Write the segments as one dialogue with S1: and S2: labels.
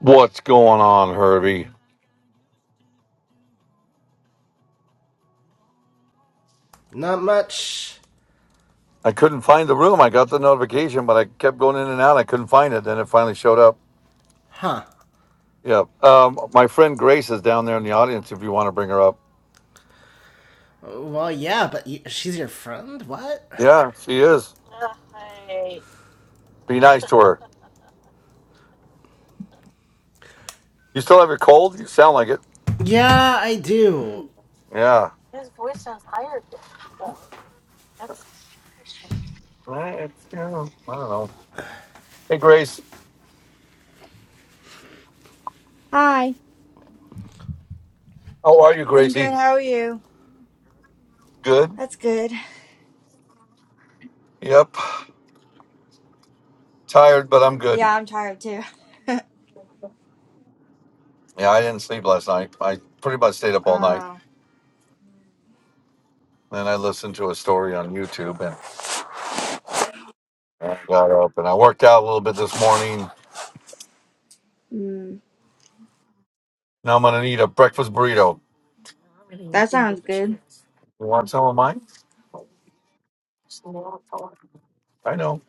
S1: What's going on, Herbie?
S2: Not much.
S1: I couldn't find the room. I got the notification, but I kept going in and out. I couldn't find it. Then it finally showed up.
S2: Huh.
S1: Yeah. Um, my friend Grace is down there in the audience if you want to bring her up.
S2: Well, yeah, but y- she's your friend? What?
S1: Yeah, she is. Be nice to her. You still have your cold? You sound like it.
S2: Yeah, I do.
S1: Yeah. I, it's, you know, I don't know. Hey, Grace.
S3: Hi.
S1: How are you,
S3: I'm good.
S1: Gracie?
S3: How are you?
S1: Good.
S3: That's good.
S1: Yep. Tired, but I'm good.
S3: Yeah, I'm tired too.
S1: Yeah, I didn't sleep last night. I pretty much stayed up all night.
S3: Oh,
S1: Then I listened to a story on YouTube and. I got up and I worked out a little bit this morning.
S3: mm,
S1: Now I'm gonna need a breakfast burrito.
S3: that sounds good.
S1: You want some of mine? I know.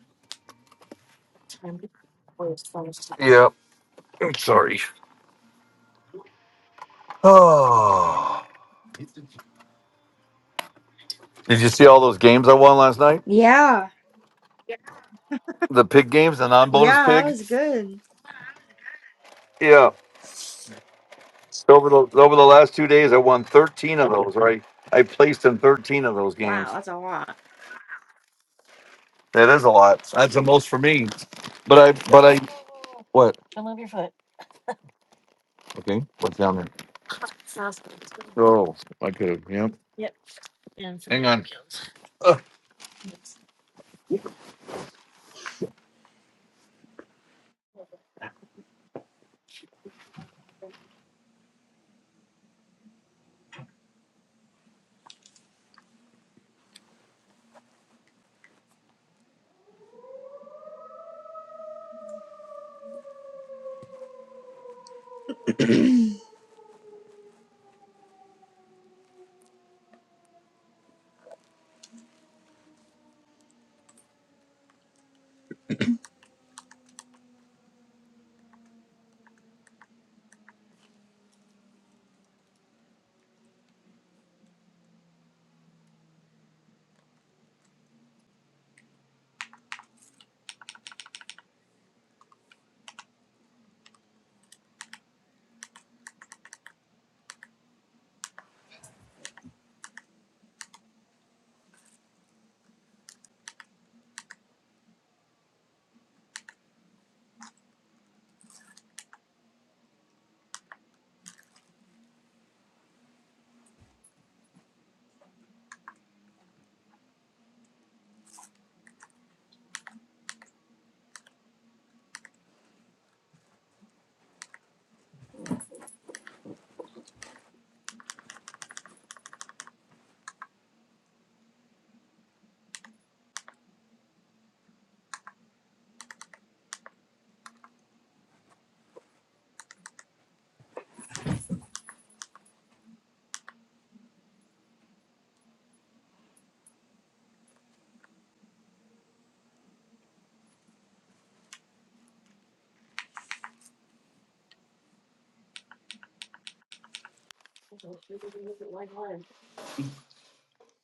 S1: Yeah. I'm sorry. Oh. Did you see all those games I won last night?
S3: Yeah,
S1: The pig games, the non-bonus
S3: yeah, that
S1: pig.
S3: was good.
S1: Yeah. Over the over the last two days, I won 13 of those. Right, I placed in 13 of those
S3: Wow,
S1: games.
S3: that's a lot.
S1: That is a lot. That's the most for me. But I but I what? Okay, what's down there? Oh, I could have. Yep. And some Hang on. videos. Ugh,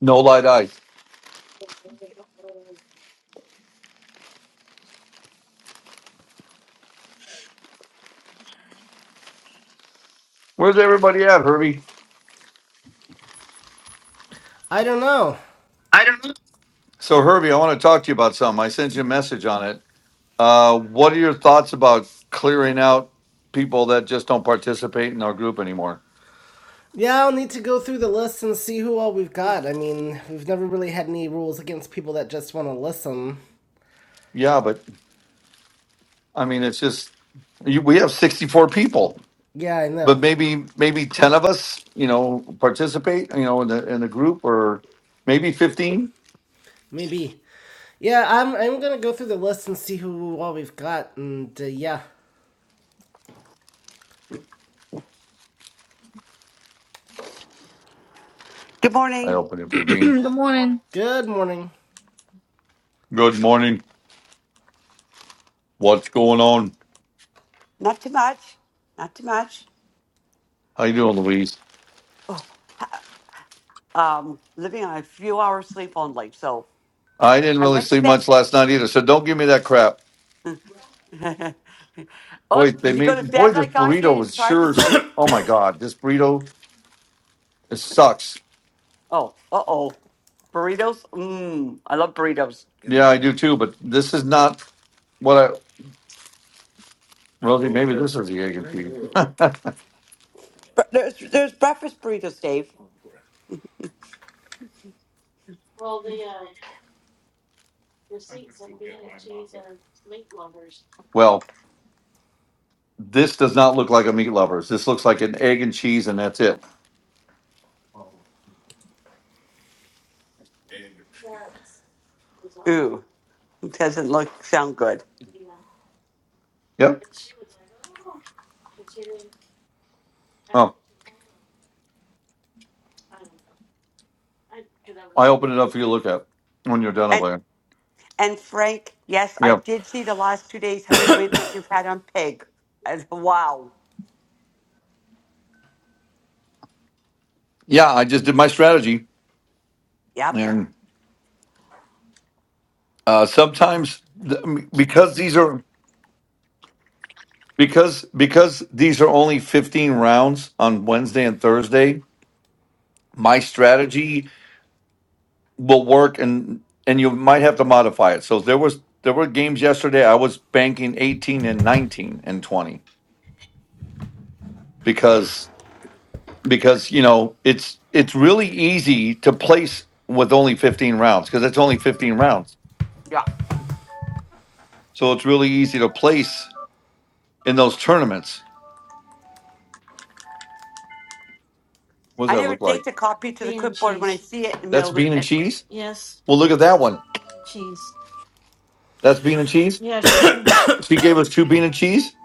S1: no light eyes. Where's everybody at, Herbie?
S2: I don't know.
S1: I don't know. So, Herbie, I want to talk to you about something. I sent you a message on it. Uh, what are your thoughts about clearing out people that just don't participate in our group anymore?
S2: Yeah, I'll need to go through the list and see who all we've got. I mean, we've never really had any rules against people that just want to listen.
S1: Yeah, but I mean, it's just you, we have sixty-four people,
S2: Yeah, I
S1: but
S2: know.
S1: maybe maybe ten of us, you know, participate, you know, in the in the group, or maybe fifteen.
S2: Maybe. Yeah, I'm, I'm gonna go through the list and see who all we've got, and uh, yeah.
S4: Good
S1: I
S4: morning.
S1: open up your bean.
S3: good morning,
S2: Good morning.
S1: Good morning. What's going on?
S4: Not too much. Not too much.
S1: How you doing, Louise?
S4: Oh, um, living on a few hours sleep only. So
S1: I didn't
S4: I
S1: really
S4: went to
S1: sleep
S4: bed.
S1: much last night either, so don't give me that crap. Boy,
S4: oh,
S1: they
S4: did you go to
S1: made boy
S4: bed
S1: this
S4: like I
S1: burrito
S4: did and
S1: was
S4: try to
S1: sure. s-
S4: sleep?
S1: Oh my god, this burrito it sucks.
S4: Oh, uh oh. Burritos? Mmm. I love burritos.
S1: Yeah, I do too, but this is not what I. Rosie, maybe this is the egg and cheese.
S4: Bur- There's there's breakfast burritos, Dave.
S1: well, this does not look like a meat lovers. This looks like an egg and cheese, and that's it.
S4: Ooh, it doesn't look sound good.
S1: Yep. Oh, I opened it up for you to look at when you're done
S4: And
S1: over there.
S4: and Frank, yes, I
S1: Yeah.
S4: did see the last two days how many wins you've had on pig. And wow.
S1: Yeah, I just did my strategy,
S4: Yep.
S1: and uh, sometimes th- because these are because because these are only 15 rounds on Wednesday and Thursday, my strategy will work and and you might have to modify it. So there was there were games yesterday I was banking 18 and 19 and 20 because because you know, it's it's really easy to place with only 15 rounds because it's only 15 rounds.
S4: Yeah.
S1: So it's really easy to place in those tournaments. What does
S4: I
S1: that
S4: never
S1: look like?
S4: think to copy it to the clipboard when I see it in the
S1: That's
S4: middle. Of
S1: bean and
S4: it.
S1: cheese. Well, look at that one. That's bean and cheese. of. She gave us two bean and cheese.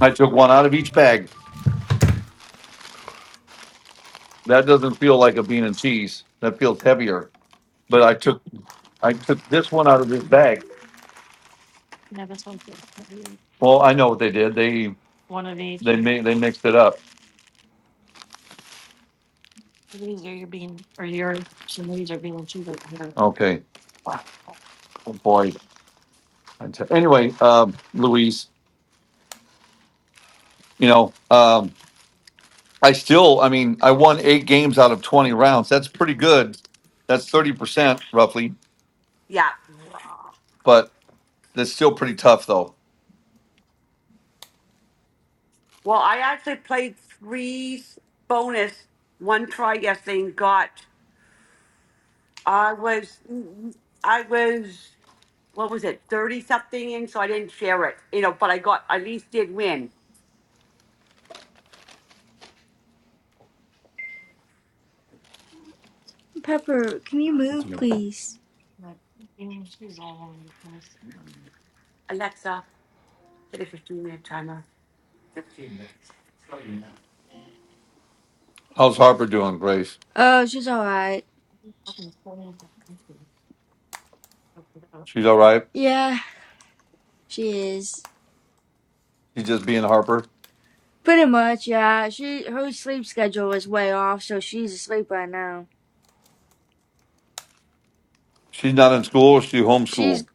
S1: I took one out of each bag. That doesn't feel like a bean and cheese. That feels heavier. But I took I took this one out of this bag. Well, I know what they did. They they made they mixed it up. Okay. Oh boy. I tell- Anyway, um, Louise, you know, um, I still I mean I won eight games out of twenty rounds. That's pretty good. That's thirty percent roughly,
S4: Yeah.
S1: but that's still pretty tough though.
S4: Well, I actually played three bonus one try yesterday and got. I was, I was, what was it, thirty something in, so I didn't share it, you know. But I got, at least did win.
S3: Pepper. Can you move, please?
S4: Alexa, set a fifteen minute timer
S1: How's Harper doing, Grace?
S3: Oh, she's all right.
S1: She's all right.
S3: Yeah, she is.
S1: She's just being Harper.
S3: Pretty much, yeah. She her sleep schedule is way off, so she's asleep right now.
S1: She's not in school. She
S3: She's
S1: homeschooled.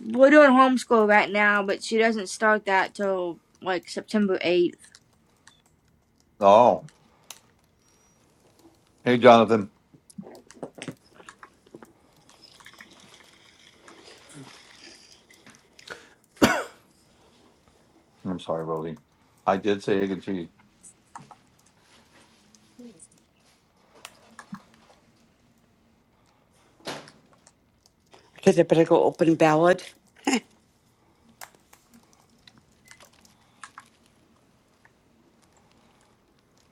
S3: we're doing homeschool right now, but she doesn't start that till like September eighth.
S1: Oh, hey, Jonathan. I'm sorry, Rosie. I did say egg and cheese.
S4: because I better go open ballot.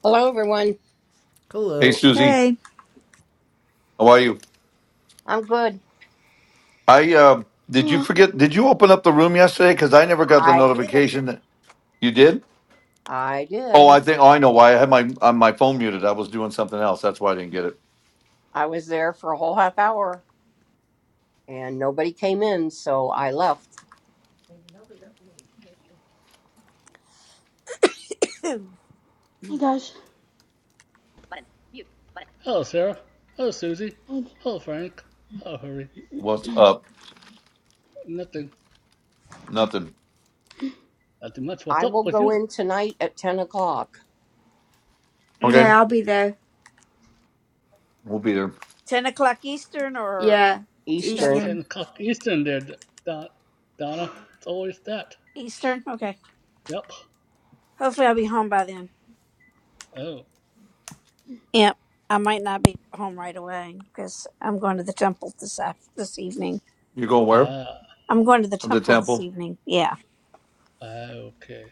S5: Hello, everyone.
S1: Hey,
S2: Hello.
S1: Susie.
S3: Hey.
S1: How are you?
S5: I'm good.
S1: I uh, did you
S6: Hello.
S1: forget? Did you open up the room yesterday? Because I never got the
S5: I did.
S1: notification that you did.
S5: I
S1: Oh,
S5: did.
S1: I think. Oh, I know why. I had my uh, my phone muted. I was doing something else. That's why I didn't get it.
S5: I was there for a whole half hour and nobody came in, so I left.
S7: 10
S6: Hey guys.
S8: Button. Mute. Button. Hello, Sarah. Hello, Susie.
S6: Hey.
S8: Hello, Frank. Hello, Hurry.
S1: What's up?
S8: Nothing.
S1: Nothing.
S8: Nothing much. What's
S5: I
S8: up
S5: will
S8: with
S5: go
S8: you?
S5: in tonight at 10 o'clock
S3: Okay,
S1: Okay,
S3: I'll be there.
S1: we'll be there.
S7: o'clock Eastern or
S3: Yeah,
S5: Eastern.
S7: Central?
S3: Eastern.
S8: 10 o'clock Eastern there, Don, Donna. It's always that.
S7: Eastern? Okay.
S8: Yep.
S7: Hopefully I'll be home by then.
S8: Oh.
S7: Yep. I might not be home right away because I'm going to the temple this af- this evening.
S1: You going where?
S8: Ah.
S7: I'm going to the
S1: The
S7: temple this
S1: temple.
S7: evening. Yeah.
S8: ah, Okay.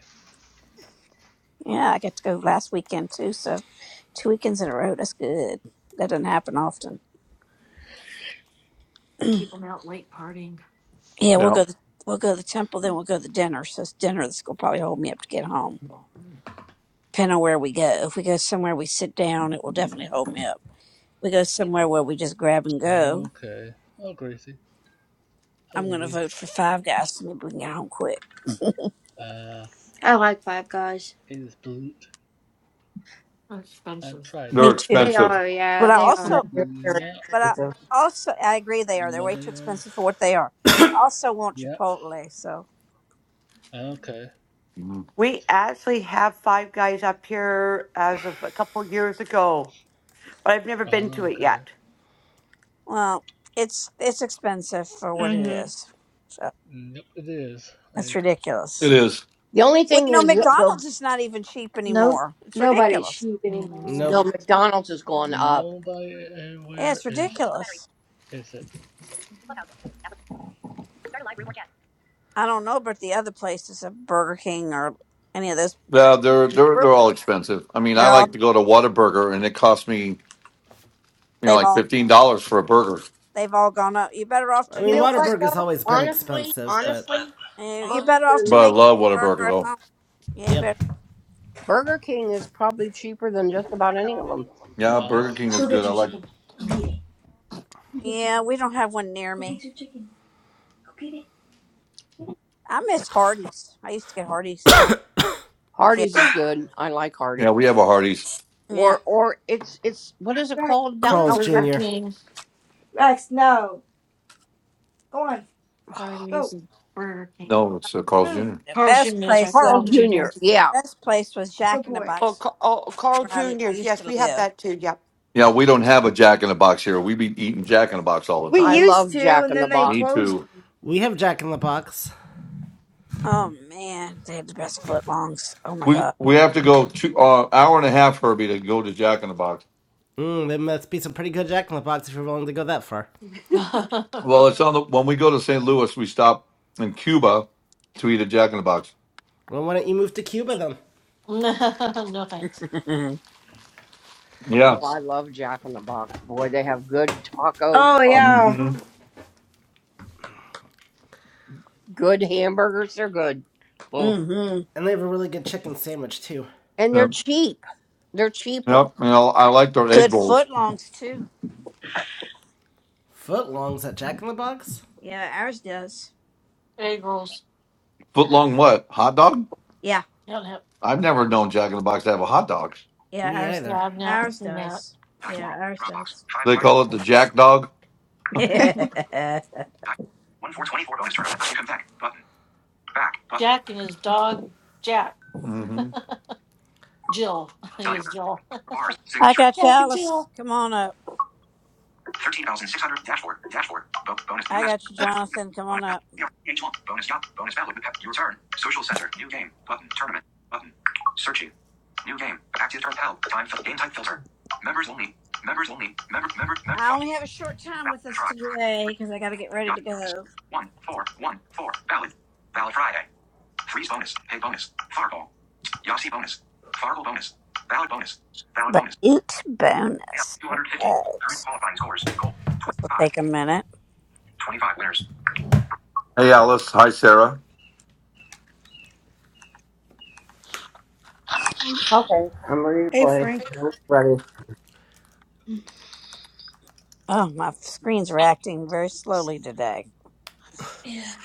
S7: Yeah, I got to go last weekend too. So two weekends in a row. That's good. That doesn't happen often. yeah, we'll
S1: Yeah,
S7: go. To, we'll go to the temple, then we'll go to dinner. So it's dinner that's gonna probably hold me up to get home. Depending on where we go. If we go somewhere we sit down, it will definitely hold me up. we go
S8: Mute.
S7: somewhere where we just grab and go,
S8: Okay. Oh, Gracie. Hello,
S7: I'm gonna vote
S8: Elise.
S7: for Five Guys. So maybe we can get home quick.
S8: Uh,
S3: I like Five Guys.
S8: it is blue. I've tried it.
S1: they're
S7: Me too.
S8: It's
S3: They
S8: good.
S1: expensive.
S3: are, yeah,
S7: But I
S3: they
S5: Yeah,
S3: are.
S7: also,
S5: they're very
S8: Yeah.
S7: but I
S5: expensive.
S7: also, I agree they are. They're
S8: But
S7: way too
S8: they are.
S7: expensive for what they are. I also want
S8: Yep.
S7: Chipotle. So
S8: Okay.
S1: Mm.
S4: We actually have Five Guys up here as of a couple years ago, but I've never been to
S8: Ah,
S4: it
S8: Okay.
S4: yet.
S7: well, it's it's expensive for what it
S3: Mm-hmm.
S7: is. So
S8: Mm, Yep, it is. I
S7: that's
S1: It
S7: ridiculous.
S1: is.
S5: The only
S7: Well,
S5: thing
S7: you know,
S5: is, the,
S7: McDonald's is not even cheap
S3: Nope,
S7: anymore. It's
S3: nobody's
S7: ridiculous.
S3: sheep anymore.
S5: the
S2: Nope.
S5: McDonald's is going up.
S8: Nobody
S7: Yeah,
S8: anywhere
S7: it's
S8: is Low battery.
S7: ridiculous.
S8: is it? So Clubhouse. Start a live room or chat.
S7: I don't know about the other places of Burger King or any of those.
S1: Yeah, they're they're
S5: Burger-
S1: they're all expensive. I mean, I
S7: They're
S1: like
S7: all
S1: to go to Whataburger, and it costs me you know
S7: they've
S1: like
S7: all
S1: fifteen dollars for a burger.
S7: they've all gone up. You are better off
S2: I
S7: to
S5: You
S2: mean,
S5: know
S7: make your
S5: what,
S2: Waterburg has
S5: though?
S2: always been
S5: Honestly,
S2: expensive, but.
S5: honestly,
S7: Eh, You're
S5: Burger
S7: better off to
S1: But
S5: King,
S1: I
S7: make your
S1: love Whataburger
S7: burger at
S1: though.
S7: home. Yeah, you
S2: Yep.
S7: better.
S5: Burger King is probably cheaper than just about any of them.
S8: Microphone.
S1: Yeah,
S8: uh,
S1: Burger King is
S3: Go
S1: good.
S3: get
S1: I
S3: your
S1: like.
S3: chicken. Go get it. Go get your
S7: Yeah,
S3: chicken.
S7: we don't have one near
S3: Go
S7: me.
S3: get your chicken. Go get it.
S7: I miss Hardee's. I used to get Hardee's when I was a kid.
S5: Hardee's is good. I like Hardee's.
S1: Yeah, we have a Hardee's.
S7: Yeah,
S5: or or it's it's what is it
S3: Rex,
S5: called down
S2: Carl's
S5: out
S3: move.
S5: west?
S2: Jr.
S3: Rex, no. Go on. Go.
S1: Burger King. No, it's uh, Carl's
S3: Move.
S1: Jr.
S7: the best place. The
S5: Carl Jr. Yeah,
S7: best place was
S3: Go
S7: Jack in the
S3: for it.
S4: Oh,
S7: Box
S4: Ca- oh, Carl
S7: where I l-
S4: Jr.'s.
S7: used
S4: Yes,
S7: to
S4: we have
S7: live.
S4: that too. Yep.
S1: Yeah, we don't have a Jack in the Box here. We be eating Jack in the Box all the
S3: We
S5: I
S1: time.
S3: used
S5: love
S3: to,
S5: Jack
S3: and
S5: in the
S3: then they
S5: Box.
S1: Me
S3: closed
S1: too.
S3: them.
S2: We have Jack in the Box.
S7: Oh man, they had the best footlongs. Oh my
S1: We
S7: god.
S1: we have to go two uh, hour and a half, Herbie, to go to Jack in the Box.
S2: Hmm, there must be some pretty good Jack in the Box if you're willing to go that far.
S1: well, it's on the when we go to St. Louis, we stop in Cuba to eat a Jack in the Box.
S2: Well, why don't you move to Cuba then?
S7: mm-hmm.
S5: Oh,
S1: Yeah.
S5: I love Jack in the Box. Boy, they have good tacos.
S3: Oh,
S5: Oh,
S3: yeah.
S1: Mhm.
S5: good hamburgers. They're good. Oh,
S7: Good
S2: And they have a really good chicken sandwich too.
S5: and they're cheap. They're cheaper.
S1: Yep, you know, I like their egg rolls.
S7: footlongs too.
S2: Footlongs at Jack in the Box?
S7: Yeah, ours does.
S1: Foot long what? Hot dog?
S7: Yeah,
S1: I've never known Jack in the Box to have a hot dog.
S7: yeah,
S2: Me
S7: ours. Does.
S2: either.
S7: Ours does.
S5: Dice
S7: Yeah,
S5: World.
S7: ours
S5: Dropbox.
S7: does.
S5: Five new
S1: They
S5: items.
S1: call it the Jack Dog.
S5: Dice. One four twenty four bonus tournament. Second back. Button. Back. Button.
S1: hmm
S5: Cellular. Bars. Signal.
S7: I got you, Alice. Come on up.
S5: 13,600. Dashboard. Dashboard. Bo- bonus. New
S7: I
S5: message.
S7: got you,
S5: Bonus.
S7: Jonathan. Come
S5: Bonus.
S7: on up.
S5: H Bonus. Yup. Bonus value. with pep- Your turn. Social center. New game. Button. Tournament. Button. Searching. New game. Active turn. Help. Time. Fil- game type filter. Members only. Members only. Member. Member. Member.
S7: I
S5: Far.
S7: only have a short time with us
S5: Try.
S7: today
S5: Three.
S7: because I got to get ready
S5: Yup.
S7: to
S5: Bonus.
S7: go.
S5: One. Four. One. Four. Valid. Valid Friday. Freeze bonus. Pay bonus. Fargo. Yossi bonus. Fargo bonus. Valid bonus. Valid
S7: But
S5: bonus.
S7: it's
S5: Yeah.
S7: bonus. All
S5: 250.
S7: right.
S5: Current qualifying scores. Goal.
S7: This will
S5: 25.
S7: take a minute.
S5: 25 winners.
S1: Hey, Alice. Hi, Sarah.
S6: Oh.
S5: Okay, I'm ready to
S9: Hey,
S5: play.
S9: Frank.
S5: I'm ready.
S7: Oh, my screens are acting very slowly today.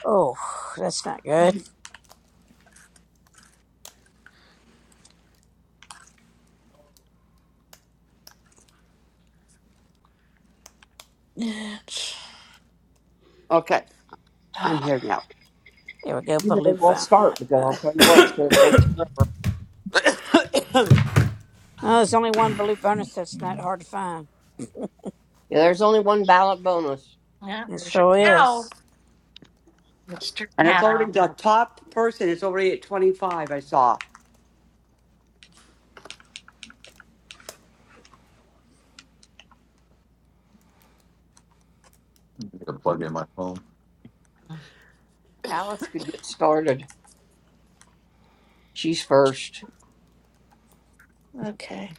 S7: Oh, that's not good.
S4: Okay, I'm here now.
S7: There we go.
S5: You may
S7: Balut
S5: as well
S7: bonus. Uh,
S5: start because I'll
S7: uh,
S5: tell you what, it's going to take forever.
S4: and
S7: oh, there's only one Balut bonus that's not hard to find.
S5: Yeah, there's only one ballot bonus.
S7: It sure is.
S4: it's already the top person. It's already at 25, I saw.
S1: I gotta plug in my phone.
S5: Alice could get started. She's first.
S9: Okay.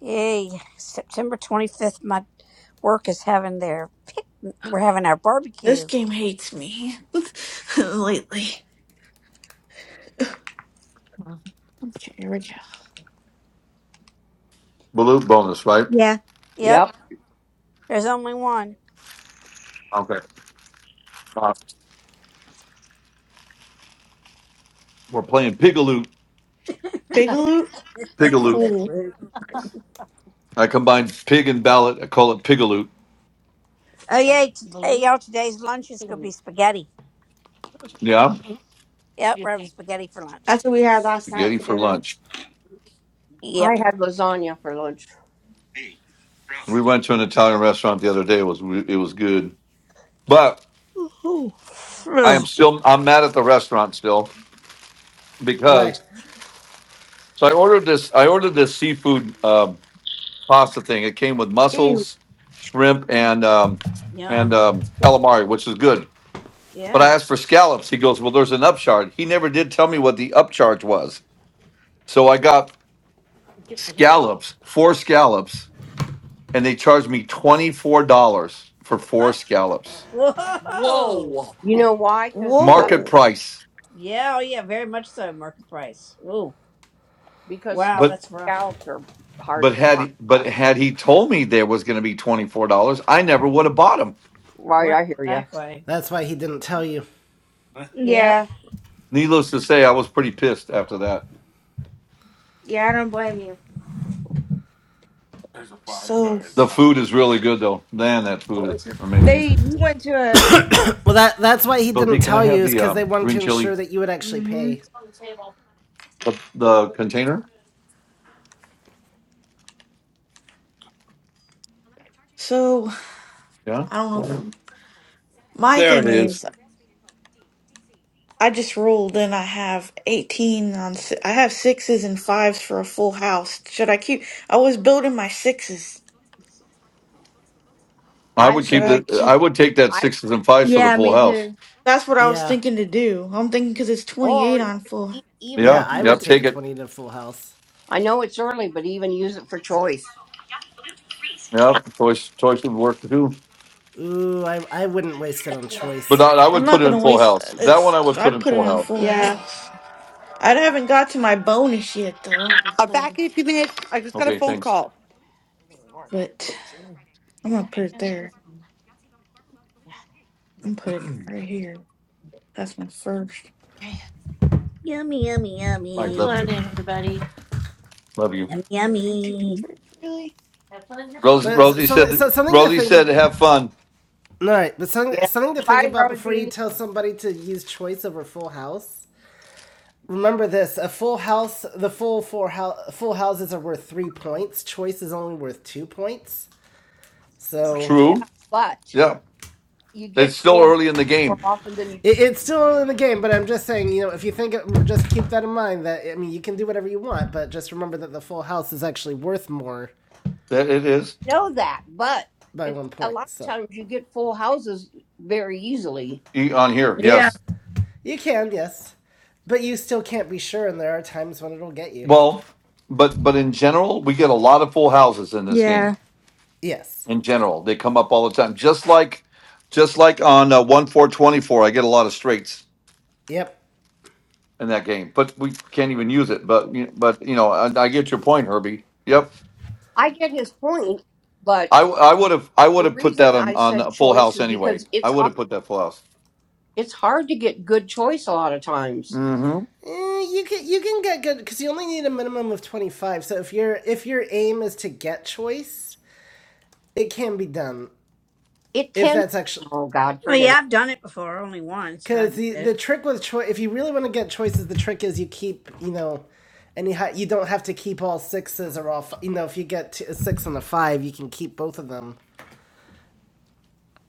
S7: Yay. September 25th, my work is having their pic- We're having our
S9: This
S7: barbecue.
S9: game hates me lately. Okay, here we go.
S1: Balut bonus, right?
S3: Yeah,
S7: Yep.
S5: Yep.
S7: There's only one.
S1: Okay. Uh, we're playing Pigaloot.
S9: Big loot?
S1: Pigaloot.
S9: Cool.
S1: I combined pig and ballot. I call it Pigaloot.
S7: Oh yeah, t- hey, y'all! Today's lunch is gonna be spaghetti.
S1: Yeah,
S7: Yep, we're having spaghetti for
S3: that's
S7: lunch.
S3: what we had last night
S1: spaghetti
S3: for
S1: for
S3: dinner.
S1: lunch.
S5: I
S7: Yep.
S5: had lasagna for lunch.
S1: We went to an Italian restaurant the other day. It was it was good, but
S7: Woohoo.
S1: I am
S7: Ugh,
S1: still I'm mad at the restaurant still
S2: Why?
S1: because so I ordered this I ordered this seafood. Um, pasta thing. It came with
S3: Ew.
S1: mussels, shrimp, and um, and
S7: Yum.
S1: um, calamari, which is good. But I
S7: Yeah.
S1: asked for scallops. He goes, "Well, there's an upcharge." He never did tell me what the upcharge was. So I got scallops, four scallops, and they charged me twenty four dollars for four
S7: Uh,
S1: scallops,
S7: whoa.
S4: Whoa.
S5: You know why? Cause, scal-
S1: market
S9: Whoa.
S1: price.
S7: Yeah. Oh yeah. Very much so. Market price. Ooh.
S5: because scal-
S7: Wow.
S1: But
S7: That's rough.
S5: scallops are hard
S1: but
S5: to find.
S1: had but
S5: out there.
S1: had he told me there was going to be twenty four dollars, I never would have bought them.
S5: Right,
S7: Right.
S5: I hear you.
S7: Exactly.
S2: That's why he didn't tell you.
S7: Yep.
S3: Yeah.
S1: Needless to say, I was pretty pissed after that.
S3: Yeah, I don't blame you.
S9: So,
S1: The food is really good though. Man, that food is amazing.
S3: They, we went to a...
S2: Well, that that's why he
S1: Rosie,
S2: didn't
S1: can I
S2: tell you
S1: have
S2: is
S1: the
S2: because they
S1: um,
S2: wanted
S1: green
S2: to
S1: chili,
S2: ensure that you would actually
S3: Mhm.
S2: pay.
S1: the, the container?
S9: so,
S1: Yeah,
S9: I don't know if my
S1: There it
S9: thing
S1: is.
S9: is I just rolled and I have 18 on, si- I have sixes and fives for a full house. Should I keep, I was building my sixes.
S1: I
S5: I
S1: would
S9: Should
S5: would
S1: keep
S5: use,
S9: I
S1: the. I
S9: keep,
S1: would take that
S5: I,
S1: sixes and fives for the
S3: Yeah,
S1: full
S3: me
S1: house.
S3: too.
S9: that's what I was
S2: Yeah.
S9: thinking to do. I'm thinking because it's
S5: or
S9: 28
S5: even,
S9: on full.
S5: e- even
S2: Yeah,
S1: Yeah,
S2: I
S5: use it
S2: would
S1: yep,
S5: for,
S2: take a
S1: take it.
S2: 20 to full house.
S5: I know it's early, but even use it for choice.
S1: Yep, choice choice would work too.
S2: Ooh, I, I wouldn't waste it on
S1: But
S2: choice.
S1: I, I
S9: I'm
S1: would put
S9: not
S1: it
S9: going to
S1: in full
S9: waste,
S1: house. That one
S9: it's,
S1: I would put
S9: I'd
S1: in
S9: put it
S1: full
S9: in a
S1: house.
S9: full
S3: Yeah.
S9: house. I haven't got to my bonus yet though,
S4: I'm back in a few minutes. I just got a
S1: Okay,
S4: phone
S1: thanks.
S4: call.
S9: but I'm gonna put it there. I'm gonna put it right here. That's my first.
S7: Yummy. Yummy.
S1: Mike, love
S7: Yummy.
S1: you, you, love you.
S7: Yummy.
S9: One, Three, two, two,
S7: Yummy.
S9: three. Really?
S1: Have fun. Rosie,
S2: But s-
S1: Rosie
S2: some, so
S1: said.
S2: something to
S1: Rosie
S2: think
S1: said,
S2: ab-
S1: "Have fun."
S2: All right, but something,
S5: Yeah.
S2: something to think
S5: Bye,
S2: about before you
S5: Rosie.
S2: tell somebody to use choice over full house. Remember this: a full house, the full four hou- full houses are worth three points. Choice is only worth two points. So
S5: Yeah,
S1: True.
S5: but.
S1: Yeah,
S5: you
S1: it's
S5: get
S1: still
S5: full
S1: early in the
S5: more
S1: game.
S5: often than you
S2: it, it's still in the game, but I'm just saying, you know, if you think, of- just keep that in mind. That I mean, you can do whatever you want, but just remember that the full house is actually worth more
S1: That it is
S5: know that, but
S2: by
S5: it's
S2: one
S5: a
S2: point.
S5: lot of
S2: So
S5: times you get full houses very easily.
S1: E- on here.
S7: Yeah.
S1: Yes.
S2: you can, yes, but you still can't be sure, and there are times when it'll get you.
S1: Well, but but in general, we get a lot of full houses in this game.
S3: Yeah.
S2: Yes.
S1: In general, they come up all the time. Just like just like on uh, one four twenty four, I get a lot of straights
S2: Yep.
S1: in that game. But we can't even use it. But you- but you know, I, I get your point, Herbie. Yep.
S5: I get his point, but
S1: I I
S5: the
S1: would have I would
S5: the
S1: have put that
S5: reason I
S1: on on
S5: said
S1: a full
S5: choice
S1: house
S5: is
S1: anyway.
S5: because
S1: I
S5: it's
S1: would
S5: hard
S1: have put that full house.
S5: it's hard to get good choice a lot of times.
S1: hmm
S2: Eh, you can you can get good because you only need a minimum of twenty five. So if your if your aim is to get choice, it can be done.
S5: It
S2: If
S5: can
S2: that's actually
S5: oh God,
S7: Oh
S5: forget
S7: yeah.
S5: it.
S7: I've done it before, only once, but I
S2: because
S7: did
S2: the the
S7: it.
S2: trick with choice, if you really want to get choices, the trick is you keep you know, and you ha- you don't have to keep all sixes or all f- you know. If you get to a six and a five, you can keep both of them.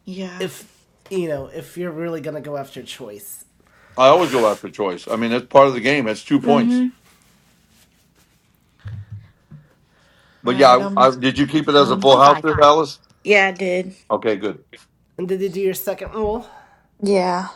S9: Yeah.
S2: If you know if you're really gonna go after choice.
S1: I always go after choice. I mean, it's part of the game. It's two points.
S3: Mhm.
S9: All
S1: But
S9: right.
S1: yeah, I,
S9: I'm
S1: I, did you keep it as a
S9: done.
S1: full house, there, Alice?
S9: Yeah, I did.
S1: Okay, good.
S2: And did you do your second roll?
S9: Yeah.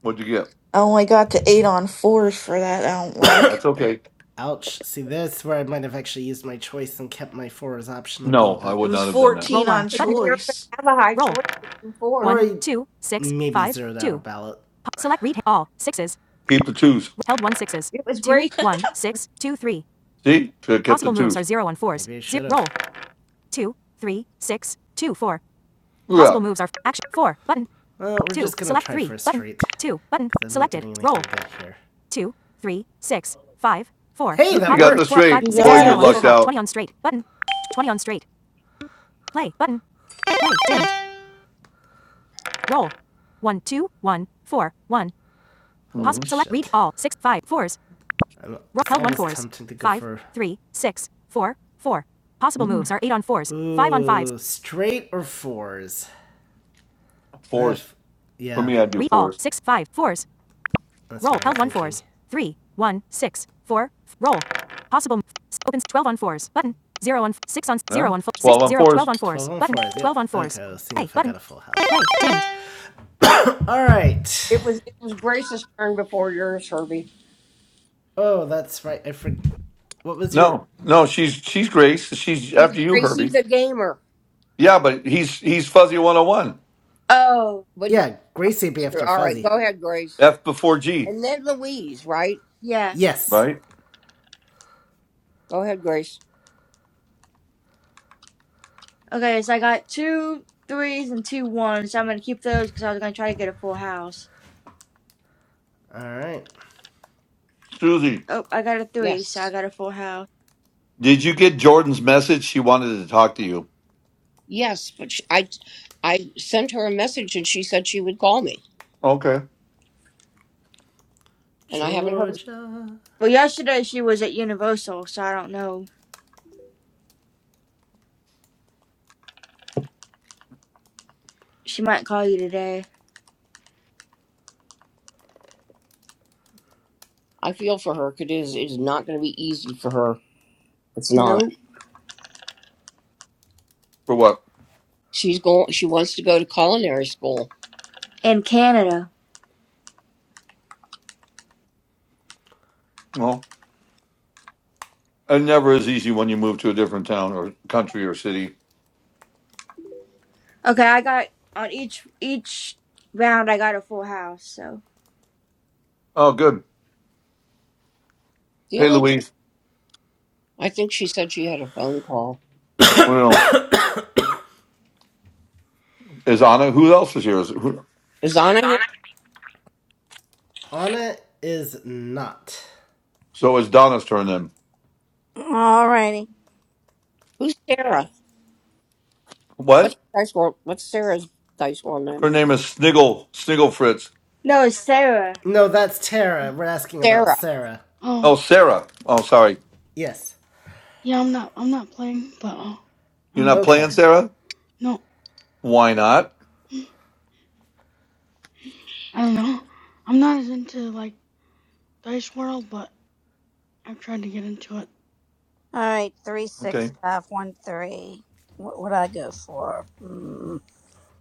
S1: What'd you get?
S9: I only got to eight on fours for that. I don't
S1: That's
S9: like. But
S1: okay.
S2: Ouch! See, that's where I might have actually used my choice and kept my four as option open,
S1: No, I
S2: but.
S9: it
S1: would
S9: was
S1: not have done that.
S9: fourteen on
S5: 'Cause You're not gonna
S9: choice.
S5: have a high choice with two fours.
S2: that ballot.
S1: Keep the twos.
S5: It was Grace
S1: See, should have kept the twos.
S2: Maybe 0
S1: Yeah,
S2: Well, we're getting anything good here.
S1: Yep, you got the straight.
S9: You
S1: Boy,
S3: Yeah,
S9: got
S1: you
S9: it.
S3: that's
S1: lucked
S9: This
S3: it.
S1: out.
S2: Possible.
S1: hmm
S2: almost tempted to go Straight or fours?
S1: Fours
S2: If,
S1: for
S2: yeah.
S1: me, i do fours.
S2: That's not
S1: Yeah, twelve on fours.
S2: yeah. Okay, let's see if I got a full house. All right.
S5: it was it was Grace's turn before yours, Herbie.
S2: Oh, that's right. I forgot. What was your?
S1: No, no, she's she's Grace. She's after
S5: He's
S1: you,
S5: Gracie's
S1: Herbie.
S5: a gamer.
S1: Yeah, but he's he's fuzzy one hundred one.
S3: Oh,
S5: But he,
S2: Yeah,
S5: oh,
S2: Gracie be
S5: that's true.
S2: after
S5: all right,
S2: Fuzzy.
S5: go ahead, Grace.
S1: F before G,
S5: And then Louise, right?
S3: yeah.
S2: Yes.
S1: right?
S5: Go ahead, Grace.
S3: Okay, so I got two threes and two ones. So I'm gonna keep those because I was gonna try to get a full house.
S2: All right.
S1: Susie,
S3: Oh, I got a three, so I
S5: Yes.
S3: got a full house.
S1: did you get Jordan's message? She wanted to talk to you.
S5: Yes, but she, I I sent her a message and she said she would call me.
S1: Okay,
S5: And I haven't heard.
S2: Georgia.
S3: Well, yesterday she was at Universal, so I don't know. She might call you today.
S5: I feel for her 'cause it is it is not going to be easy for her. It's not.
S3: Nope.
S1: for what?
S5: She's going she wants to go to culinary school.
S3: In Canada.
S1: Well, it never is easy when you move to a different town or country or city.
S3: Okay, I got on each each round. I got a full house. So
S1: Oh, good.
S5: The
S1: Hey,
S5: only thing
S1: Louise.
S5: I think she said she had a phone call.
S1: Well, is Anna? Who else is here? Is, who,
S5: Is Anna here?
S2: Anna is not.
S1: so it's Donna's turn then.
S7: Alrighty.
S5: Who's Sarah? What's
S1: What?
S5: dice world what's Sarah's dice world name?
S1: Her name is Sniggle Sniggle Fritz.
S3: no, it's Sarah.
S2: No, that's Tara. We're asking about
S5: Sarah.
S2: Sarah.
S1: Oh,
S6: Oh.
S1: Sarah. Oh, sorry.
S2: Yes.
S6: Yeah, I'm not. I'm not playing, but uh,
S1: You're
S6: uh,
S1: not playing,
S2: Okay.
S1: Sarah.
S6: no.
S1: Why not?
S6: I don't know. I'm not as into like Dice World, but I've tried to get into it.
S7: All right. Three six
S1: Okay.
S7: five one three. What would I go for? Hmm.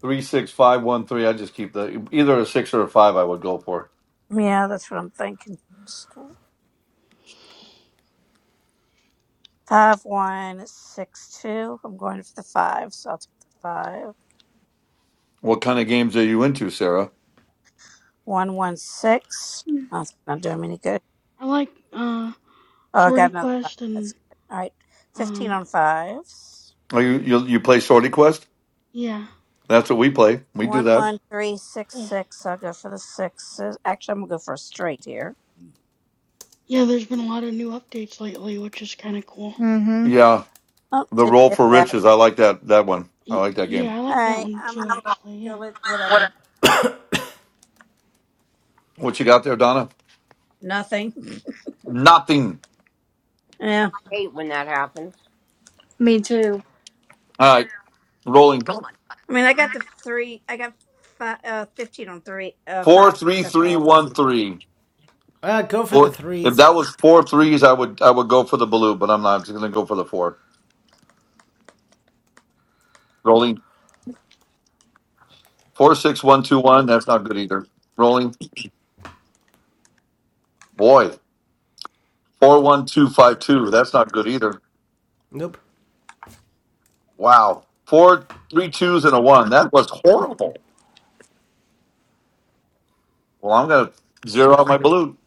S1: Three six five one three. I just keep the either a six or a five. I would go for.
S7: Yeah, that's what I'm thinking. Five one six two. I'm going for the five, so I'll take the five.
S1: What kind of games are you into, Sarah?
S7: One one six. That's not doing me any good.
S6: I like uh
S7: Oh, I got
S6: Swordy
S7: another five.
S6: Quest
S7: That's
S6: and
S7: good. All right, fifteen
S6: um
S7: on fives.
S1: Are you you, you play Sorty Quest?
S6: yeah,
S1: That's what we play. We do
S7: One
S1: that.
S7: one three six
S6: cool.
S7: six. I'll go for the sixes. Actually, I'm gonna go for a straight here.
S6: Yeah, there's been a lot of new updates lately, which is kind of cool.
S3: Mhm.
S1: Yeah,
S7: Oh,
S1: the
S7: didn't
S1: roll
S7: get
S1: for
S7: that.
S1: riches. I like that that one. I
S6: Y-
S1: like that
S6: yeah,
S1: game.
S6: I
S7: All
S6: like that
S7: right,
S6: one too,
S7: I'm
S6: actually.
S7: still at
S5: What
S7: whatever.
S5: I
S1: What you got there, Donna?
S7: Nothing.
S1: Nothing.
S7: Yeah.
S5: hate when that happens.
S3: Me too.
S1: All right. rolling
S7: I mean, I got the three. I got five, uh, fifteen on three, uh,
S1: four
S7: fives. But
S1: three
S7: that's all.
S1: three one three.
S2: Uh, go for the
S1: Four, if
S2: threes.
S1: that was four
S6: Yeah.
S1: threes, I would I would go for the blue, but I'm not. I'm just gonna go for the four. Rolling four six one two one. That's not good either. Rolling boy four one two five two. That's not good either.
S2: Nope.
S1: Wow, four three twos and a one. That was horrible. Well, I'm gonna zero out my blue.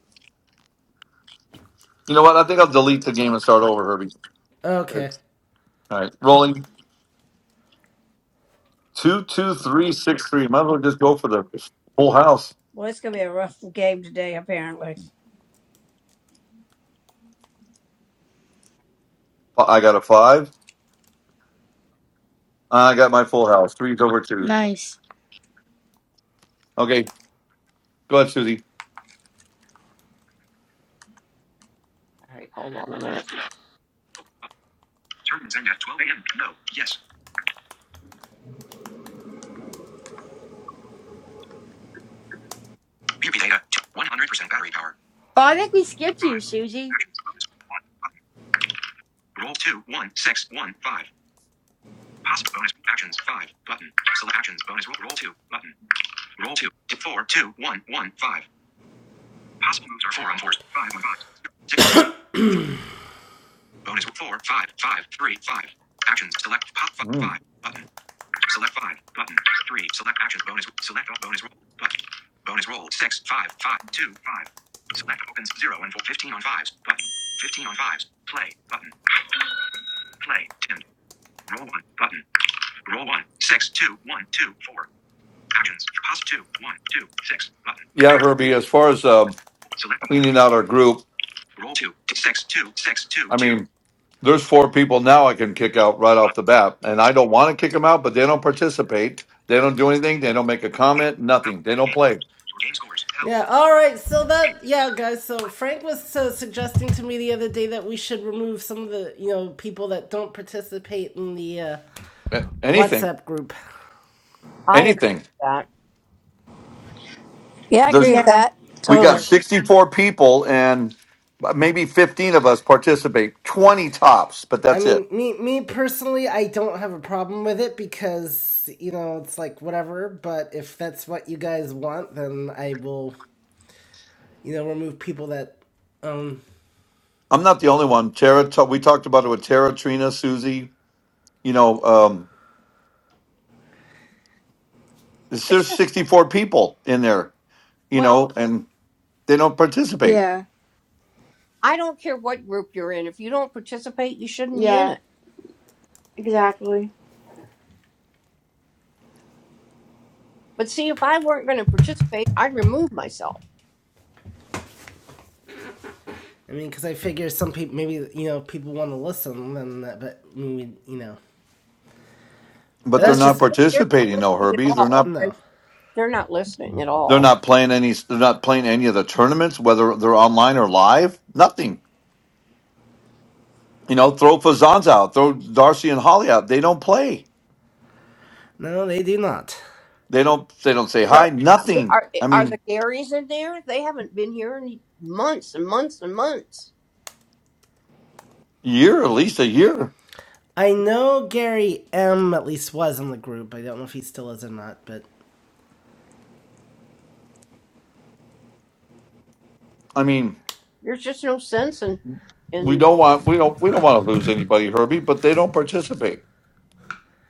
S1: You know what? I think I'll delete the game and start over, Herbie. Okay.
S2: Okay.
S1: All right, rolling two two three six three. Might as well just go for the full house.
S7: Well, it's going to be a rough game today, apparently.
S1: I got a five. I got my full house. Three's over two.
S3: Nice.
S1: Okay, go ahead, Susie.
S5: All right, hold on a minute. Turn Zing at 12 a.m. No. Yes. PP data. 100% battery power.
S3: Oh, I think we skipped you,
S5: Five.
S3: Susie.
S5: Actions. Bonus. One. Button. Roll two. One. Six. One. Five. Possible bonus actions. Five. Button. Select actions. Bonus roll. Roll two. Button. Roll two. Two, Four. Two. One. One. Five. Possible moves are four on fours. Five on fives. sixes. Bonus roll. four. Five. Five. Three. Five. Actions. Select. Pop. Five.
S1: Mm.
S5: Five. Button. Select five. Button. Three. Select actions. Bonus. Select all bonus roll. Button. Bonus roll. Six. Five. Five. Two. Five. Select opens. Zero and four. Fifteen on fives. Button. Fifteen on fives. Play. Button. Play. Dimmed. Roll one. Button. Roll one. Six. Two. One. Two. Four. Actions. Pass two. One. Two. Six. Button.
S1: Yeah, Herbie. As far as um,
S5: Select all.
S1: cleaning out our group,
S5: Roll two. Six. Two. Six. Two.
S1: I
S5: Two.
S1: mean, there's four people now I can kick out right off the bat, and I don't want to kick them out, but they don't participate. They don't do anything. They don't make a comment.
S5: Help.
S1: Nothing. They don't
S5: Game.
S1: play
S5: Your game scores. Help.
S2: Yeah. All right. So that yeah, guys. So Frank was uh, suggesting to me the other day that we should remove some of the you know people that don't participate in the uh,
S1: A- anything.
S2: WhatsApp group.
S5: I agree
S1: Anything.
S5: with that.
S7: Yeah, I
S1: There's
S7: agree with
S3: Yeah.
S7: that.
S1: we got
S7: Totally.
S1: 64 people, and maybe 15 of us participate. 20 tops, but
S2: I
S1: that's it.
S2: mean, me me personally, I don't have a problem with it because you know it's like whatever. But if that's what you guys want, then I will you know remove people that um.
S1: I'm not the only one. Tara, ta- we talked about it with Tara, Trina, Susie. You know. Um, It's-
S5: It's
S1: There's
S5: just
S1: 64 people in there, you
S5: well,
S1: know, and they don't participate.
S3: Yeah.
S5: I don't care what group you're in. If you don't participate, you shouldn't be in
S3: Yeah.
S5: it.
S3: Exactly.
S5: But see, if I weren't going to participate, I'd remove myself.
S2: I mean, because I figure some people maybe you know people want to listen, then that, but I mean, you know, but
S1: But they're
S5: But
S2: that's
S1: not
S2: just
S5: they're not
S1: participating, though,
S5: listening at
S1: Herbie. They're
S5: all. or
S1: not.
S5: they-
S2: no.
S5: They're not listening at
S1: They're
S5: all.
S1: not playing any. They're not playing any of the tournaments, whether they're online or live. Nothing. You know, throw Fazans out. Throw Darcy and Holly out. They don't play.
S2: No, they do not.
S1: They don't. They don't say
S5: Ver-
S1: hi. Nothing.
S5: Are,
S1: I
S5: are the
S1: mean,
S5: Garys in there? They haven't been here in months and months and months.
S1: year at least a year.
S2: I know Gary M at least was in the group. I don't know if he still is or not, but
S1: I mean,
S5: There's just no sense in,
S1: we
S5: in
S1: don't want. We don't. We don't want to lose anybody, Herbie. But they don't participate.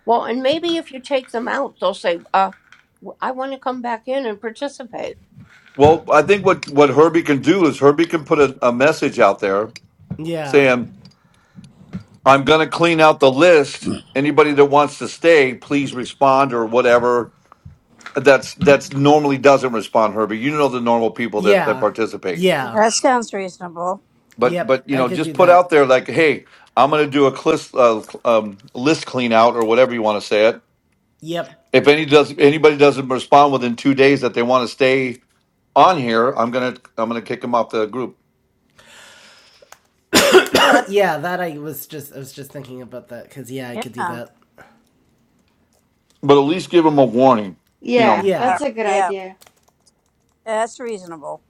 S5: well, and maybe if you take them out, they'll say, uh, "I want to come back in and participate."
S1: Well, I think what what Herbie can do is Herbie can put a, a message out there
S2: yeah.
S1: saying I'm going to clean out the list. Anybody that wants to stay, please respond or whatever. That's that's normally doesn't respond, Herbie. You know the normal people that that
S2: Yeah.
S1: participate.
S2: Yeah.
S7: That sounds reasonable.
S1: But
S2: Yep,
S1: but you
S2: I
S1: know,
S2: could
S1: just
S2: do
S1: put
S2: that.
S1: out there like, hey, I'm going to do a clis, uh, um, list clean out or whatever you want to say it.
S2: Yep.
S1: If any does anybody doesn't respond within two days that they want to stay on here, I'm gonna I'm gonna kick them off the group.
S7: Yeah, that's
S2: Yeah, that I was just I was just thinking about that cuz yeah, I could do
S7: yeah.
S2: that.
S1: But at least give them a warning. You
S3: Yeah,
S1: know,
S7: Yeah. Yeah.
S2: Yeah.
S3: that's a good
S7: Yeah,
S3: idea.
S7: That's reasonable.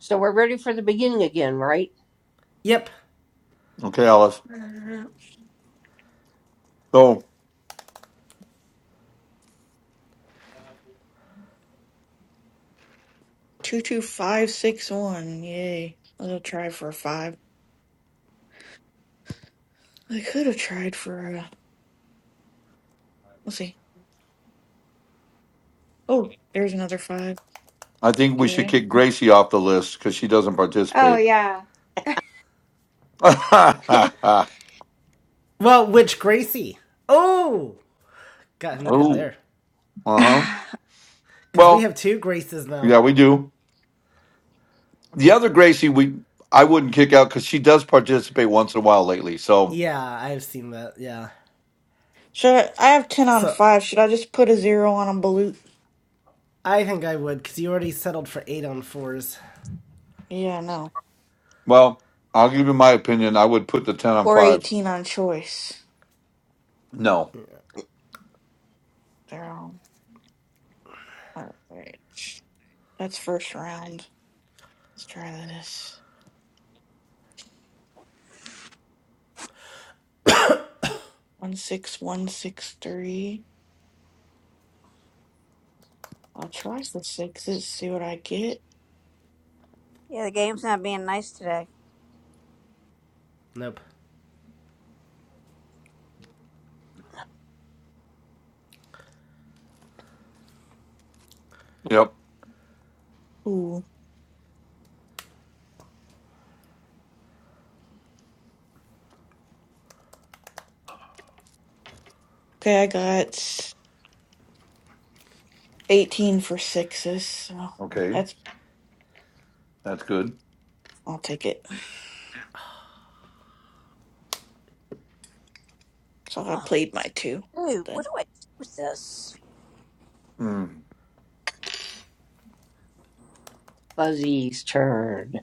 S5: So we're ready for the beginning again, right?
S2: Yep.
S1: okay, Alice. So.
S9: two two five six one. Yay! I'll try for a five. I could have tried for a. Let's see. Oh, there's another five.
S1: I think we
S9: Okay.
S1: should kick Gracie off the list because she doesn't
S3: Oh
S1: participate.
S3: yeah.
S1: oh,
S2: Well, which Gracie? Oh, got him good
S1: uh
S2: there.
S1: huh.
S2: Cuz we
S1: Well,
S2: have two Graces now.
S1: yeah, we do. The other Gracie, we I wouldn't kick out because she does participate once in a while lately. So,
S2: Yeah, I've seen that. Yeah.
S9: Should I, I have 10 on
S2: So,
S9: 5. Should I just put a 0 on a balut?
S2: I think I would cuz you already settled for 8 on 4s.
S9: Yeah, no.
S1: well, I'll give you my opinion. I would put the ten on
S9: Or
S1: five.
S9: 18 on choice.
S1: No.
S9: They're all. Alright. That's first round. Let's try this. 16163. I'll try the sixes, see what I get.
S7: Yeah, the game's not being nice today.
S2: Nope.
S1: Yep.
S9: Ooh. Okay, I got 18 for sixes, so
S1: Okay,
S9: that's.
S1: that's good.
S9: I'll take it. So I
S7: Oh
S9: played my two.
S7: dude,
S9: Then.
S7: what do I do with this?
S1: Mm.
S5: Fuzzy's turn.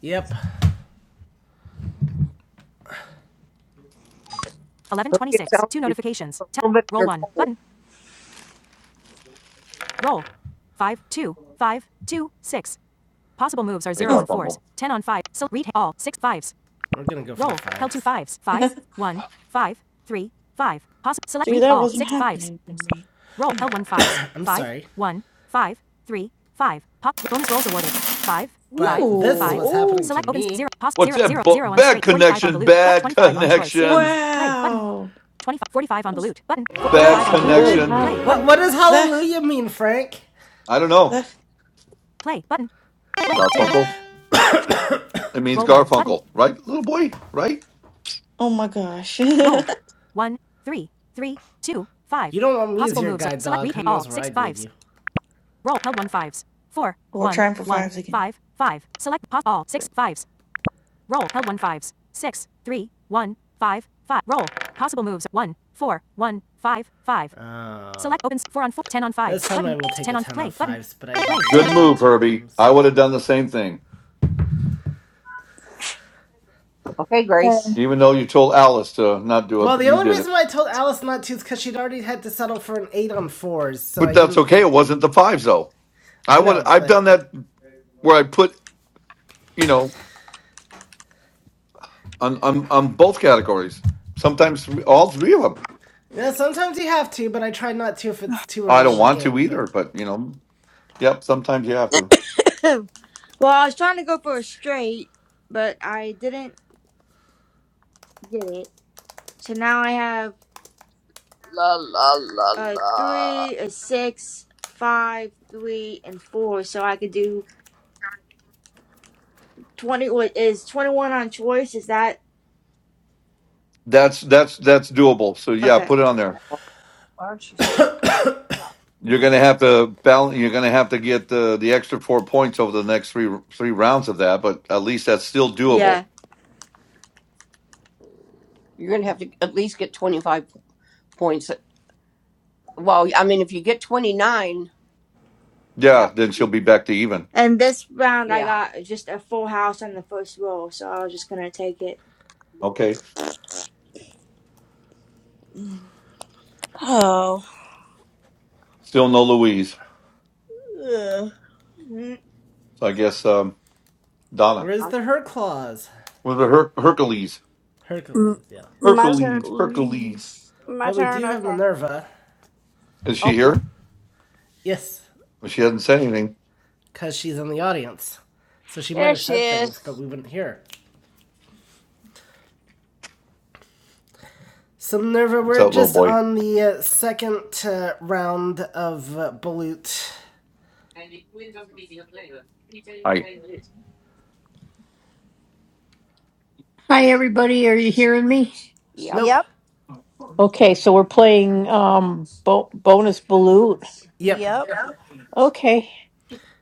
S2: Yep.
S5: Hope it sounds like you have a little bit of your cold.
S1: Hey,
S9: Huh.
S1: Garfunkel.
S2: We're gonna go for the One.
S9: see, that wasn't happening for me. Dang it. Ooh. Ooh.
S2: me.
S1: What's that? Bu- bad connection. Bad connection.
S9: Wow. That's
S1: Bad
S9: that's
S5: Woo.
S9: good.
S1: connection.
S3: Alright.
S2: What, what does
S9: That
S2: hallelujah mean, Frank?
S1: I don't know.
S9: that
S1: Garfunkel. It means Garfunkel, right, little boy? Right?
S9: oh my gosh.
S2: i lead
S9: We're trying for fives again.
S2: Ah. 10 This time I will take a 10 on 5s, but I didn't
S1: Good
S2: really know
S1: move,
S2: to my
S1: Herbie.
S2: name,
S1: I
S2: so...
S1: would have done the same thing,
S5: Okay, Grace,
S3: Um,
S1: even though you told Alice to not do it,
S2: Well,
S1: but
S2: the
S1: you
S2: only
S1: did it.
S2: reason why I told Alice not to is because she'd already had to settle for an 8 on 4s, so
S1: But
S2: I
S1: that's
S2: didn't
S1: okay.
S2: think...
S1: It wasn't the fives though. I
S2: I
S1: would.
S2: know,
S1: I've done
S2: but...
S1: that where I put you know on on, on both categories. Sometimes th- all three of them.
S2: You know, sometimes you have to, but I try not to if it's too
S1: I
S2: early
S1: don't
S2: in the
S1: want
S2: game,
S1: to either,
S2: but...
S1: but you know, yep. Sometimes you have to.
S3: Well, I was trying to go for a straight, but I didn't get it. So now I have a
S7: Uh,
S3: three, a six, five, three, and four. So I could do twenty. Or is twenty-one on choice? Is that
S1: That's that's that's doable. So yeah,
S3: okay?
S1: put it on there.
S7: why aren't you stop?
S1: You're gonna have to balance. You're gonna have to get the the extra four points over the next three three rounds of that, but at least that's still doable.
S3: Yeah.
S5: you're going to have to at least get 25 points. Well, I mean, if you get 29, that
S1: Yeah, then
S5: would
S1: she'll
S5: be,
S1: be back to even.
S3: And this round I
S5: yeah.
S3: got just a full house on the first roll, so I was just gonna take it.
S1: Okay.
S9: Mm,
S7: Oh.
S1: Still no Louise.
S7: Ugh. Mm,
S1: So I guess um, Donna.
S2: Where's the
S5: Oh,
S2: Herclaws?
S1: With the Her- Hercules.
S7: M-
S2: Hercules, yeah.
S7: my turn.
S1: Hercules. Hercules.
S9: Hercules.
S7: My
S2: But we
S7: turn,
S2: do have
S7: okay.
S2: Minerva.
S1: Is she
S5: no.
S1: here?
S2: Yes,
S1: Well, she hasn't said anything.
S2: because she's in the audience. So she might
S7: There
S2: have
S7: she
S2: said things,
S7: is.
S2: but we wouldn't hear. So Minerva,
S1: What's
S2: we're
S1: up, little
S2: just
S1: boy?
S2: on the uh, second uh, round of uh, Balut.
S1: Hi,
S10: Hi, everybody. Are you hearing me?
S5: Yep.
S2: Nope.
S7: Yep.
S10: Okay, so we're playing um bo- bonus balut.
S2: Yep.
S7: Yep.
S10: Okay,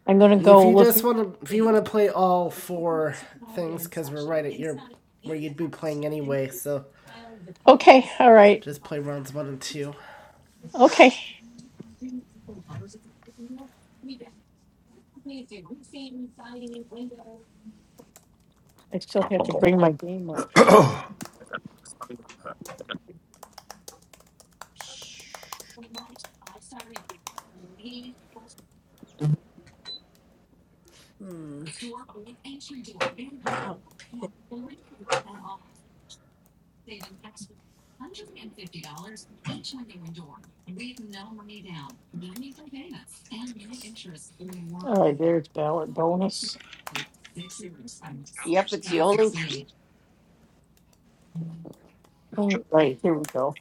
S10: I'm gonna
S2: And if
S10: go
S2: you
S10: look.
S2: just want to, if you want to play all four things, because we're right at your where you'd be playing anyway, so
S10: Okay, all right.
S2: just play rounds one and two.
S10: Okay, I still have to
S1: Funkle.
S10: bring my game up.
S1: Not
S7: Hmm. Oh, pick-
S10: Right there's ballot bonus.
S5: Yep, it's the only.
S10: All right, here we go.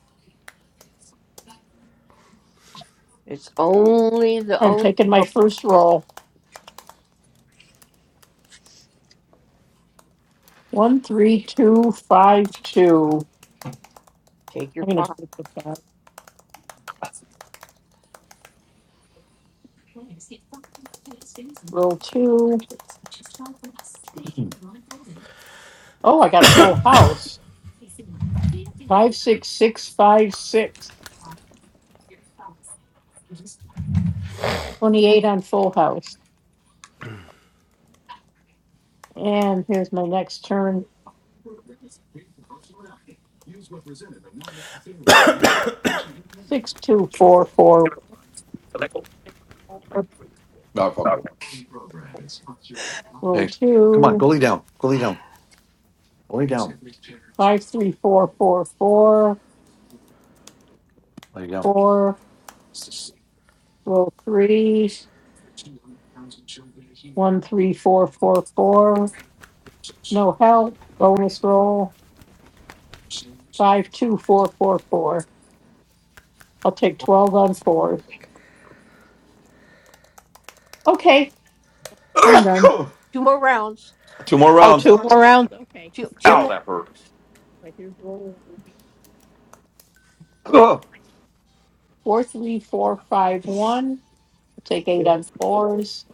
S5: It's only the
S10: I'm
S5: only.
S10: taking my
S5: Oh,
S10: first roll. One, three, two, five, two.
S5: take
S10: I'm
S5: your
S10: gonna
S5: five.
S10: take the back roll two. Oh, I got a full house. Six, six, five, six. Twenty-eight on full house. And here's my next turn. Six, two, four, four,
S1: Funkle.
S10: Roll
S1: Hey, come on.
S10: two,
S1: Go lay down. Go lay down. Go lay down.
S10: five, three, four, four, four,
S1: Lay down.
S10: four. Roll three, one, three, four, four, four. No help. Bonus roll five, two, four, four, four. I'll take twelve on fours. Okay, I'm done.
S5: Two more rounds.
S1: Two more
S10: Oh,
S5: Two
S1: rounds.
S10: two
S5: more.
S10: more rounds. Okay.
S5: Two, two
S2: Yep.
S1: Ow,
S5: more.
S1: that hurt.
S10: Right here's rolling. Four, three, four, five, one. I'll take eight on fours.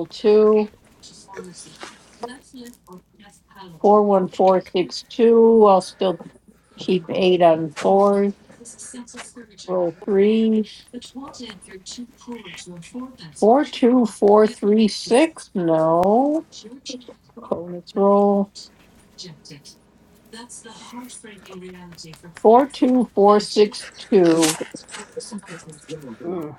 S10: Four, one, four, six, two. I'll still eight on fours. Three, four, two, four, three, six. No. Let's roll two, four, two.
S5: Mm.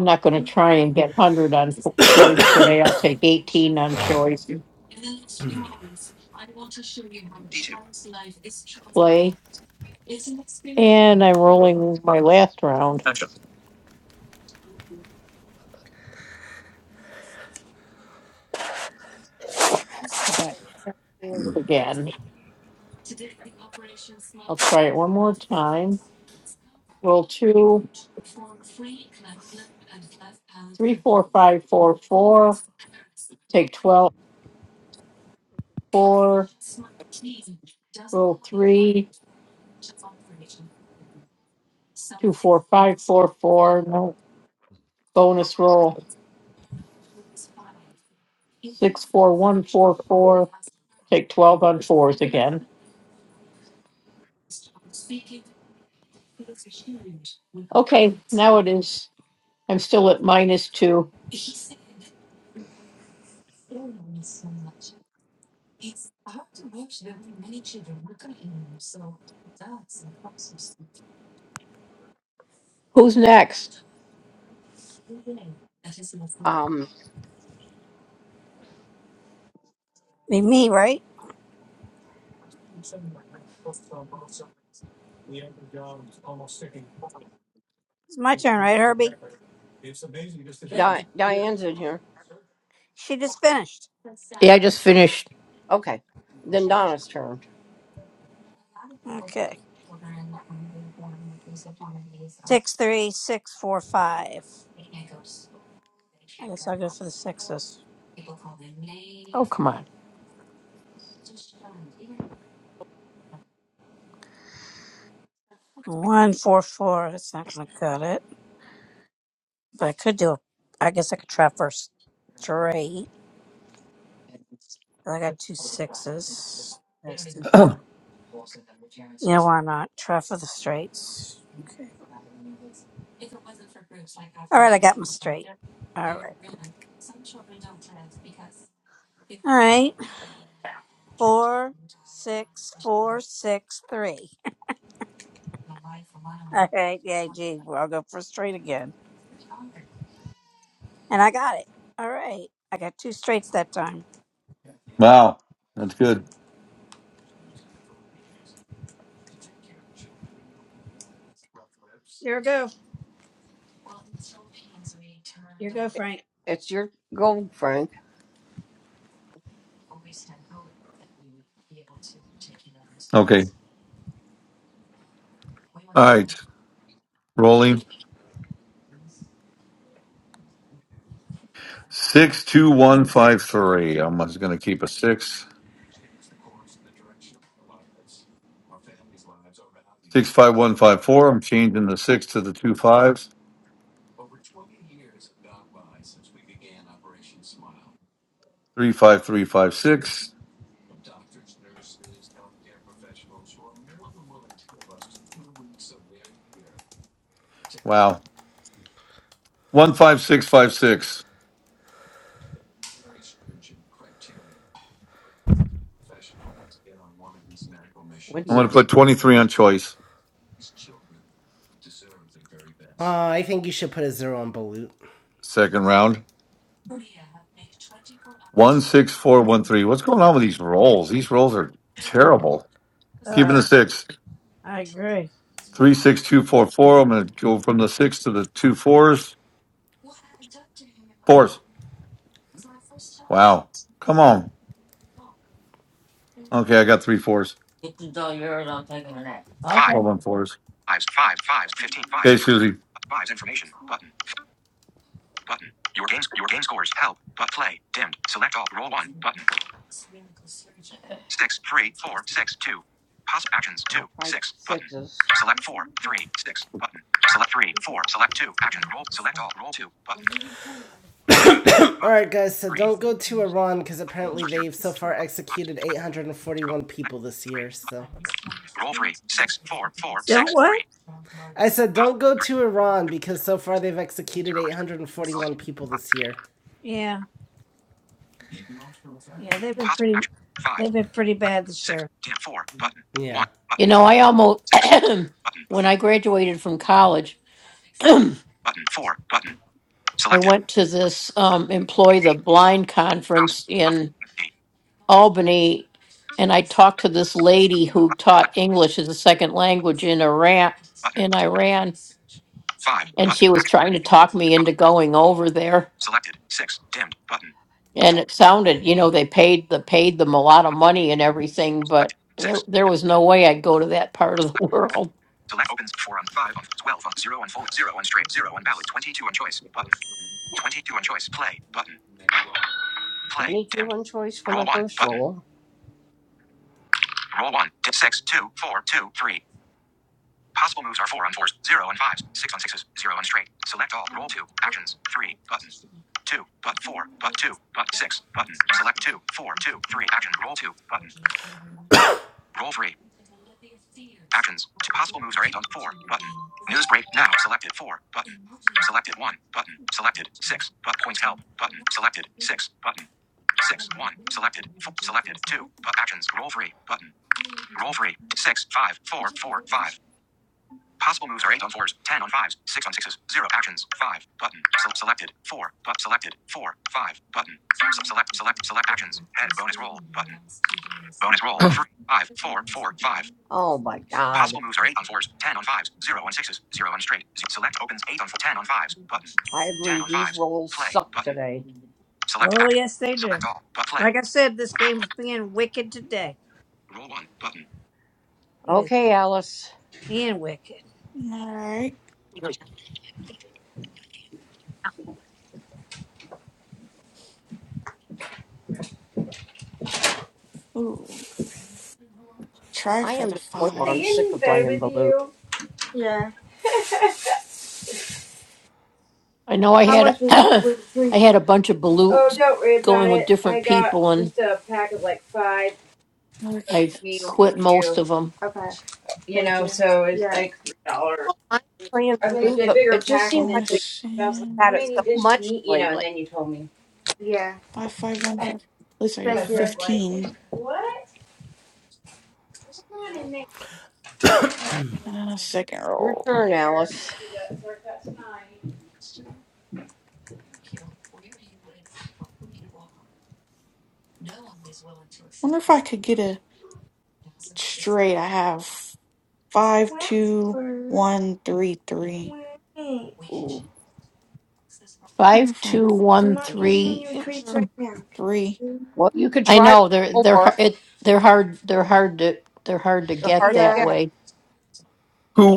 S10: I'm not going try and get 100 on choice today. I'll take.
S5: D2.
S10: And I'm rolling my last round. Got it Again, roll two, four, five, four, four. Take twelve four five four four. No bonus roll. Take 12. on- Now it is. I'm still at minus two. Who's next?
S5: Um,
S7: be me, right? It's my turn, right, Herbie?
S5: Di- Diane's in here.
S7: She just finished.
S10: just finished.
S5: Okay. Then Donna's turn.
S7: Okay. Six three six four five. I guess I'll go for the sixes. One four four. That's not gonna cut it. But I could do a I guess I could try first straight. I got two sixes. There's two four. Yeah, why not? Try for the straights. Okay. All right, I got my straight. All right. All right. Four six four six three. All right, yeah, gee, well, I'll go for straight again. And I got it. All right. I got two straights that time.
S1: wow. That's good.
S7: Here we go. Here we go, Frank.
S5: It's your go, Frank.
S1: Okay. All right. Rolling. Six, two, one, five, three. I'm just going to keep a six. Six five one five four. I'm changing the six to the two fives. Three five three five six. Wow. One five six five six.
S5: What do
S1: I'm
S5: you
S1: going to
S5: do?
S1: put twenty three on choice.
S2: Uh, I think you should put a zero on Balut.
S1: Second round. One six four one three. What's going on with these rolls? These rolls are terrible. Keeping
S7: God,
S1: the six.
S7: I agree.
S1: Three six two four four. I'm going to go from the six to the two fours. Fours. Wow. Come on. Okay, I got three fours.
S10: You
S5: Five.
S1: Twelve on fours.
S5: Fives. Five. Fives. fifteen, fives,
S1: Okay,
S5: Inf-
S1: Susie.
S5: fives. Information. Button. Button. Your games. Your game scores. Help. But play. Dimmed. Select all. Roll one. Button. six three four six two. Post actions two Like six sixes. button. Select four three six button. Select three four. Select two actions. Roll. Select all. Roll two button. Six five
S2: Alright, guys, so
S5: three
S2: don't go to Iran because apparently
S5: zero zero
S2: they've so far
S5: five five
S2: executed
S5: twelve zero.
S2: 841
S5: Select
S2: people this
S5: three.
S2: year, so.
S5: Button. Roll three six four four
S7: Don't
S5: six
S7: what?
S5: three.
S2: I said,
S5: Post
S2: don't go
S5: three
S2: to Iran because so far they've executed
S5: zero bonus
S2: 841 people this
S5: button.
S2: year.
S7: Yeah. Yeah, they've been
S5: Post
S7: pretty
S5: action five.
S7: they've been pretty
S5: Select
S7: bad this
S5: six
S7: year.
S5: dim four button one
S2: Yeah.
S5: button
S10: I almost,
S5: six button
S10: when I graduated from college,
S5: button four button
S10: I
S5: selected.
S10: went to this um, employ the
S5: Eighteen.
S10: blind
S5: House
S10: conference
S5: left.
S10: in
S5: Eighteen.
S10: Albany. Talked to this lady who
S5: Select
S10: taught English as a second language in Iran.
S5: button.
S10: In Iran,
S5: Five.
S10: and
S5: Button.
S10: she was trying to talk me into going over there.
S5: Selected. Six. Dimmed. Button.
S10: And
S5: Four.
S10: it sounded, you know, they paid the paid them a lot of money and everything,
S5: Selected.
S10: but there
S5: Six. Dimmed.
S10: was no way I'd go to that part of the
S5: Select.
S10: world.
S5: Select opens. Four on five on twelve on zero on fold zero on straight zero on ballot twenty two on choice button twenty two on choice play button play dimmed on choice for roll one. one first button roll one dip six two four two three possible moves are four on fours zero on fives six on sixes zero on straight select all roll two actions three button two but four but two but six button select two four two three action roll two button roll three Actions. Two possible moves are 8 on 4. Button. News break now. Selected 4. Button. Selected 1. Button. Selected 6. But points help. Button. Selected 6. Button. 6. 1. Selected. Four, selected 2. But actions. Roll 3. Button. Roll 3. 6. five four four five. Possible moves are 8 on 4s, 10 on 5s, 6 on 6s, 0 actions, 5, button, so selected, 4, but selected, 4, 5, button, so select, select, select actions, head bonus roll, button. Bonus roll. Three, five, four, four, five. Oh my god. Possible moves are 8 on 4s, 10 on 5s, 0 on 6s, 0 on straight. select opens 8 on 10 on 5s. Button. I agree. These rolls Play. suck Button. today. Select
S7: Oh
S5: action.
S7: yes they do.
S5: Select all. But play.
S7: Like I said, this game's being wicked today.
S5: Roll 1. Button.
S7: It is
S5: Okay, Alice.
S7: being wicked.
S9: Alright. Ooh. Try
S5: I
S9: for
S5: am to
S9: the
S5: the point where I'm
S9: fives.
S5: sick of playing Balut.
S3: Yeah.
S10: I know I
S3: How
S10: had
S3: much was
S10: I
S3: was the treat?
S10: had a bunch of balutes going with different people, and
S9: Okay,
S10: I've
S9: let's see.
S10: quit most of them.
S3: Okay. Yeah.
S5: I'm playing
S3: Okay.
S5: Balut, but it just seems like I've
S9: Bonus and
S5: had it so much lately.
S3: Yeah.
S9: five five one five. At least I have
S3: Thank you.
S9: fifteen. And a second
S5: Your
S9: roll.
S5: turn, Alice.
S9: Wonder if I could get a straight. I have five two
S3: Wait,
S9: one three three.
S3: wait.
S5: Ooh.
S9: Wonder
S10: Five,
S9: if I
S10: two,
S3: I'm
S10: one,
S3: not giving
S10: three.
S3: you treats right now.
S9: three.
S5: Well, you could
S10: I
S5: try
S10: know they're they're har-
S5: four.
S10: it they're hard they're hard to they're hard to
S5: They're
S10: get
S5: hard
S10: that
S5: to get.
S3: Yeah.
S10: way.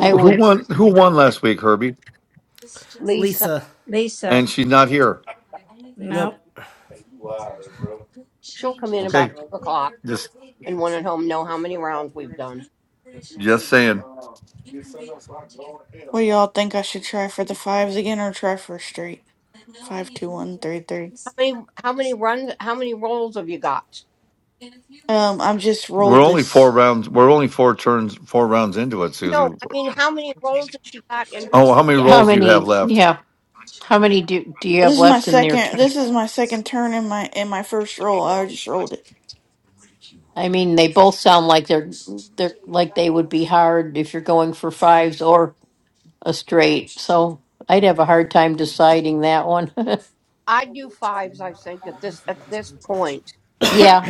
S10: I
S1: who
S10: would.
S1: won? Who won last week? Herbie.
S5: Lisa,
S2: Lisa.
S7: Lisa,
S1: And she's not here.
S7: no.
S2: Nope.
S5: she'll come in
S1: Okay.
S5: about 2 o'clock.
S1: Just
S5: and one at home know how many rounds we've done.
S1: Just saying.
S9: What y'all think I should try for the fives again or try for straight? Five, two, one, three, three.
S5: How many how many runs how many rolls have you got?
S9: Um, I'm just
S1: We're
S9: rolled
S1: only four
S9: this.
S1: rounds. We're only four turns, four rounds into it,
S5: No,
S1: Susie.
S5: I mean how many rolls has she got in her
S1: Oh, how many
S10: How
S1: rolls do you have
S10: many?
S1: left?
S10: Yeah. Do do you have
S9: This is my
S10: left in their
S9: second.
S10: turn?
S9: This is my second turn in my in my first roll. I just rolled it.
S10: I mean, they both sound like they're they're like they would be hard if you're going for fives or a straight. So I'd have a hard time deciding that one.
S5: I do fives I think at this at this point.
S10: yeah,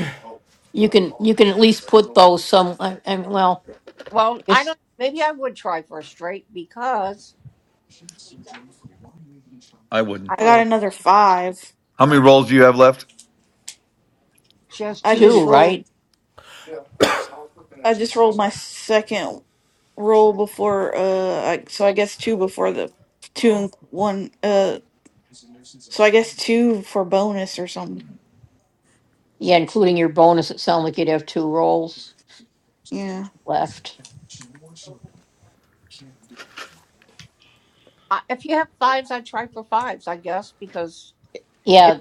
S10: you can you can at least put those some. I, I mean, well,
S5: Well,
S10: I
S5: I
S10: guess
S5: don't maybe I would try for a straight because
S1: I wouldn't.
S5: I
S9: I
S5: don't
S9: got
S5: know.
S9: another five.
S1: How many rolls do you have left?
S5: She has
S9: I
S5: two now.
S9: just
S10: two,
S9: rolled.
S10: right?
S9: I just rolled my second roll before. Uh, I, so I guess two before the two and one. Uh, so I guess two for bonus or something.
S10: Yeah, including your bonus. It sounds like you'd have two rolls
S9: Yeah,
S10: left.
S5: I, if you have fives I try for fives, I guess, because it, it,
S10: Yeah,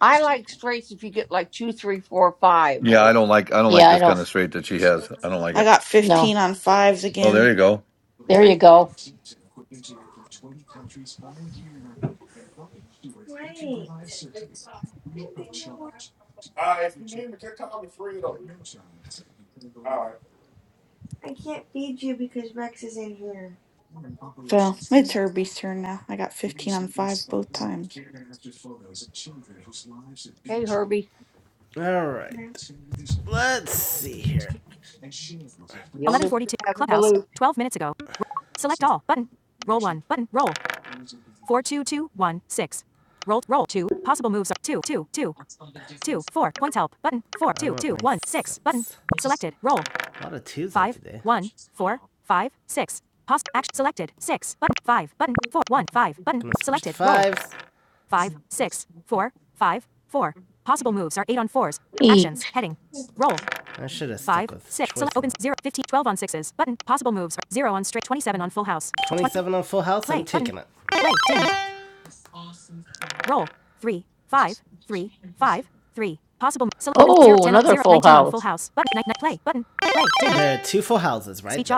S5: I like straights if you get like two, three, four, five
S1: Yeah, I
S5: or
S1: don't like. I don't like
S10: yeah, I
S1: this kind
S10: don't
S1: of straight that she has. I don't like
S9: I
S1: it.
S9: got
S10: know.
S9: fifteen on fives
S1: Oh,
S9: again.
S1: there you go.
S5: there you
S10: go.
S3: Wait. What do you want? I can't feed you because Rex is in here.
S9: Well, it's Herbie's turn now. I got 15 on 5 both times.
S5: hey Herbie.
S2: All right.
S3: No.
S2: Let's see here.
S5: The only one that has a balloon.
S2: A lot of twos Five, today. Fives.
S10: E.
S2: I should have stuck with choices. twelve 27 on Full House. Play, I'm taking it. So
S10: Oh, another full house.
S2: There are two full houses, right? there.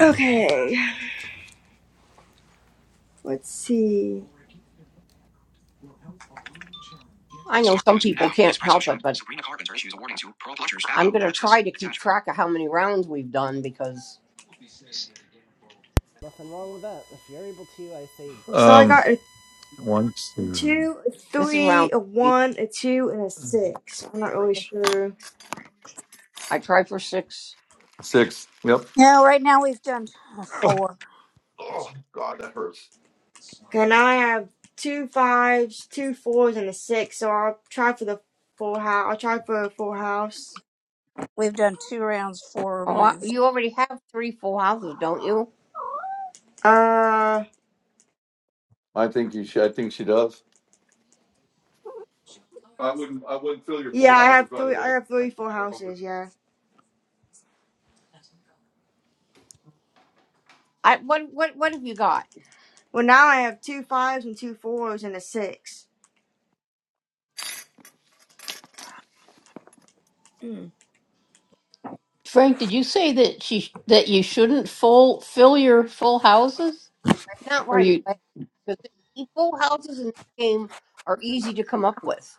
S3: Okay. Let's see.
S5: I know some people can't Newsprint help it, but I'm going to try to keep track of how many rounds we've done because
S2: Nothing wrong with that. If you're able to, I say good
S3: So
S2: for
S3: I
S2: you.
S1: Um,
S3: got a
S1: one, two,
S3: two, a
S5: this is round
S3: three, a
S5: three.
S3: one, a two, and a six. I'm not really sure.
S5: I try for six.
S1: six. Yep.
S7: No, right now we've done uh, four.
S1: Oh God, that hurts.
S3: Can I have two fives, two fours, and a six? So I'll try for the full house. I'll try for a full house.
S7: We've done two rounds, four
S5: Oh, I,
S7: moves.
S5: you already have three full houses, don't you?
S3: Uh,
S1: I think you should. I think she does. I wouldn't. I wouldn't fill your
S3: yeah,
S1: full
S3: I
S1: houses
S3: have
S1: right
S3: three. I
S1: away.
S3: have
S1: I,
S3: three full
S1: I would.
S3: houses. Yeah.
S5: I what what what have you got?
S3: Well, now I have two fives and two fours and a six.
S7: Mm.
S10: Frank, did you say that she that you shouldn't full fill your full houses?
S5: Not
S10: Or
S5: right
S10: you
S5: away because full houses in this game are easy to come up with.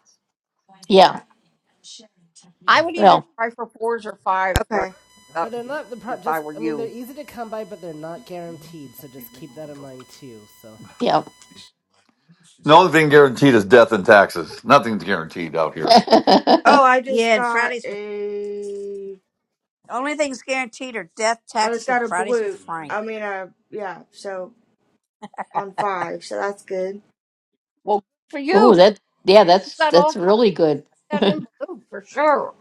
S5: I would either
S10: well,
S5: try for fours or fives, right?
S3: Okay.
S5: Uh,
S2: But they're not the pro-
S5: if I
S2: just.
S5: were
S2: I mean, they're
S5: you,
S2: easy to come by, but they're not guaranteed. So just keep that in mind too. So
S10: yeah.
S1: The only thing guaranteed is death and taxes. Nothing's guaranteed out here.
S3: Oh, I just
S7: Yeah, and
S3: got
S7: Fridays with
S3: a.
S7: only things guaranteed are death,
S3: I just
S7: taxes, and
S3: got a
S7: Fridays with
S3: blue.
S7: Frank.
S3: I mean, uh, yeah. So on five, so that's good.
S5: well, good for
S10: oh,
S5: you,
S10: that yeah,
S5: you
S10: that's
S5: got all
S10: that's
S5: fi-
S10: really good.
S5: that in blue for sure.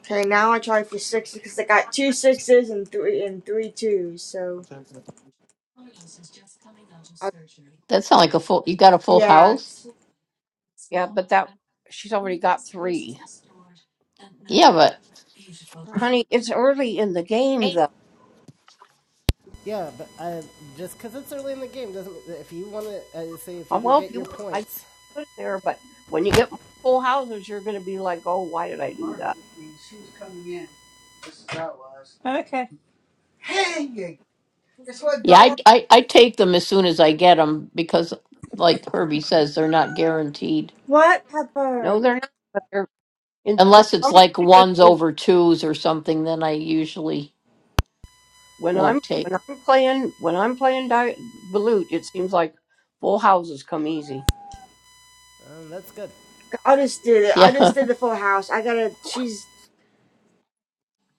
S3: Okay, now I try for sixes because I got two sixes and three and three twos. So I,
S10: That sounds like a full. You got a full,
S3: yeah.
S5: Yeah, but that she's already got three.
S10: but
S5: Honey, it's early in the game though.
S2: yeah, but I just because it's early in the game doesn't. If you want to uh, say if
S5: Uh,
S2: you can
S5: Well, if
S2: get
S5: you
S2: your
S5: want, I guess
S2: points,
S5: you put it there, but when you get more full houses, you're going to be like, "Oh, why did I do
S7: Margaret
S5: that?"
S7: with me, and she was coming in, This is how it was. Okay. Hey, yeah, guess what,
S10: yeah, I,
S7: dog?
S10: I I take them as soon as I get them because, like Herbie says, they're not guaranteed
S3: What pepper?
S5: No, they're not. But they're in for
S10: unless it's
S5: some
S10: like
S5: reason.
S10: ones
S5: in-
S10: over twos or something. Then I usually
S5: When I'm
S10: won't
S5: when
S10: take. 'em.
S5: I'm playing when I'm playing di- Balut, it seems like full houses come easy.
S2: um, that's good.
S3: I just did it. I
S10: Yeah,
S3: just did the full house. I gotta. She's.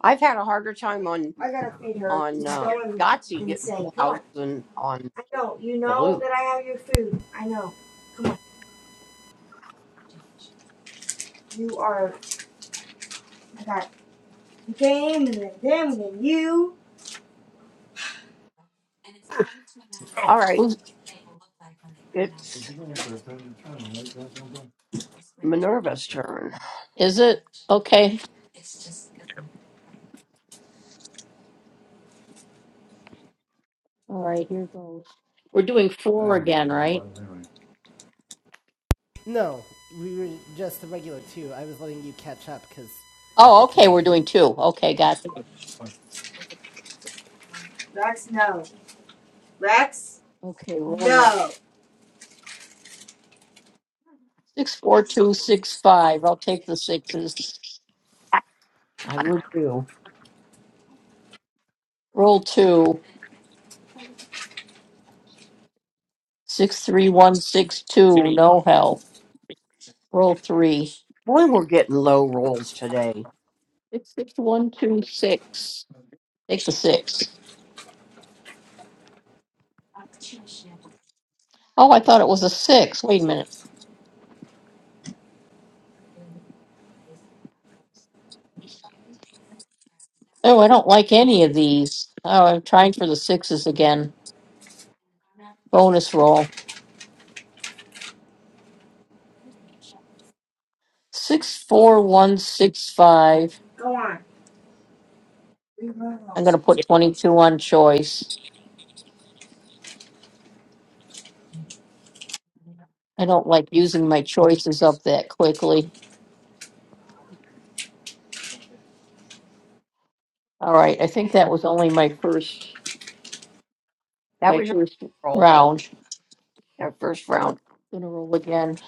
S5: I've had a harder time on
S3: I gotta. feed-
S5: on uh, Yahtzee getting full houses than on
S3: I know. You know
S5: Balut.
S3: that I have your food. I know. You are. I got the game and then them and then you.
S5: All right,
S10: Oops,
S5: it's Minerva's turn.
S10: is okay? All right, here goes. We're doing
S1: I
S10: four
S1: didn't really
S10: again,
S1: want to bother
S10: right?
S1: anyway.
S2: No, we were just the regular two. I was letting you catch up because
S1: I
S10: Oh,
S2: you
S1: go
S10: okay,
S2: came in
S10: we're
S2: late.
S1: home.
S10: doing two. Okay, gotcha.
S3: Rex,
S10: Okay, roll one.
S3: no.
S10: Six, four, two, six, five. I'll take the sixes.
S5: I would do.
S10: Roll two. Six, three, one, six, two. No help. Roll three.
S5: Boy, we're getting low rolls today.
S10: Six, six, one, two, six. Take the six. Oh, I thought it was a six. Wait. Oh, I don't like any of these. Oh, I'm trying for the sixes again. Bonus roll. Six, four, one, six, five. I'm going to put 22 on choice. I don't like using my choices up that quickly. All right, I think that was only my first
S5: That
S10: my
S5: was your
S10: first
S5: roll, yeah,
S10: round.
S5: our first
S10: I'm
S5: round.
S10: gonna roll again.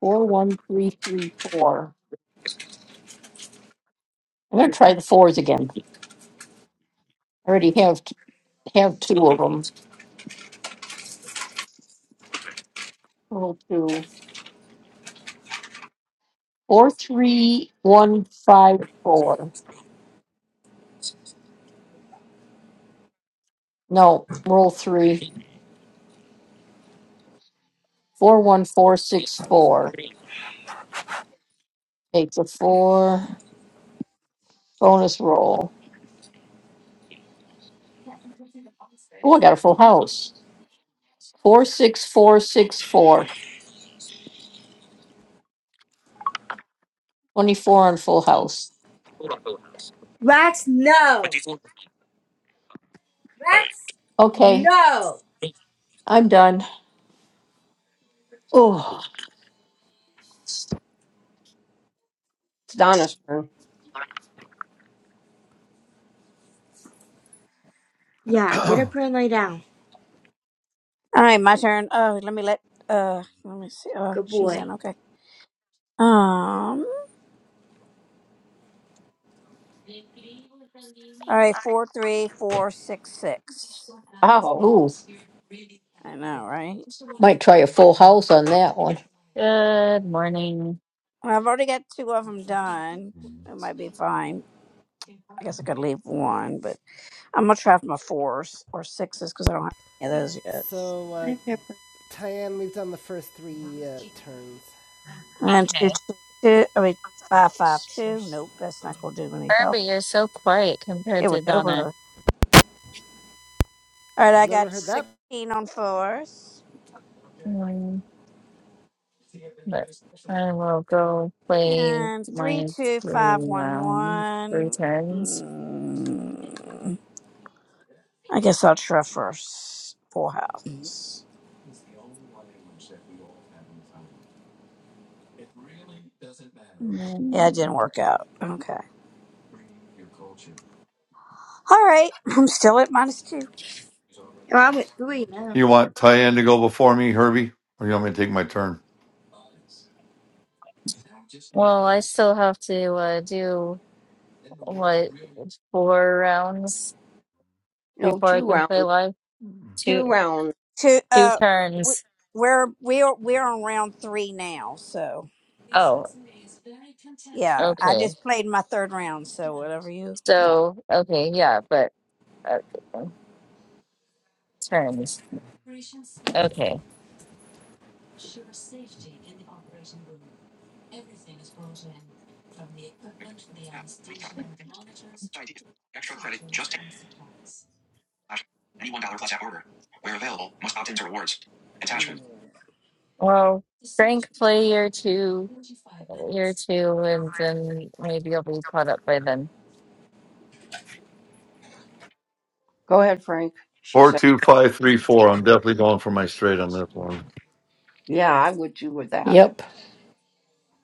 S10: Four one three three four. I'm gonna try the fours again. I already have t- have two of them. Roll two. Four three one five four. No, roll three. Four one four six four. Take the four. Bonus roll. Oh, I got a full house. Four six four six four. Twenty four on full house.
S3: Rex, no. Rex,
S10: Okay,
S3: no.
S10: I'm done. Oh,
S5: It's Donna's turn.
S3: Yeah, get
S1: I-
S3: up here and lay down.
S7: All right, my turn. Oh, let me let. Uh, let me see. Oh,
S3: Good
S7: she's
S3: boy.
S7: in. Okay. Um. All right. Four, three, four, six, six.
S5: Oh,
S7: I know, right?
S10: Also,
S11: Good morning.
S7: Well, I've already got two of them done. It might be fine. I guess I could leave one, but I'm gonna try for my fours or sixes because I don't have any of those yet.
S2: So, uh,
S3: Hi, Pepper.
S2: Tyann, we've done the first three uh, turns.
S7: And two,
S11: Okay.
S7: two, two. I mean, five, five, two. Nope, that's not gonna do any help.
S11: Irby, you're so quiet compared
S7: It was
S11: to Donna.
S7: over. All right,
S2: I've
S7: I
S2: never
S7: got
S2: heard that.
S7: 16 on fours.
S11: Mm, But I will go play
S7: And three,
S11: my
S7: two,
S11: three
S7: five, one,
S11: round, three
S7: one.
S11: turns.
S7: Mm, I guess I'll try first. Full house. Yeah, it
S11: Mm,
S7: didn't work out. Okay. All right. I'm still at minus two.
S3: Oh, I'm at three now.
S1: you want Tyann to go before me, Herbie, or you want me to take my turn?
S11: Well, I still have to uh, do what four rounds
S5: no,
S11: before I
S5: two
S11: can play
S5: rounds.
S11: live.
S5: Two
S11: Two
S5: rounds.
S7: Two.
S11: two
S7: Uh, w-
S11: turns.
S7: we're we're we're on round three now. So
S11: Oh,
S7: yeah, I
S11: okay.
S7: just played my third round. So whatever you. Yeah.
S11: So okay, yeah, but uh, turns. Okay.
S5: App. Free trial. Idea. Extra credit. Just take. Slash. Any one dollar plus app order. Where available, must opt into rewards. Attachment.
S11: Well, Frank, play year two, year two, and then maybe I'll be caught up by then.
S5: Go ahead, Frank, she
S1: Four,
S5: said.
S1: two, five, three, four. I'm definitely going for my straight on this one.
S5: Yeah, I would do with that.
S10: yep.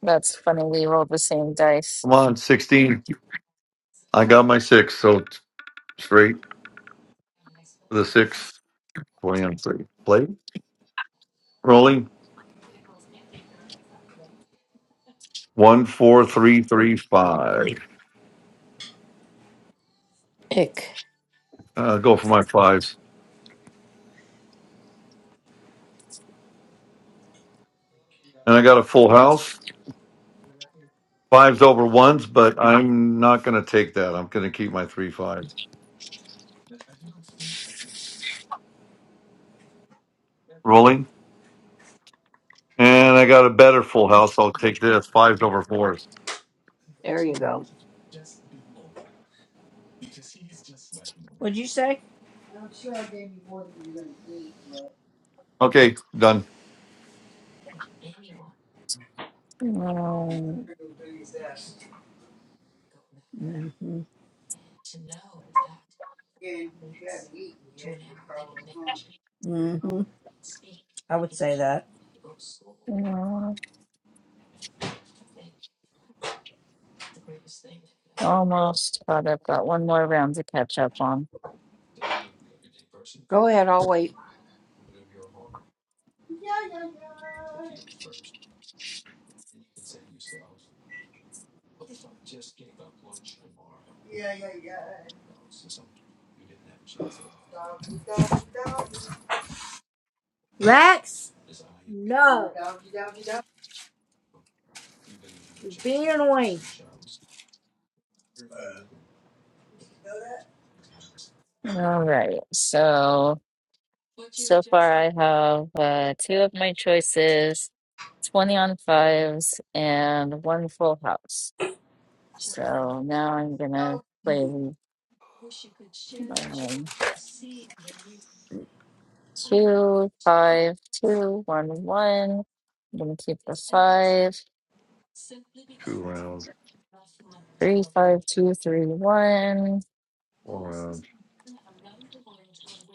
S11: That's funny. We rolled the same dice.
S1: Come on, sixteen. I got my six, so t- straight for the six. Twenty on three. Play rolling one, four, three, three, five.
S10: Ick.
S1: Uh, go for my fives, and I got a full house. Fives over ones, but I'm not going to take that. I'm going to keep my three fives. Rolling And I got a better full house. I'll take this. Fives over fours.
S5: There you go.
S7: What'd you say?
S1: Okay, done.
S11: Um,
S7: hmm And if you haven't eaten yet, you're probably hungry. hmm I would say that.
S11: uh, almost caught up. Got one more round to catch up on.
S5: Go ahead, I'll wait.
S7: Yeah, yeah, yeah. Yeah, yeah, yeah. Doggy, doggy, doggy.
S3: Rex,
S7: I'm a doggy, doggy, doggy.
S3: you're being annoying.
S7: Go
S11: All right. So, so far I have uh, two of my choices, 20 on fives, and one full house. So now I'm gonna
S7: to doggy.
S11: play. Um, two, five, two, one, one. I'm gonna keep the five,
S1: Two rounds,
S11: three, five, two, three, one,
S1: four rounds.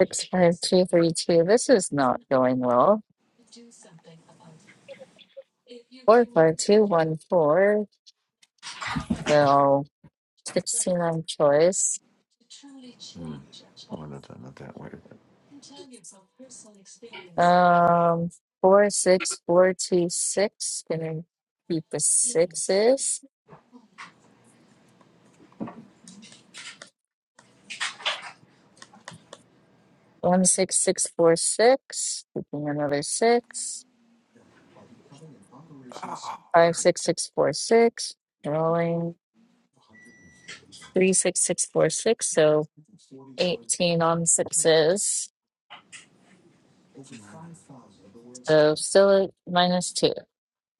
S11: six, five, two, three, two. This is not going well. Four, five, two, one, four. So sixteen on choice.
S1: Hmm. Oh, not that, not that way.
S11: Um, four, six, four, two, six. Gonna keep the sixes. One, six, six, four, six. Keeping another six.
S1: Ah,
S11: Five, six, six, four, six. Rolling. three six six four six, so eighteen on sixes. So still at minus two.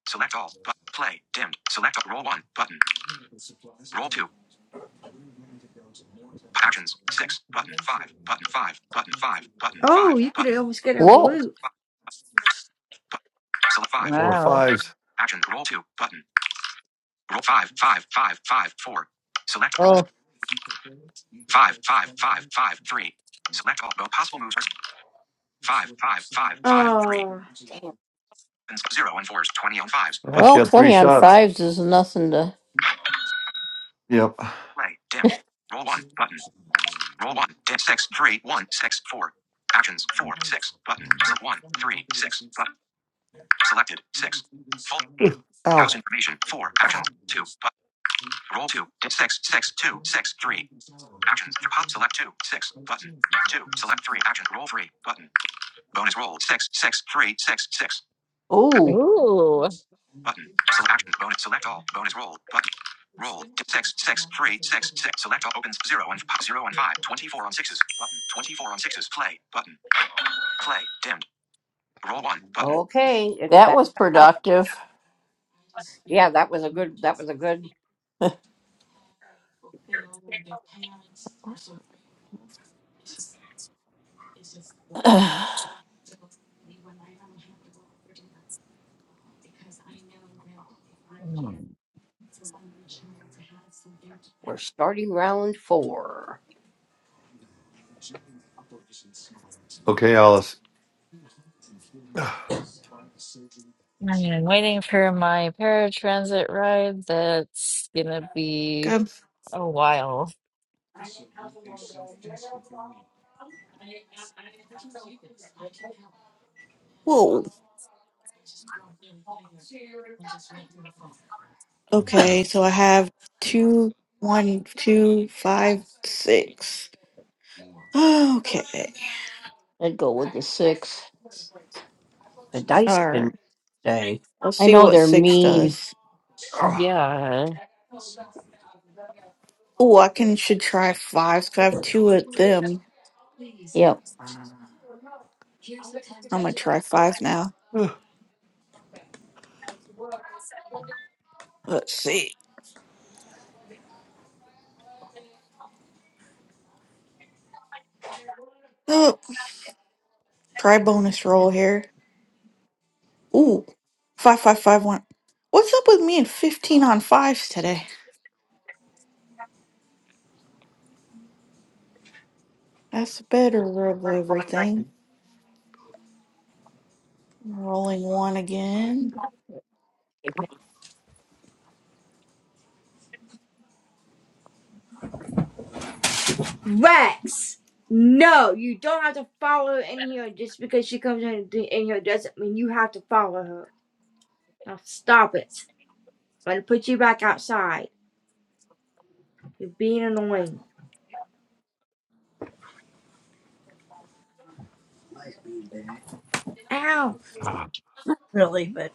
S5: Select all. But play. Dimmed. Select all. Roll one. Button. Roll two. Actions. Six. Button. Five. Button. Five. Button. Five. Button.
S3: Oh,
S5: Five.
S3: you could
S5: Button.
S3: almost get a
S10: Whoa.
S3: blue.
S5: Five. Button. Select five.
S1: Four
S11: Wow.
S1: fives.
S5: Action. Roll two. Button. Roll five. Five. Five. Five. Four. Select roll.
S10: Oh,
S5: Five. Five. Five. Five. Three. Select all. Bo- Possible moves. Five. Five. Five. Five. Three.
S3: Oh.
S5: Damn. Zero and fours. Twenty on fives.
S1: Yeah, she
S5: Button.
S10: well,
S1: had three
S10: 20 on
S1: shots.
S10: fives is nothing to.
S1: Yep.
S5: Play. Dimmed. Roll one. Button. Roll
S1: Hmm.
S5: one, ten, six, three, one, six, four. Actions, four, six, button, select one, three, six, button, selected, six. Full team.
S1: Ugh,
S5: House
S1: Ow.
S5: information, four, actions,
S1: Ow.
S5: two, Button. roll two, dim six, six, two, six, three. Actions, pop, select two, six, button, two, select three, Actions. roll three, button. Bonus roll, six, six, three, six, six,
S10: Oh,
S11: Ooh.
S5: button, select actions, bonus, select all, bonus roll, button. Roll, dim six, six, three, six, six, select all, opens, zero and, pop, zero and five, twenty four on sixes, button, 24 on sixes, play, button. Play. Dimmed. Roll one button. Okay, it's
S10: that
S5: back
S10: was
S5: out.
S10: productive.
S5: Yeah, that was a good. That was a good.
S10: I'd
S11: Mm.
S5: We're starting round four.
S1: Okay, Alice. Ugh.
S11: I mean, I'm waiting for my paratransit ride. That's gonna be
S9: Good.
S11: a while.
S9: Whoa. Okay, so I have two, one, two, five, six. Okay.
S10: go with the six.
S5: The dice have been
S9: Alright.
S5: day.
S9: Let's
S10: I
S9: see
S10: know
S9: what
S10: they're
S9: 6
S10: mean.
S9: does.
S1: Ah,
S11: Yeah.
S9: Oh, I can should try 5s because I have two of them.
S10: Yep.
S9: I'm going to try fives now.
S1: ugh.
S9: Let's see. Oh, try bonus roll here. Ooh, five five five one. What's up with me and fifteen on fives today? That's a better roll everything. Rolling one again.
S3: Rex, no, you don't have to follow her in here just because she comes in, in here doesn't mean you have to follow her. Now stop it. I'm gonna put you back outside. You're being annoying.
S7: Nice being back.
S3: Ow!
S1: Ah.
S7: Really, but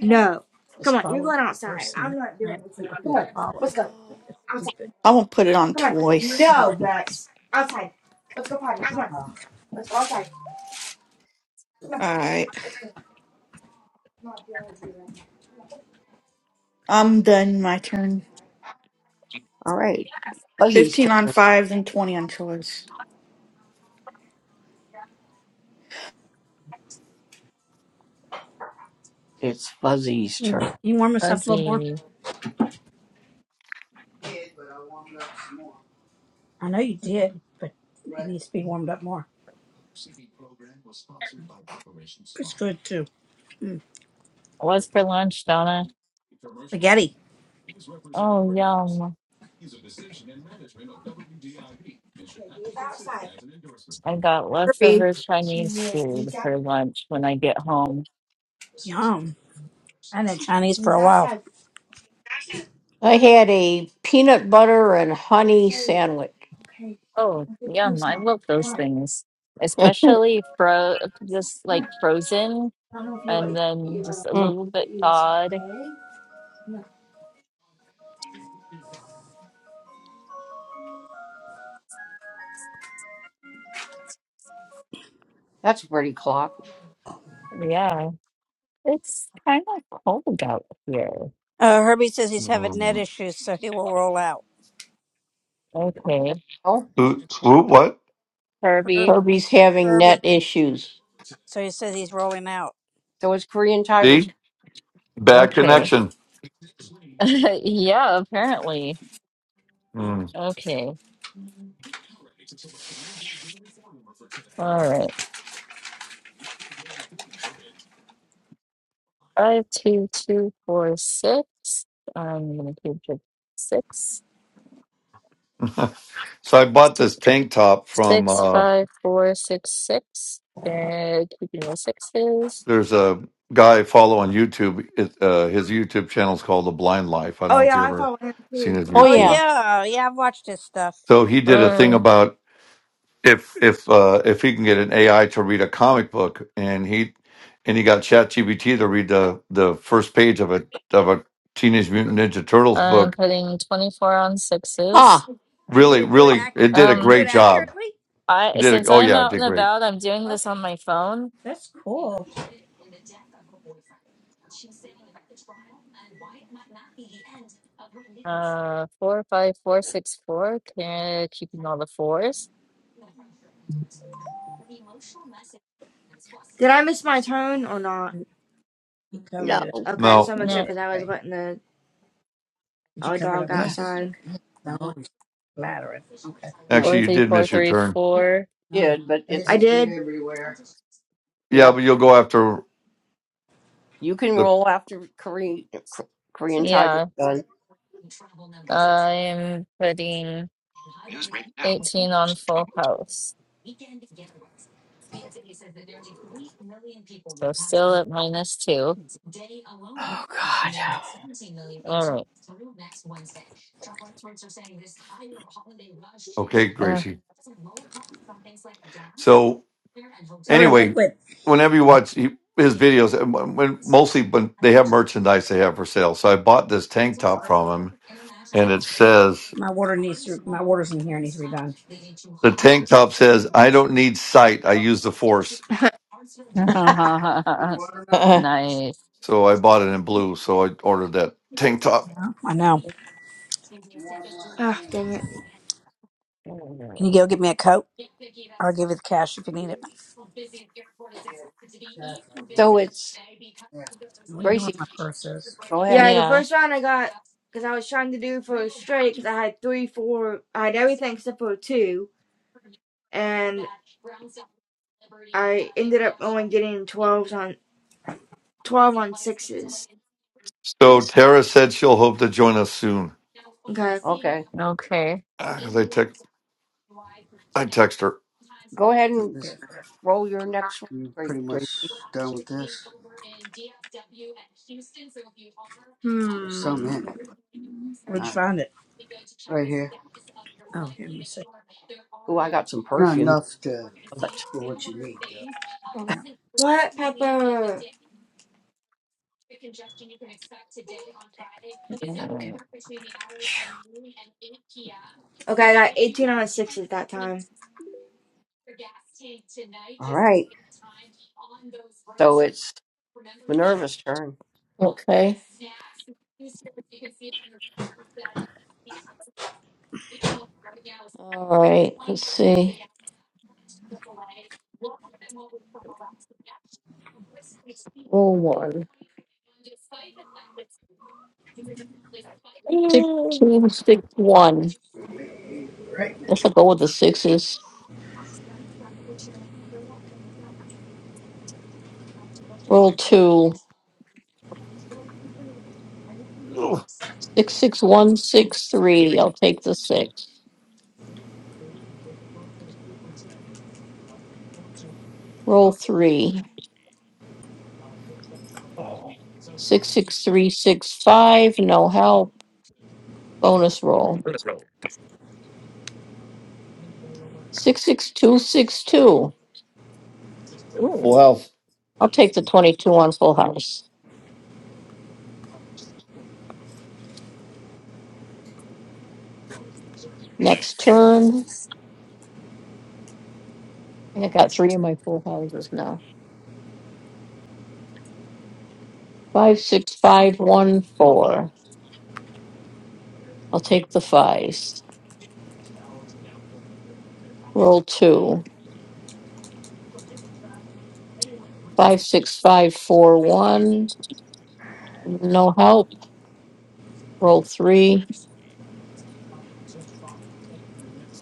S3: No. Come
S7: just
S3: on, you're
S7: follow
S3: going
S7: the
S3: outside.
S7: person.
S3: I'm not
S7: I have
S3: dealing with
S7: to
S3: you.
S7: go
S3: Come
S7: and
S3: on, let's go.
S7: It's
S3: Outside.
S7: stupid.
S9: I won't put it on
S3: Come on.
S9: twice.
S7: They
S3: No,
S7: don't-
S3: Rex. Outside. Let's go party. Come on.
S7: Uh,
S3: Let's go outside. Come on.
S9: All right,
S3: Let's go. I'm not dealing with you, Rex.
S9: I'm done. My turn.
S5: All right, Fuzzy's
S9: Fifteen
S5: turn.
S9: on fives and twenty on choice.
S5: It's Fuzzy's turn.
S7: Mm. You warm us up a little more?
S11: Fuzzy.
S7: I did, but I'll up some more. I know you did, but it But needs to be warmed up more. It's good too. Mm.
S11: What's for lunch, Donna?
S7: Spaghetti.
S11: Oh, yum.
S3: Okay, he's outside.
S11: I got
S5: Kirby,
S11: leftover Chinese
S3: Yeah,
S11: food
S3: he's out.
S11: for lunch when I get home.
S7: Yum. I hadn't had Chinese for
S3: He's
S7: a while.
S3: outside.
S10: I had a peanut butter and honey
S3: Okay.
S10: sandwich.
S3: Okay.
S11: Oh,
S3: I'll get you
S11: yum. I
S3: some.
S11: love
S3: Come
S11: those
S3: on.
S11: things, especially fro just
S3: I
S11: like frozen
S3: don't know if you let
S11: and then
S3: you. I
S11: just
S3: don't
S11: a little
S3: look
S11: bit
S3: you this
S11: thawed.
S3: one, okay? No.
S5: that's a pretty clock.
S11: Yeah, it's kind of cold out here.
S7: Uh, Herbie says he's having net
S1: Mm.
S7: issues, so he will roll out.
S11: Okay,
S5: Oh,
S1: Ooh, ooh, what?
S7: Herb,
S11: Herbie.
S10: Herbie's having net
S7: Herbie.
S10: issues.
S7: So he says he's rolling out.
S5: so it's Korean Tigers.
S1: See? Bad
S11: Okay.
S1: connection.
S11: Yeah, apparently.
S1: Hmm.
S11: Okay. All right. Five, two, two, four, six. I'm gonna keep it six.
S1: so I bought
S11: Si-
S1: this tank top from
S11: Six,
S1: uh,
S11: five, four, six, six. And keeping the sixes.
S1: There's a guy I follow on YouTube. It, uh, his YouTube channel is called The Blind Life. I don't
S3: Oh
S1: know if
S3: yeah,
S1: you
S3: I
S1: ever
S3: follow him
S1: seen
S3: too.
S1: his
S10: Oh,
S7: Oh
S10: yeah.
S1: YouTube.
S7: yeah, yeah. I've watched his stuff.
S1: So he did a thing
S11: Um,
S1: about if if uh, if he can get an AI to read a comic book, and he and he got ChatGPT to read the the first page of a of a Teenage Mutant Ninja Turtles
S11: I'm
S1: book.
S11: putting 24 on sixes.
S10: Ah.
S7: And did
S1: Really,
S7: it do it?
S1: really,
S7: Ac-
S1: it did a
S7: did it
S11: Um,
S7: do it
S1: great job.
S7: accurately?
S1: It
S11: I
S1: did.
S11: since
S1: A, oh
S11: I'm
S1: yeah, it
S11: out and
S1: did great.
S11: about, I'm doing
S7: Oh,
S11: this on my phone.
S7: that's cool.
S11: Uh, four, five, four, six, four. Can keeping all the fours.
S3: Did I miss my turn or not?
S7: You you covered
S5: No,
S7: it. up.
S3: Okay,
S7: Yeah,
S1: No,
S3: so
S7: you
S3: make sure
S7: did
S11: No,
S7: it
S3: because I was
S7: right.
S3: letting the
S7: Did you
S3: our
S7: cover it up
S3: dog
S7: when Yes.
S3: outside.
S7: Okay. No, i flattering. Okay. No, that's
S11: four,
S1: actually, you
S11: three,
S1: did
S11: four,
S1: miss
S7: what
S1: your
S11: three,
S1: turn.
S11: four.
S7: No,
S5: did but
S7: It'll
S3: I
S5: it's
S7: we get
S3: did.
S7: everywhere.
S1: Yeah,
S5: yeah.
S1: but you'll go after.
S5: You can
S1: the.
S5: roll after Korean Korean Tiger's
S11: Yeah,
S5: done.
S11: I'm putting
S5: News break now.
S11: 18 on
S5: Trump
S11: full house. So still at minus two.
S5: Oh God.
S11: All right.
S1: Okay,
S11: Ugh.
S1: Gracie. So
S7: I wear
S1: anyway,
S7: liquid.
S1: whenever you watch he- his videos, and when when- mostly when they have merchandise they have for sale. So I bought this tank top from him, and it says
S7: My water needs to, my water's in here and needs redone.
S1: the tank top says, "I don't need sight. I use the force."
S7: watermelon.
S11: nice.
S1: So I bought it in blue. So I ordered that tank top.
S7: Yeah. I know. Can
S3: oh dang it!
S7: you go get me a coat? I'll give you the cash if you need it.
S5: So it's
S7: Well, you know where
S5: Gracie.
S7: my purse is.
S5: Go ahead.
S3: Yeah, the
S11: Yeah.
S3: first round I got because I was trying to do for a straight because I had three, four, I had everything except for two, and I ended up only getting twelves on twelve on sixes.
S1: So Tara said she'll hope to join us soon.
S3: Okay.
S5: Okay.
S11: Okay.
S1: Because I text, I text her.
S5: Go ahead and
S7: This,
S5: roll your next one.
S7: you
S5: Great,
S7: pretty much
S5: great.
S7: done with this. There's some
S3: Hmm.
S7: in it. Where'd you Not find it? right here. Oh, here, let me see.
S5: Oh, I got some
S7: Not
S5: perfume.
S7: enough to
S5: Love it.
S7: for what you need though.
S3: What pepper? Okay, I got eighteen on sixes that time.
S5: All right. So it's Minerva's turn.
S10: okay. Uh, sixteen, six, one. Guess I'll go with the sixes.
S1: Ugh.
S10: Six, six, one, six, three. I'll take the six. Roll three.
S1: Oh,
S10: Six, six, three, six, five. No help. Bonus roll. Six, six, two, six, two.
S1: full house.
S10: I'll take the 22 on full house. Next turn. I think I got three of my full houses now. Five, six, five, one, four. I'll take the fives. Roll two. Five, six, five, four, one. No help. Roll three.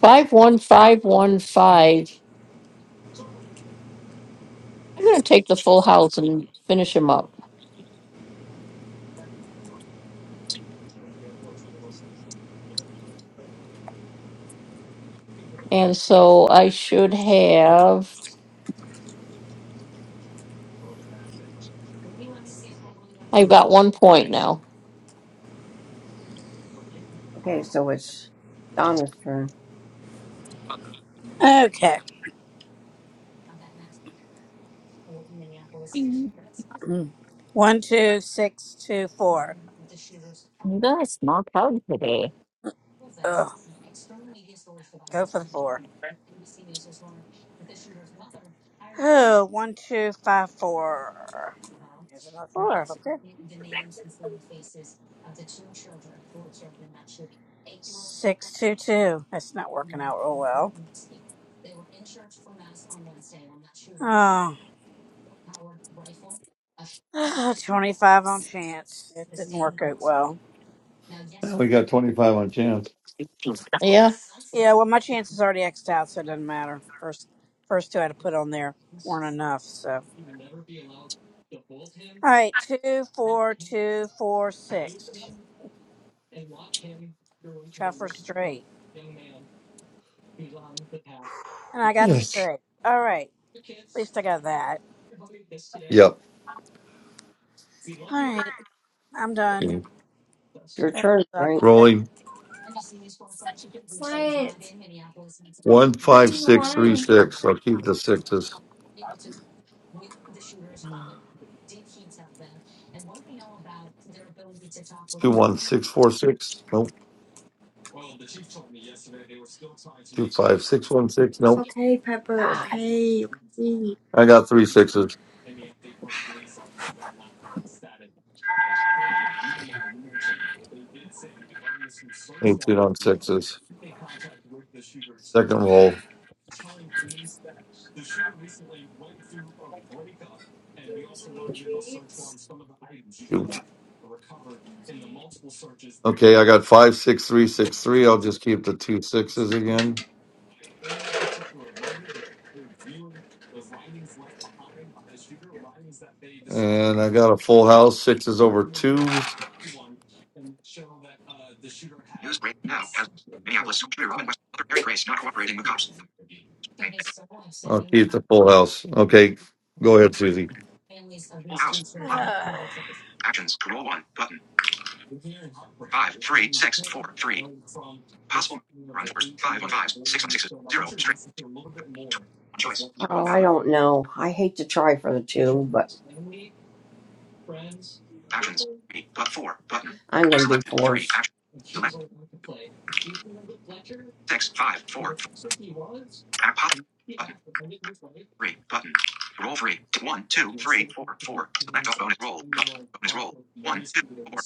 S10: Five, one, five, one, five. I'm going to take the full house and finish him up. And so I should have, I've got one point now.
S5: Okay, so it's Donna's turn.
S7: No. Okay.
S11: Mm. Ooh.
S7: Mm. One, two, six, two, four.
S11: You guys knocked out today.
S7: Ugh. Go for the four. Oh, one, two, five, four. Here's another four. Okay. 622. That's not working out real well. Oh, 25 on chance. It didn't work out well.
S1: Now we got twenty five on chance.
S10: Yeah.
S7: Yeah, well, my chance is already xed out, so it doesn't matter. First, first two I had to put on there weren't enough, so. All right, two, four, two, four, six. Try for straight. And I got
S1: Yes.
S7: straight. All right, at least I got that.
S1: Yep.
S7: All right, I'm done.
S1: Okay.
S5: Your
S7: That
S5: turn, Frank.
S1: Rolling
S3: What?
S1: one
S3: what do
S1: five
S3: you
S1: six three
S3: want?
S1: six. I'll keep the sixes. Two one six four six. Nope. Two five six one six. Nope.
S3: Okay, Pepper,
S5: God.
S3: okay, okay.
S1: I got three sixes. Eighteen on sixes. Second roll. Shoot. Okay, I got five six three six three. I'll just keep the two sixes again. And I got a full house. Sixes over twos.
S5: News break now. Has Minneapolis, Shooter Robin West, other Mary Grace not cooperating with cops.
S1: I'll keep the full house. Okay, go ahead, Susie.
S5: Full house. Lot one.
S7: sucked.
S5: Actions. Roll one. Button. Five, three, six, four, three. Possible. Run fours. Five on fives. Six on sixes. Zero on straight. Zero. One choice. Oh, I don't know. I hate to try for the two, but. Actions. Three. But four. Button. I'm gonna do fours. three. Action. Select six. Five. Four. Four. Act pop. Button. Three. Button. Roll three. T- One. Two. Three. Four. Four. Select all bonus roll. Bonus roll. One. Two. Four.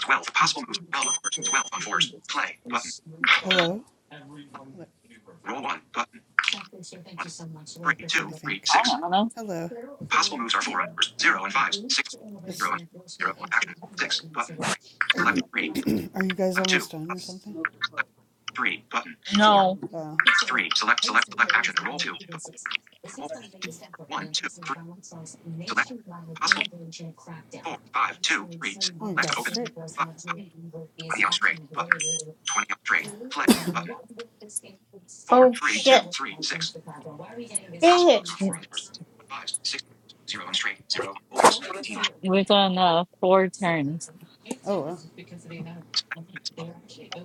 S5: Twelve. Possible moves. Twelve on fours. Twelve on fours. Play. Button.
S12: Hello?
S5: Roll one. Button. One. Three.
S12: I
S5: Two. Three.
S11: I
S12: think.
S5: Six.
S11: don't know.
S12: Hello.
S5: Possible moves are four on fours. Zero and fives. Six. Zero
S12: Is
S5: and zero. on Actions. Six. Button.
S12: are
S5: Select
S12: you
S5: three.
S12: are you guys
S5: Select two.
S12: almost done or something?
S5: Select three. Button. Four.
S11: No,
S12: Uh
S5: Three. Select. Select. Select. Action. Roll two. Button. One, two, three. Select possible four, five, two, three, six.
S12: oh you got
S5: Select
S12: it
S5: opens
S12: straight.
S5: Five, twenty on straight button. 20 on straight play button. Four, oh, three, shit. two, three, six. Dang it. Four on first, five, six, zero on straight, zero. Oh, house, 18 on
S11: we've done uh, four turns.
S12: Oh well.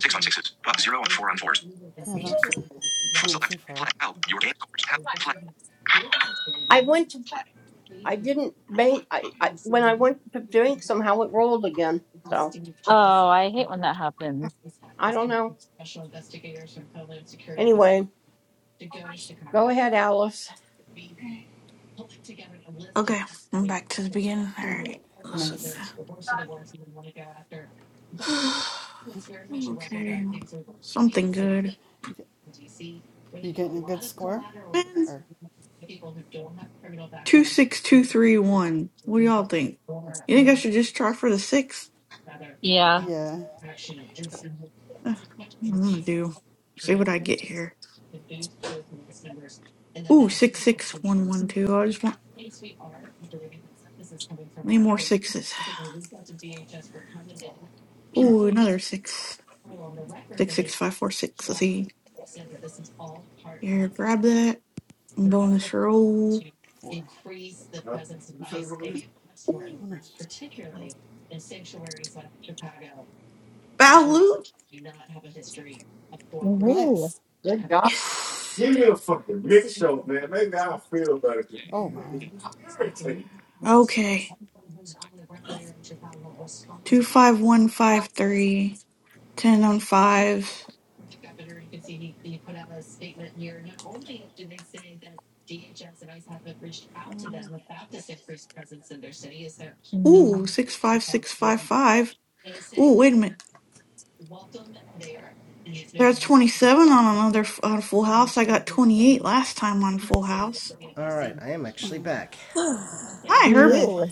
S5: six on sixes, but zero on four on fours.
S12: Yeah, that's
S5: Four
S12: not too
S5: selected. Play
S12: far.
S5: help. Your game scores help. Play. I went to play. I didn't bank. I, I when I went to drink, somehow it rolled again. So
S11: Oh, I hate when that happens.
S5: I don't know. Anyway, go ahead, Alice.
S9: Okay, I'm back to the beginning. All right, listen.
S12: Nice.
S9: okay, something good.
S12: You get, you getting a good score?
S9: Man,
S12: Or
S9: two six two three one. What do y'all think? You think I should just try for the six?
S11: Yeah.
S12: yeah,
S9: Ugh, I'm gonna do. See what I get here. Ooh, six six one one two. I just want any more sixes. Ooh, another six. Six six five four six. Let's see. Here, grab that. Bonus roll.
S12: four.
S9: Ooh,
S12: Oh, nice.
S9: Balut.
S11: Ooh.
S12: Nice.
S5: Good job.
S9: Yes.
S12: Oh my.
S9: Okay. Two five one five three. Ten on five.
S12: Mm,
S9: Ooh,
S11: Mm.
S9: six five six five five. Ooh, wait a minute. There's 27 on another on Full House. I got 28 last time on Full House.
S2: All right, I am actually back.
S9: Hi,
S12: Hey,
S9: Herbie.
S11: Ooh.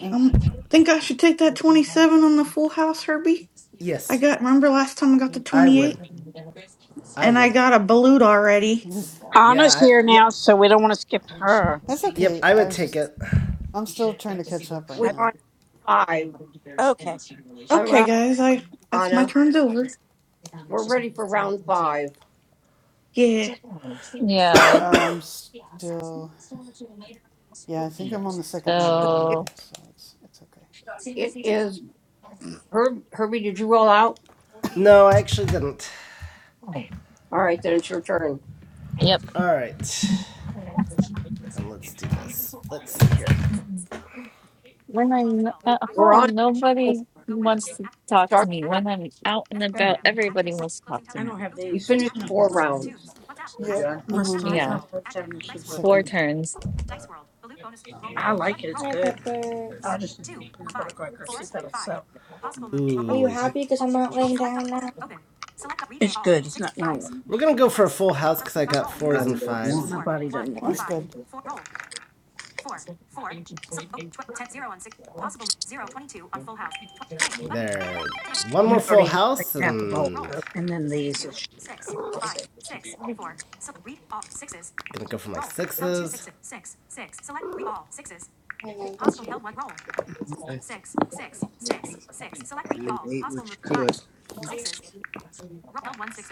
S12: I'm,
S9: Um, think I should take that 27 on the Full House, Herbie. I
S2: Yes,
S9: got. Remember last time I got the
S2: I
S9: 28,
S2: would. I
S9: and I
S2: would.
S9: got a balut already.
S12: this,
S2: Yeah,
S7: Anna's
S2: I.
S7: here
S12: yeah,
S7: now, so we don't want to skip her.
S12: that's
S2: Yep,
S12: okay.
S2: I
S12: I
S2: would
S12: was
S2: take
S12: just
S2: it.
S12: I'm still trying to catch up right
S5: We're
S7: I,
S12: now.
S5: on five.
S7: okay.
S5: I'm
S9: Okay,
S5: Ron-
S9: guys. I that's my
S5: Anna.
S9: turn's over.
S5: We're ready for round five.
S9: Yeah,
S11: Yeah.
S12: I'm still yeah, I think I'm on the second round
S5: It,
S11: So,
S12: anyway, so it's it's okay.
S5: it is Herb, Herbie. Did you roll out?
S2: No, I actually didn't.
S5: All right, then it's your turn.
S11: yep.
S2: All right, and let's do this. Let's see here.
S11: Mm. When I'm
S7: Got-
S11: at
S5: We're on
S11: home, nobody wants to talk to
S5: starting
S11: me.
S5: round.
S11: When I'm out and about, everybody wants to talk to
S7: I
S11: me.
S7: don't have
S5: We
S7: these.
S5: finished
S7: You
S5: four rounds.
S12: Yeah,
S7: done?
S12: I'm
S7: Unless
S12: on
S7: no-
S12: my
S11: Yeah.
S7: nobody's having issues with it.
S11: Four
S12: Second,
S11: turns.
S12: yeah,
S7: I like it. It's
S3: Hi,
S7: good.
S3: Pepper.
S7: I'll just eat the peanut butter cracker. See if that'll sell.
S3: Are you
S7: Okay.
S3: happy because I'm not laying down now?
S7: It's good. It's not wrong. with
S2: We're gonna go for a full house because I got fours
S7: Nobody
S2: and
S7: doesn't
S2: fives.
S7: want My it. body doesn't
S12: Well,
S7: want it.
S12: that's good. Four.
S2: There. One
S7: I
S2: more
S7: mean, I
S2: full
S7: already had like
S2: house
S7: half a bowl,
S2: and roll.
S7: so, and then these will shoot up. We'll see.
S2: gonna go for my sixes. Six.
S7: it. And you ate what you could.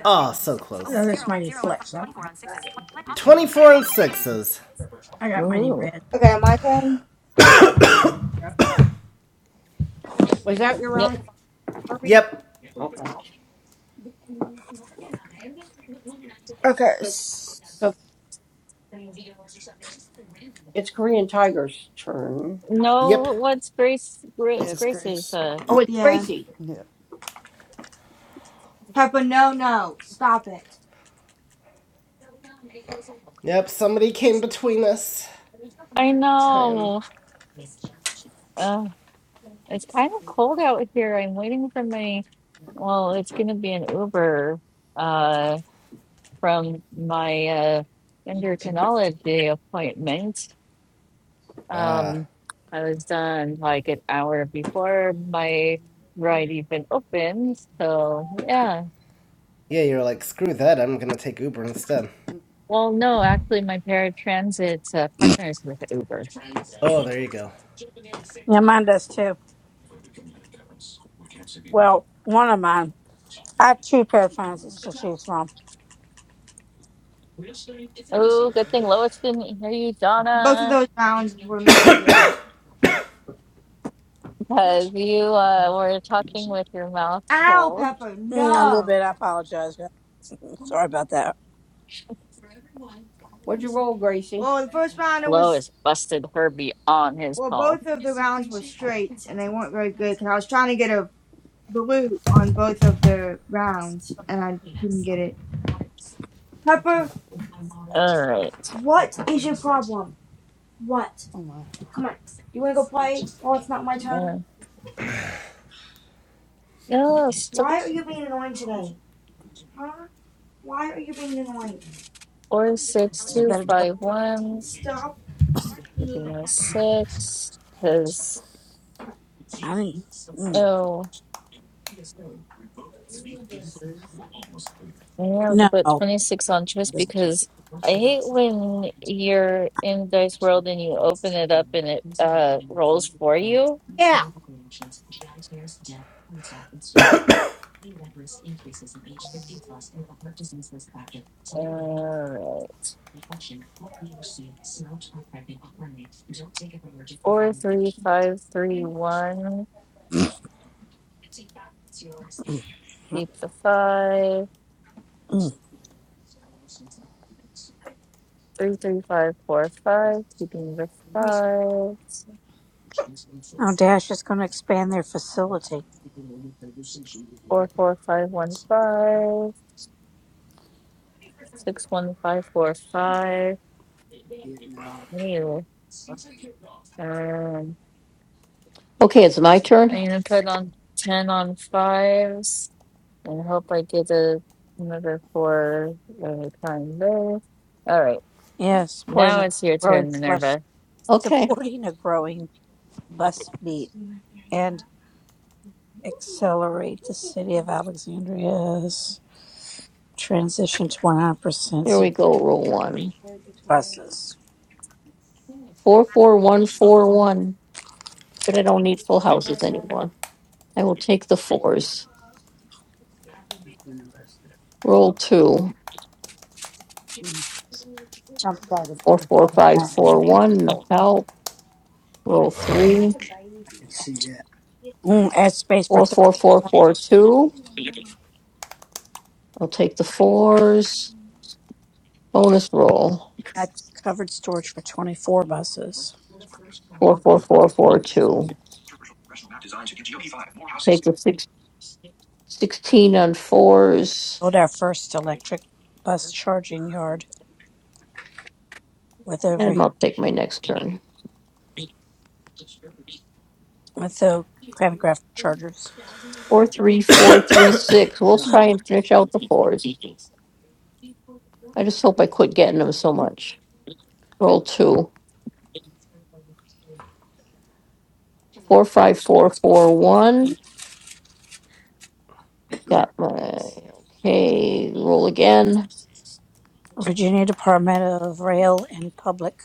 S2: Oh, so close. So
S7: No, that's Mighty Flex. I don't have that.
S2: 24 on sixes.
S7: I got Mighty
S11: Ooh.
S7: Red.
S3: Okay, my turn.
S7: Yeah,
S5: Was that your
S11: Yep.
S5: round, five, Herbie?
S2: Yep.
S5: Okay.
S3: Okay.
S5: So it's Korean Tiger's turn.
S2: Yep.
S11: No, what's Grace?
S12: Yeah,
S11: Grace
S12: it's
S11: Grace's.
S12: grace.
S11: Uh,
S5: Oh, it's
S3: Yeah.
S5: Gracie.
S12: Yeah.
S3: Pepper, no, no. Stop it.
S2: Yep, somebody came between us.
S11: I
S2: Time.
S11: know. Uh, it's kind of cold out here. I'm waiting for my. Well, it's gonna be an Uber. Uh, from my uh endocrinology appointment.
S2: Ah. Uh,
S11: Um, I was done like an hour before my ride even opened. So yeah.
S2: yeah, you're like, screw that, I'm gonna take Uber instead.
S12: Mm,
S11: Well, no, actually, my paratransit uh, partners with Uber.
S2: Oh, there you go.
S7: mine does too. Well, one of mine. I have two pair of
S12: I don't know.
S7: pants to choose from.
S11: Oh, good thing Lois didn't hear you,
S3: Both
S11: Donna.
S3: of those rounds were not good.
S11: Because you uh, were talking with your mouth
S3: Ow,
S11: full.
S3: Pepper,
S7: Mm, a little
S3: no.
S7: bit. I apologize. yeah. Mm, Sorry about that.
S5: What'd you roll, Gracie?
S3: Well, the first round, it was.
S11: Lois busted Herbie on his
S3: Well,
S11: call.
S3: both of the rounds were straights, and they weren't very good because I was trying to get a blue on both of the rounds, and I couldn't get it. Pepper,
S11: All right.
S3: What is your problem? What?
S12: Oh my.
S3: Come on. You wanna go play? Oh, it's not my turn.
S11: Yeah. Yeah,
S12: Six.
S11: so
S3: Why are you being annoying today? Huh? Why are you being annoying?
S11: four six
S7: It's a
S11: two
S7: better deal.
S11: five one
S3: Stop being.
S11: six
S12: Two.
S11: Because
S7: I mean, mm.
S11: oh,
S7: What this is?
S11: yeah,
S7: No.
S11: but twenty six on just
S7: This,
S11: because I hate
S12: Yes.
S11: when you're in Dice World and you open it up and it uh rolls for you.
S5: Yeah.
S11: All right. Four three five three one. Keep the five.
S7: mm.
S11: Three, three, five, four, five, keeping the fives.
S7: Oh, Dash is going to expand their facility.
S11: Four, four, five, one, five. Six, one, five, four, five.
S7: Getting out
S11: Ew.
S7: of-
S11: Um,
S10: Okay, it's my turn.
S11: I'm gonna put on ten on fives and hope I get a, another four every time there. All right,
S7: Yeah, supporting
S11: now
S7: a
S11: it's your
S7: growing
S11: turn,
S7: flush,
S11: Minerva.
S10: Okay,
S7: supporting a growing bus fleet and accelerate the city of Alexandria's transition to 100%
S10: here we
S7: zero
S10: go. Roll one.
S7: buses.
S10: Four, four, one, four, one. But I don't need full houses anymore. I will take the fours.
S7: Interesting.
S10: Roll two.
S7: Mm. I'm sorry to
S10: Four,
S7: put it
S10: four,
S7: on
S10: five,
S7: that.
S10: four, one. No help. Roll three.
S7: I can see that. Mm, add space for
S10: Four,
S7: 30.
S10: four, four, four, two. I'll take the fours. Bonus roll.
S7: had covered storage for 24 buses.
S10: Four, four, four, four, two. Take the six sixteen on fours.
S7: Built our first electric bus charging yard with over
S10: And I'll take my next turn.
S7: with the pantograph chargers.
S10: Four, three, four, three, six. We'll try and finish out the fours. I just hope I quit getting them so much. Roll two. Four, five, four, four, one. Got my, okay, roll again.
S7: Virginia Department of Rail and Public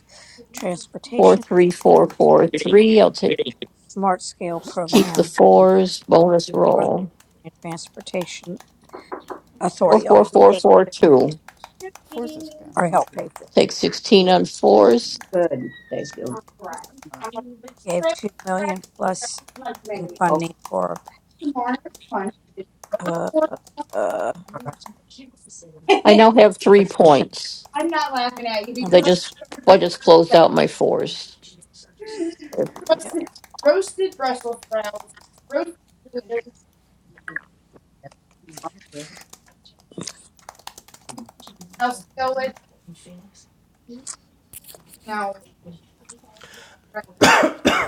S10: Four,
S7: Transportation
S10: three, four, four, three. I'll take,
S7: Smart Scale
S10: keep
S7: Program
S10: the
S7: and
S10: fours. Bonus
S7: Northern
S10: roll.
S7: Virginia Transportation
S10: Four,
S7: Authority
S10: four, four,
S7: paid-
S10: four, two.
S5: Good.
S12: Four's is good.
S7: or helped pay for. it.
S10: Take sixteen on fours.
S5: Thank you.
S7: Gave
S5: Okay.
S7: two million plus in
S5: Um,
S7: funding for uh, uh,
S10: I now have three
S7: electrician
S10: points. They
S7: infrastructure.
S10: just, I just closed out my fours.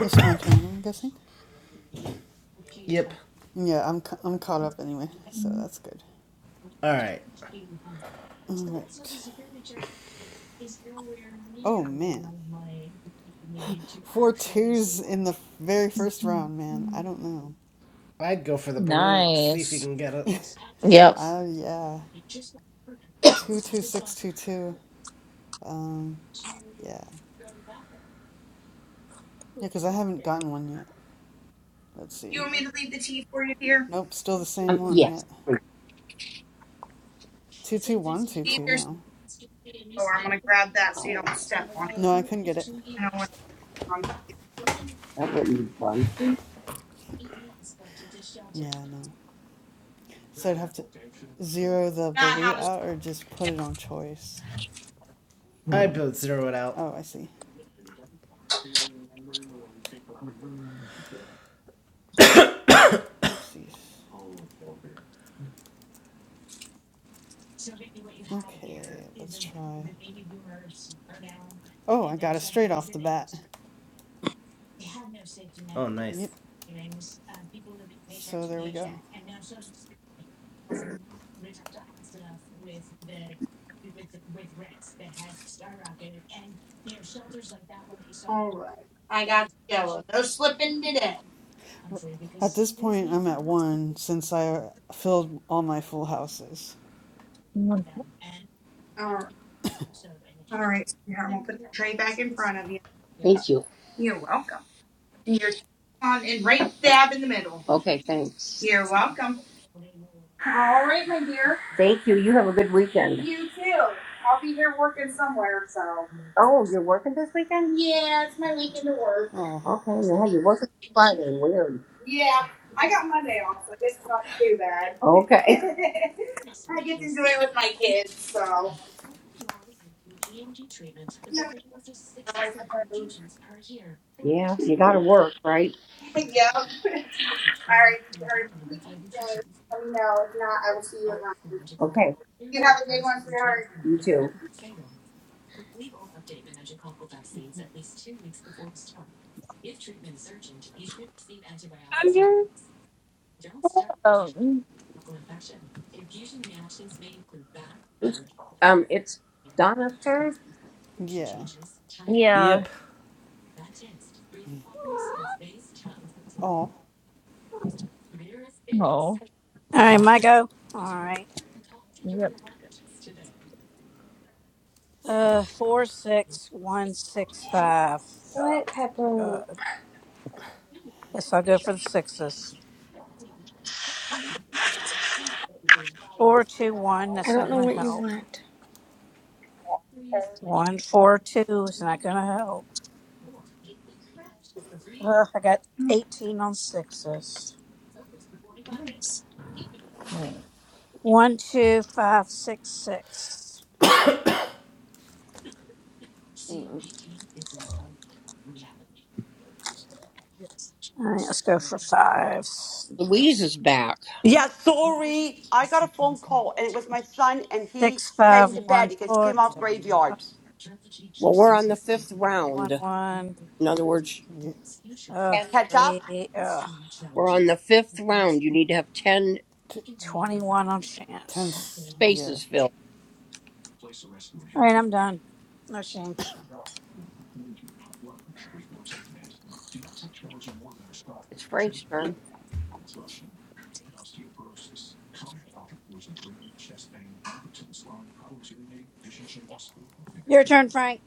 S12: It's my turn. I'm guessing.
S2: Yep.
S12: Yeah, I'm ca- I'm caught up anyway, so that's good.
S2: Alright,
S12: All right. Oh man, four twos in the very first round, man. I don't know.
S2: I'd go for the blue, see if you
S11: Nice.
S2: can get it.
S12: Uh, yeah. Two two six two two. Um, yeah. Yeah, because I haven't gotten one yet. Let's see. Nope, still the same one
S5: yes.
S12: yet. Two two one two two now. No, I couldn't get it.
S5: Oh, that wouldn't be fun.
S12: Yeah, no. So I'd have to zero the blue out or just put it on choice.
S2: I'd both zero it out.
S12: Oh, I see. Oopsies. Okay, let's try. Oh, I got it straight off the bat.
S2: Oh, nice.
S12: Yep. So there we go.
S5: All right. I got you, Joa. No slipping today.
S12: At this point, I'm at one since I filled all my full houses.
S11: Oh,
S5: All right. All right, sweetheart. I'm going to put the tray back in front of you. Thank you. You're welcome. And You're on and right dab in the middle. Okay, thanks. You're welcome. All right, my dear. Thank you. You have a good weekend. You too. I'll be here working somewhere, so. Oh, you're working this weekend? Yeah, it's my weekend to work.
S12: Oh,
S5: Okay, man. You're working Friday. Weird. Yeah, I got Monday off, so it's not too bad. Okay. I get to do it with my kids, so. I suppose. Yeah, you gotta work, right? Yep. All right, sweetheart. Please stay. Let me know. If not, I will see you at lunch. Okay. You have a good one, sweetheart. You too.
S11: yeah. Oh,
S5: Who's- Um, it's Donna's turn.
S12: yeah.
S11: yeah.
S2: Yep.
S12: Oh,
S11: Oh,
S7: All right, my go. All right.
S11: yep.
S7: Uh, four, six, one, six, five. Uh, guess I'll go for the sixes. Four, two, one. That's not gonna help. One, four, two is not gonna help. Uh, I got eighteen on sixes.
S11: Oh.
S7: One, two, five, six, six. Mm, All right, let's go for five.
S5: Louise is back.
S4: Yeah, sorry. I got a phone call, and it was my son, and he's
S7: six five
S4: heading to bed
S7: one
S4: because he
S7: four
S4: came off
S7: five
S4: graveyards.
S5: Well, we're on the fifth
S7: six one
S5: round.
S7: one
S5: In other words,
S12: yeah.
S7: uh
S5: Ten.
S4: Catch up.
S7: three uh
S5: we're on the fifth round. You need to have ten
S12: T-
S7: twenty one on chance.
S12: tense. Yeah.
S5: spaces filled.
S7: All right, I'm done. No change.
S5: It's Frank's turn.
S7: Your turn, Frank.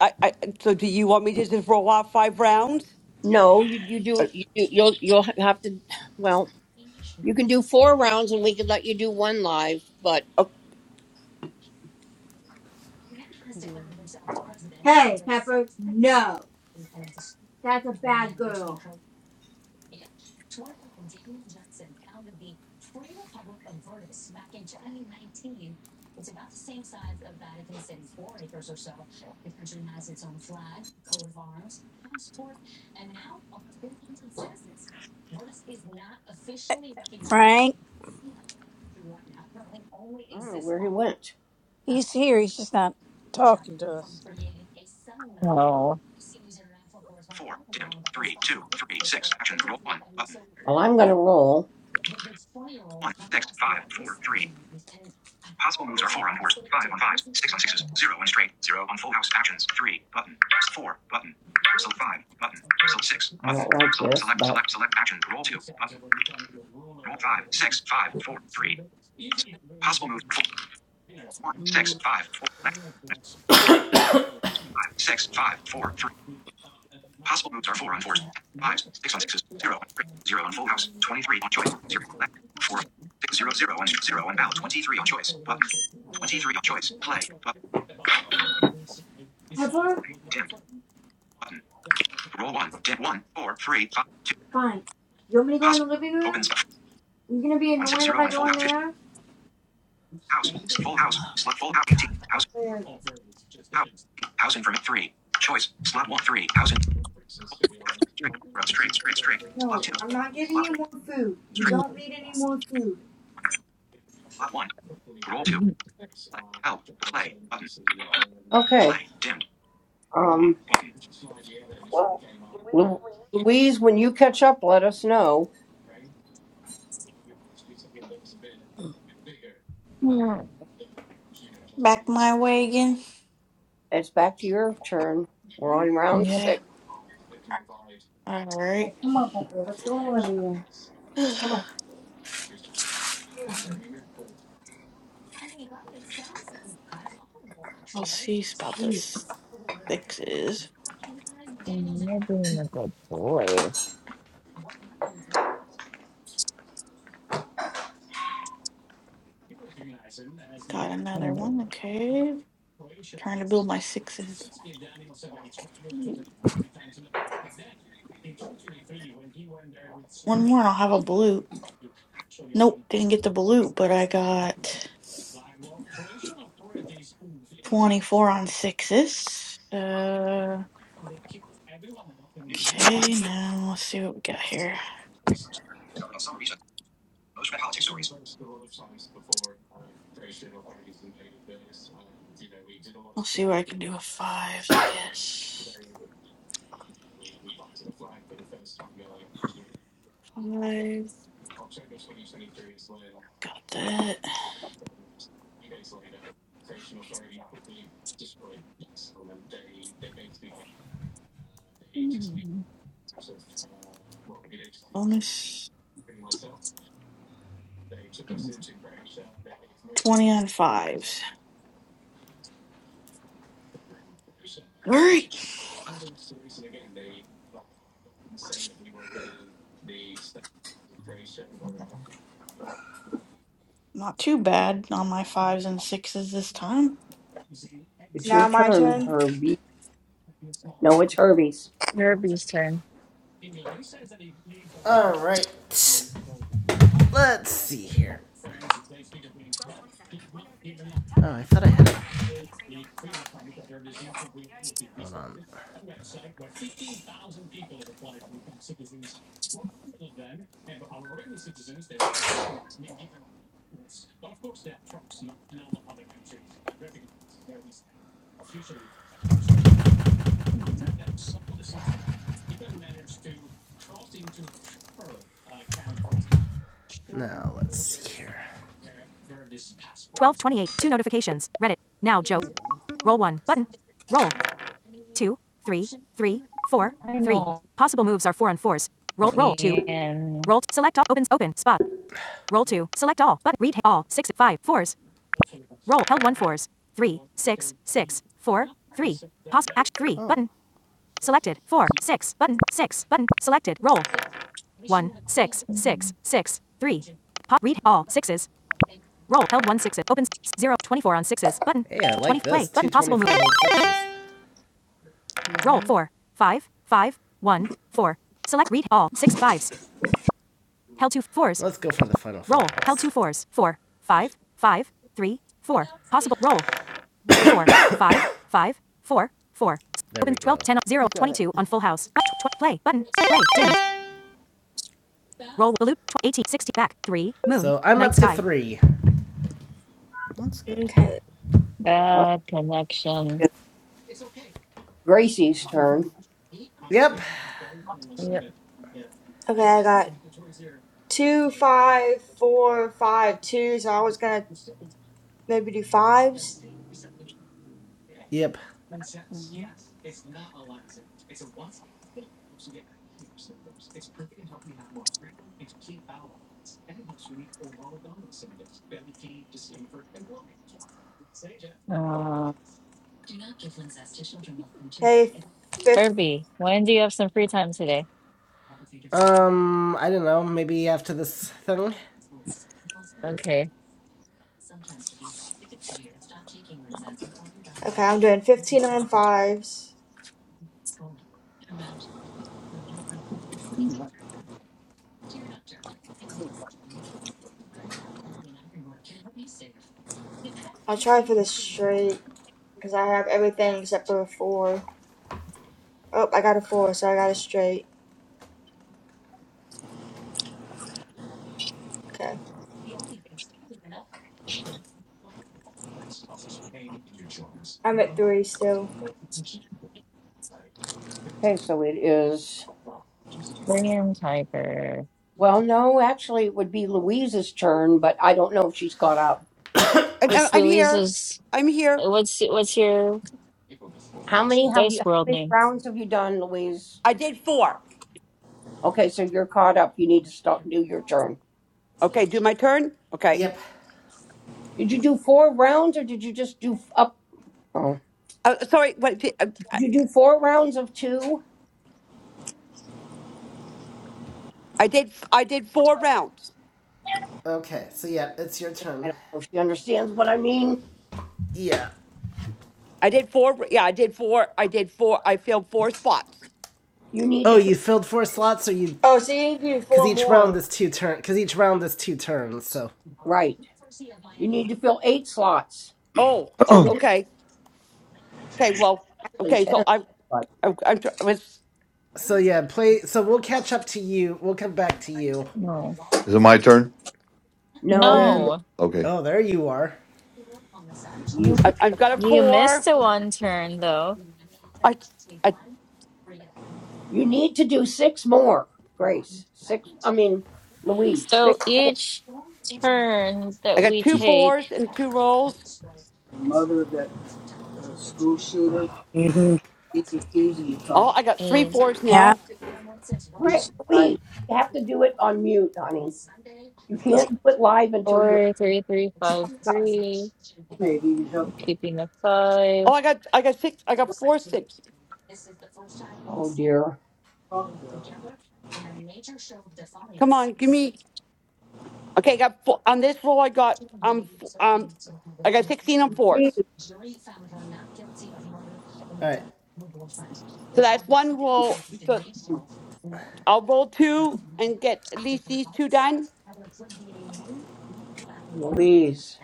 S4: I, I, so, do you want me to just roll off five rounds?
S5: No, you, you
S4: Uh,
S5: do. You, do- you'll you'll have to. Well, you can do four rounds, and we could let you do one live. But
S4: oh,
S12: Yeah.
S3: Hey, Pepper. No, that's a bad girl.
S7: Frank,
S5: I don't know where he went.
S7: he's here. He's just not talking to us.
S11: oh.
S5: Four, dimmed, three, two, three, six, actions, roll one, button, Well, I'm gonna roll. one, six, five, four, three. Possible moves are four on fours, five on fives, six on sixes, zero on straight, zero on full house actions, three button, four button, select five button, select six button, like select this, select select select action, roll two button, roll five six five four three. Possible moves are four, one six
S7: Mm-hmm.
S5: five four select five six five four three. Possible moves are four on fours, fives, six on sixes, zero on straight, zero on full house, twenty three on choice, zero select four six zero zero on zero on ballot, twenty three on choice button, twenty three on choice play button
S3: Pepper,
S5: dimmed. button. Roll one. Dim one, four, three, five, two,
S3: fine. You want me to go in the
S5: Possible.
S3: living
S5: Opens.
S3: room?
S5: stuff.
S3: You're gonna be
S5: One six
S3: annoying if
S5: zero
S3: I
S5: and full
S3: go in
S5: house.
S3: there.
S5: House. Full house. Slot full house. Eighteen. House.
S3: Uh,
S5: House. House in from three. Choice. Slot one. Three. House in. Straight. Straight. Straight. Straight. Slot
S3: no,
S5: two.
S3: I'm not giving
S5: Slot
S3: you
S5: three.
S3: more food. You
S5: Straight.
S3: don't need any more food.
S5: Slot one. Roll two.
S11: You
S5: Play. Help. Play. Button. Okay. Play. Dimmed. Um. Button. Lu- Louise, when you catch up, let us know.
S7: The
S11: can't
S9: back my way again.
S5: It's back to your turn. We're on round
S11: look
S9: Okay.
S5: six.
S9: All right. I'll see about this sixes.
S11: and you being a good boy.
S9: Got another one.
S11: Mm.
S9: Okay. Trying to build my sixes. One more, and I'll have a blue. Nope, didn't get the balut, but I got 24 on sixes. Uh,
S5: News.
S9: okay, now let's see what we got here. I'll see where I can do a five, I guess. Five, got that. Bonus 20 on fives. All right, not too bad on my fives and sixes this time.
S5: It's your
S3: Now my
S5: turn,
S3: turn.
S5: Herbie. No, it's Herbie's.
S11: Derby's turn.
S2: Alright. Let's see here. Oh, I thought I had it. Hold on.
S11: Mm.
S2: Now, let's see here.
S12: There you go.
S11: I know, Ian.
S12: Oh,
S11: Mm.
S2: zero twenty-four Hey, I like this. Play,
S12: mm-hmm.
S2: two fours. Let's go for the final. four. Roll. 2 There go. zero,
S12: You got it.
S2: twenty-two sixty. So I'm up to sky. three.
S12: That's good.
S3: Okay.
S5: All right,
S11: Bad connection.
S5: it's Gracie's turn.
S2: Yep.
S11: Yep.
S3: Okay, I got two, five, four, five, two. So I was gonna maybe do fives.
S2: Yep.
S12: hmm
S11: Uh,
S3: Okay, fifth.
S11: Herbie, when do you have some free time today?
S2: Um, I don't know. Maybe after this thing.
S11: okay.
S3: Okay, I'm doing 15 on fives.
S11: Mm.
S3: I'll try for the straight because I have everything except for a four. Oh, I got a four, so I got a straight. Okay, I'm at three still.
S5: Okay, so it is.
S11: Bring in Tiger.
S5: Well, no, actually, it would be Louise's turn, but I don't know if she's caught up.
S4: and- and
S11: What's
S4: I'm here.
S11: Louise's?
S4: I'm here.
S11: What's what's your
S5: How many have
S11: Dice
S5: you? How
S11: World
S5: many
S11: name?
S5: rounds have you done, Louise?
S4: I did four.
S5: Okay, so you're caught up. You need to start do your turn.
S4: Okay, do my turn. Okay.
S2: Yep.
S5: Did you do four rounds or did you just do f- up? Oh,
S4: Oh, sorry, but I, I
S5: did you do four rounds of two?
S4: did I did four rounds.
S2: Okay. So yeah, it's your
S5: I
S2: turn.
S5: don't know if she understands what I mean.
S2: Yeah.
S4: I did four. Yeah, I did four. I did four. I filled four spots.
S5: You need to
S2: Oh,
S5: fill,
S2: you filled four slots, or you?
S3: Oh, so you need to do
S2: Because
S3: four
S2: each round
S3: more.
S2: is two turn. Because each round is two turns. So.
S5: right. You need to fill eight slots
S4: Oh, oh,
S5: and then
S4: okay, okay. Well,
S5: actually
S4: okay. So
S5: ten.
S4: i
S5: But
S4: i i was
S2: So yeah, play. So we'll catch up to you. We'll come back to you.
S11: No.
S1: Is it my turn?
S5: no, you
S2: And
S11: No,
S1: Okay.
S2: oh, there you are.
S5: you
S4: I, I've got a
S11: you
S4: four.
S11: missed a one turn though.
S4: I I
S5: you need to do six more, Grace. Six. I mean, Louise.
S11: So
S5: Six.
S11: each turn
S4: I
S11: that
S4: got
S11: we
S4: two
S1: Is-
S4: fours
S11: take
S4: and two rolls.
S7: mother of that uh, school shooter, mm-hmm. he's refusing to
S4: Oh,
S7: talk.
S4: I got three
S11: is
S4: fours
S7: Yeah.
S4: now.
S7: I.
S5: Right,
S7: least
S5: Louise.
S7: I
S5: You have to do it on mute, honey. You
S7: Of-
S5: can't do it live until you're.
S11: four, three, three, five, three.
S7: maybe even help
S11: I'm keeping a
S4: Oh,
S11: five.
S4: I got I got six. I got four six.
S5: Oh dear,
S7: talk though.
S4: Come on, give me. Okay, I got four, on this roll. I got um f- um I got sixteen on fours.
S2: All right.
S4: So that's one roll. So. I'll roll two and get at least these two done.
S5: Louise.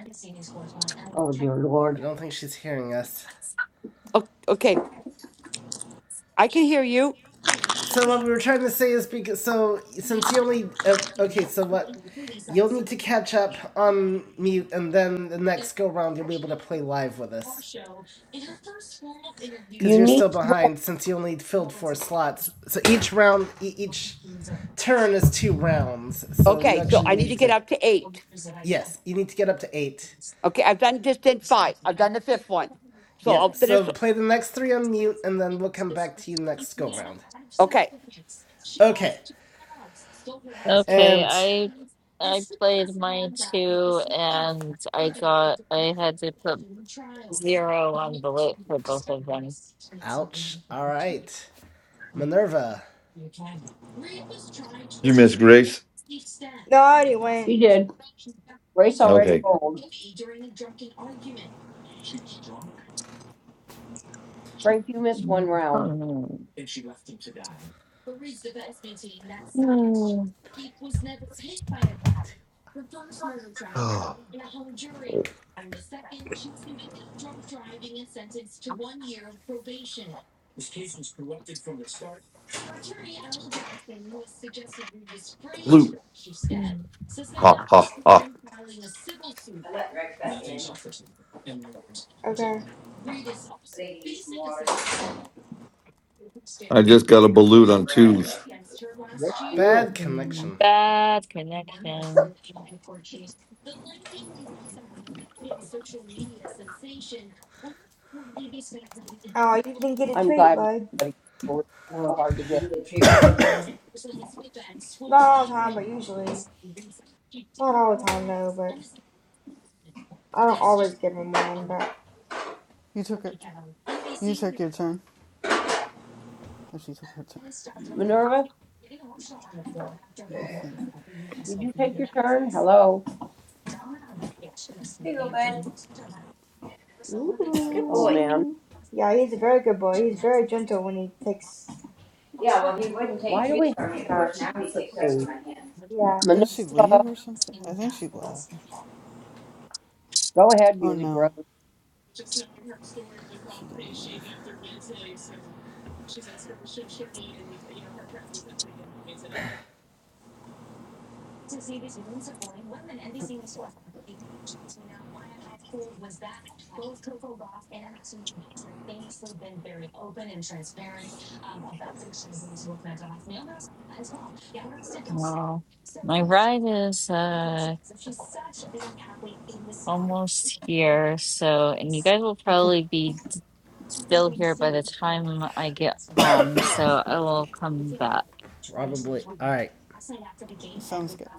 S5: Oh dear
S2: I
S5: Lord.
S2: don't think she's hearing us.
S4: O- Okay, I can hear you.
S2: So what we were trying to say is because so since you only uh, okay, so what you'll need to catch up on mute, and then the next go round you'll be able to play live with us because
S5: You
S2: you're
S5: need.
S2: still behind since you only filled four slots. So each round, e- each turn is two rounds. So you
S4: Okay, so
S2: actually
S4: I
S11: Mm,
S4: need to
S2: needed
S4: get
S2: to
S4: up to eight.
S2: yes, you need to get up to eight.
S4: Okay, I've done just did five. I've done the fifth one, so
S2: Yep.
S4: I'll
S2: So
S4: finish.
S2: play the next three on mute, and then we'll come back to you next go round.
S4: Okay.
S2: Okay,
S11: Okay,
S2: and
S11: I I played mine too, and I got I had to put zero on the lit for both of them.
S2: Ouch. All right. Minerva.
S1: You miss Grace?
S3: No, I already went.
S5: She did. Grace already
S1: Okay.
S5: rolled. Frank, you missed one
S11: Yeah.
S5: round.
S11: Hmm. Hmm.
S1: Oh, Balut.
S11: Mm,
S1: Ha, ha, ha.
S3: Okay.
S1: I just got a balut on twos.
S5: Good for you.
S2: Bad
S11: mm,
S2: connection.
S11: Bad connection.
S3: Oh, you didn't get a
S5: I'm
S3: treat,
S5: glad
S3: bud.
S5: everybody rolled so hard to get.
S3: Not all the time, but usually. Not all the time, though, but I don't always give him one, but.
S12: You took it. You took your turn. Oh, she took her turn.
S5: Minerva,
S12: I think.
S5: did you take your turn? Hello.
S3: Ooh. Good
S5: Oh man,
S3: boy. Yeah, he's a very good boy. He's very gentle when he takes.
S5: why do we have a stage?
S3: Yeah.
S12: Didn't she
S5: Minerva,
S12: leave or something? I think she left.
S5: go ahead,
S12: Oh
S5: Music Rose.
S12: no, she didn't leave.
S11: No, my ride is uh. almost here. So, and you guys will
S12: Okay,
S11: probably be still here by the time I get home. So I will come back.
S2: Probably. All right.
S12: sounds good.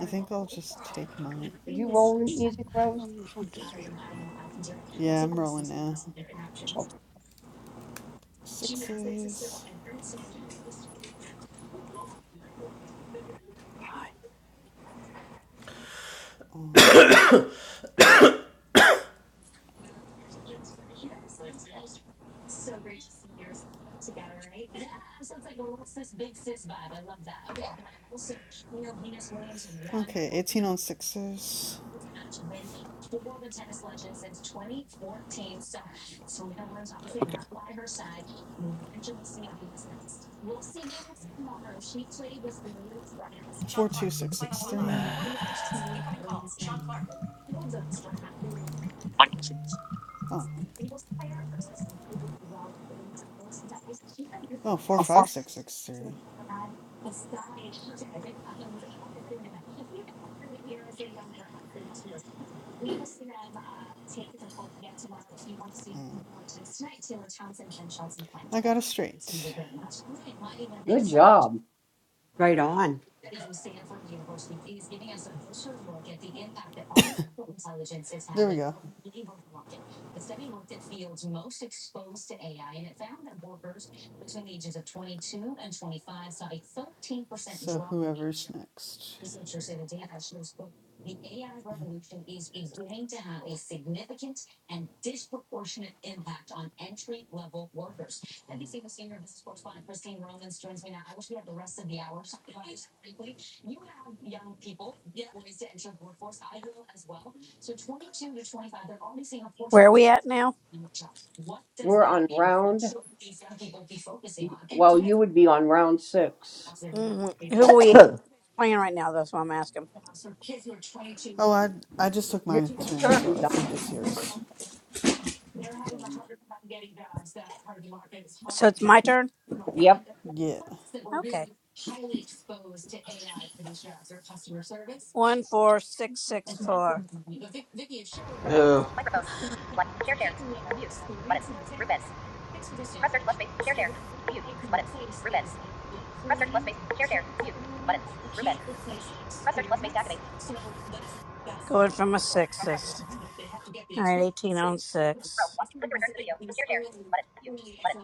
S12: I think I'll just take mine.
S5: Did you roll Music Rose?
S4: Um, one, two, three.
S12: Yeah, I'm rolling now. Sixes. Um, okay, 18 on sixes.
S4: Okay.
S12: Four two six six three. Oh, oh, four five six six three. Mm. I got a straight.
S5: Good job.
S4: Right on.
S12: There we go. So whoever's next.
S7: Where are we at now?
S5: We're on round. Well, you would be on round six.
S7: hmm Who are we playing right now? That's what I'm asking.
S12: Oh, I I just took
S5: Your
S12: my turn,
S5: your
S12: so
S5: turn.
S12: I
S5: Don.
S12: think it's yours.
S7: So it's my turn?
S12: Yeah.
S7: Okay. One, four, six, six, four.
S5: Yep.
S8: Microphone. Select. Share share. Mute. Button. Group end. Press search plus space. Share share. Mute. Button. Group end. Press search plus space. Share share. Mute. Button. Group end. Press search plus space to activate.
S7: Going for my sixes. All right, 18
S8: Mute.
S7: on
S8: Row.
S7: six.
S8: One. Click to return to the video. Share share. Button. Mute. Button.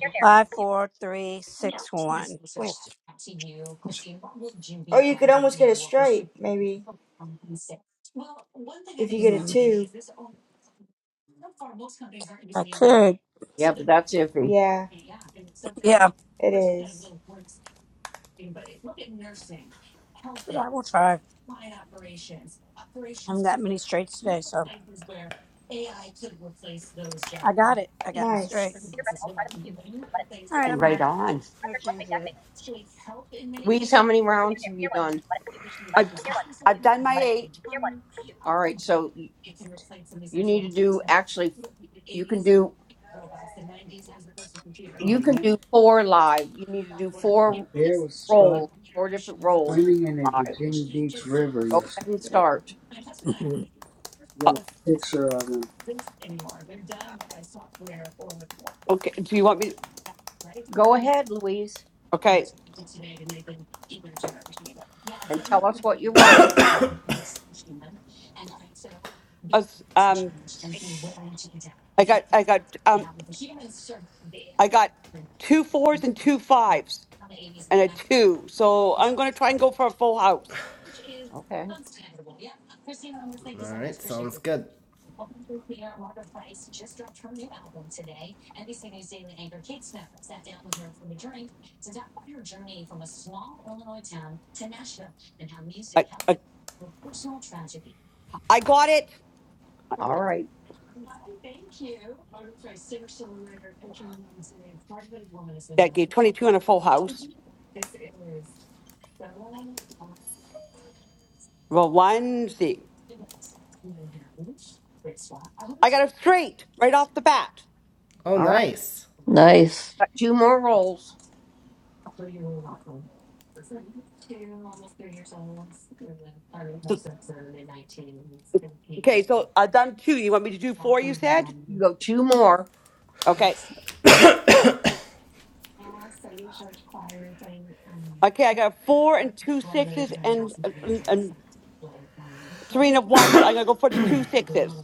S8: Share share.
S7: Five,
S8: Mute.
S7: four, three, six, one. Oh,
S3: Or you could almost get a straight, maybe, if you get a
S7: mm,
S3: two.
S7: I could.
S5: Yeah, but that's iffy.
S3: Yeah,
S7: Yeah,
S3: it is.
S7: but I will try. I haven't got many straights today, so I got it. I got my straight.
S3: Nice.
S8: Finger press and hold private. Mute. Button.
S7: All
S8: Group
S7: right,
S8: end.
S7: I'm
S4: Right
S7: done.
S4: on.
S8: Press
S7: No
S8: search plus
S7: change
S8: space to
S7: yet.
S8: activate.
S5: Louise, how many rounds have you done?
S4: I've I've done my eight.
S5: All right, so y- you need to do actually. You can do
S7: Oh
S5: you can
S7: man,
S5: do four live. You need to do
S7: a
S5: four
S7: bear was spotted
S5: roles, four different roles
S7: swimming in a
S5: live.
S7: Virginia Beach river
S5: Go ahead
S7: yesterday.
S5: and start.
S7: Mhm. You got a picture of him.
S4: Okay. Do you want me? To,
S5: Go ahead, Louise,
S4: okay.
S5: and tell us what you roll.
S4: Us- Um, I got I got um I got two fours and two fives and a two. So I'm gonna try and go for a full house.
S5: Okay.
S2: All right. Sounds good.
S4: I I, I got it.
S5: All right.
S4: that gave 22 and a full house Well, Wednesday. I got it straight right off the bat.
S2: Oh,
S5: All right.
S2: nice.
S10: Nice.
S5: Got two more rolls.
S4: Okay, so I've done two. You want me to do four, you said?
S5: You go two more.
S4: Okay. Okay, I got four and two sixes and, and, and three and a one, so I'm going to go for the two sixes.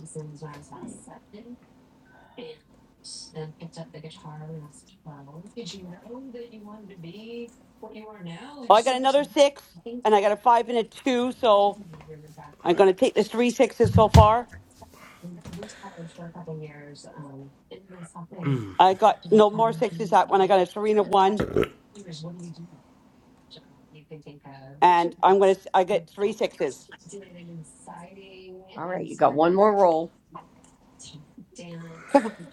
S4: Oh, I got another six, and I got a five and a two, so I'm going to take the three sixes so far. I got no more sixes that one. I got a three and a one, and I'm going to, I get three sixes.
S5: All right. You got one more roll.
S4: Come on.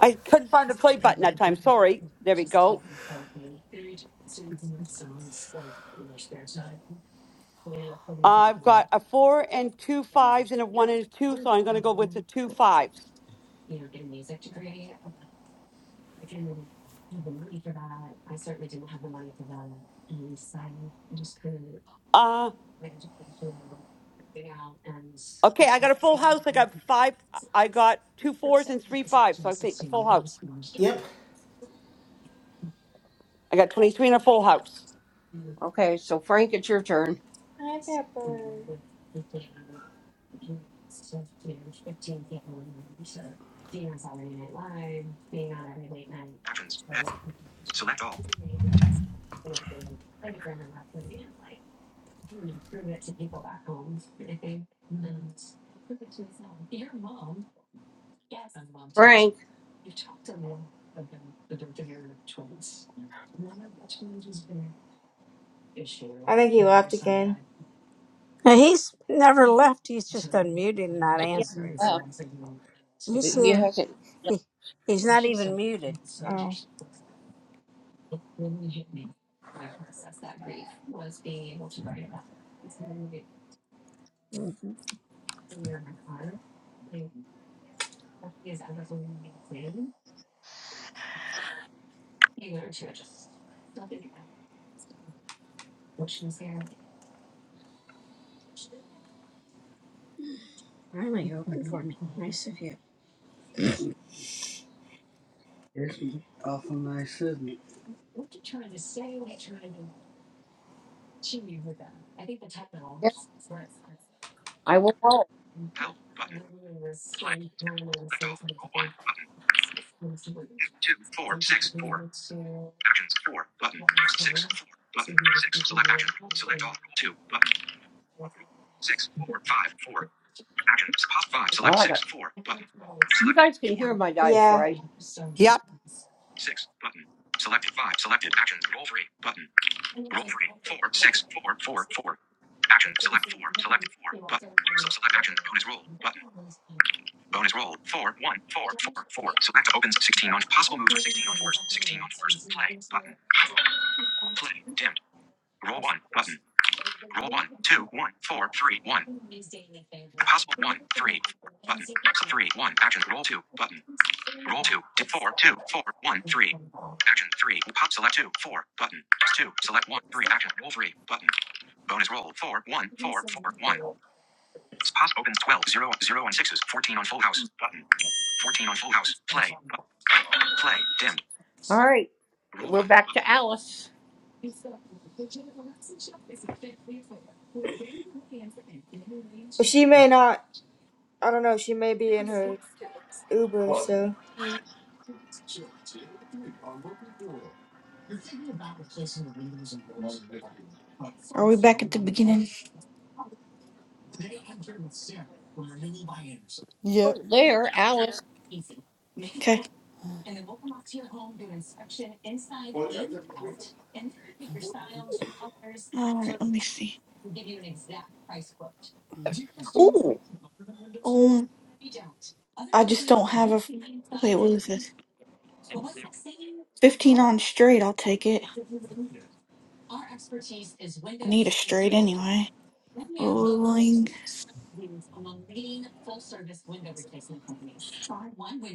S4: I couldn't find the play button that time. Sorry. There we go. I've got a four and two fives and a one and a two, so I'm going to go with the two fives. Uh, okay, I got a full house. I got five. I got two fours and three fives, so I think a full house.
S2: Yep.
S4: I got 23 and a full house.
S5: Okay. So Frank, it's your turn.
S3: Hi, Pepper.
S5: Actions. Head. Select all. Frank.
S3: I think he left again.
S7: Now, he's never left. He's just unmuted and not
S5: Yeah.
S7: answering. He's
S5: You
S7: here.
S5: have to.
S7: He, he's not even muted. So
S3: Oh.
S7: Mhm. Finally, you opened for me. Nice of you. It's awful nice, isn't it?
S5: Yeah, I will roll. Help button. Play. Select all. Roll one button. Two, two, four, six, four. Actions. Four button. Six, four button. Six. Select action. Select all. Roll two button. Six, four, five, four. Actions. Pop five. Select Oh, I six, got. four button. You guys can hear my dice,
S3: Yeah.
S5: right?
S4: Yep.
S5: six button. Selected five. Selected actions. Roll three button. Roll three. Four, six, four, four, four. Action. Select four. Select four button. So select action. Bonus roll Button. Bonus roll. Four, one, four, four, four. Select opens 16 on possible moves are 16 on fours, 16 on fours. Play button. Play dimmed. Roll one button. Roll one, two, one, four, three, one. Possible one one, three, four, button. So three, one. Actions. Roll two button. Roll two. Dip four, two, four, one, three. Action three. Pop select two, four button. Two. Select one, three. Action. Roll three button. Bonus roll. Four, one, four, four, one. Possible opens 12, 0, 0 and sixes. 14 on full house button. 14 on Full House. Play. Play. Dimmed. All right. We're back to Alice.
S3: But she may not. I don't know. She may be in her Uber, so.
S9: Are we back at the beginning?
S5: Oh,
S12: Yep.
S5: there, Alice.
S9: Okay, all right, let me see. Ooh, um, I just don't have a. Wait, what is this? 15 on straight, I'll take it. I need a straight anyway. Rolling.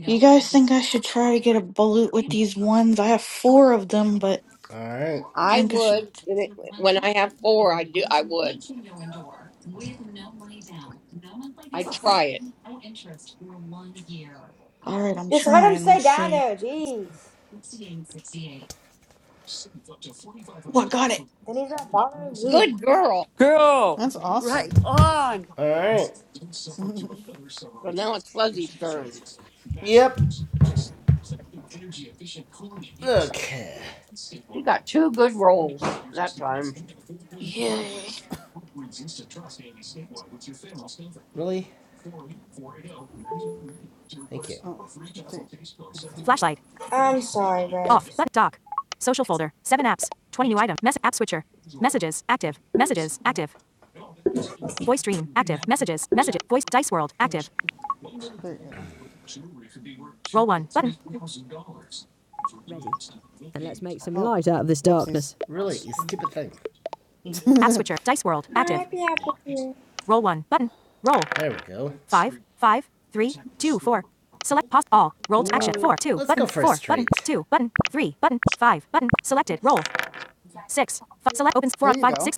S9: You guys think I should try to get a bullet with these ones? I have four of them, but
S2: All right.
S9: I
S5: I
S9: think I should.
S5: would when I have four. I do. I would. I'd try it.
S9: Alright, I'm
S3: Just let him
S9: trying.
S3: stay
S9: Let's
S3: down
S9: see.
S3: there, jeez.
S9: Oh, I got it.
S3: Then he's not bothering me.
S5: Good girl.
S4: Girl,
S12: That's
S4: right
S12: awesome.
S4: on.
S2: All right.
S5: So now it's Fuzzy's turn.
S2: Yep. Okay.
S5: She got two good rolls that time.
S9: Yeah.
S2: Really? Thank you.
S12: Oh, there, I think
S3: I'm sorry, Rex.
S12: there you are. Oh, whoopsies.
S2: Really, you stupid thing.
S12: oh
S3: Hi, Pepper.
S2: There we go.
S12: wow.
S2: Let's go for straight. button,
S12: There you go.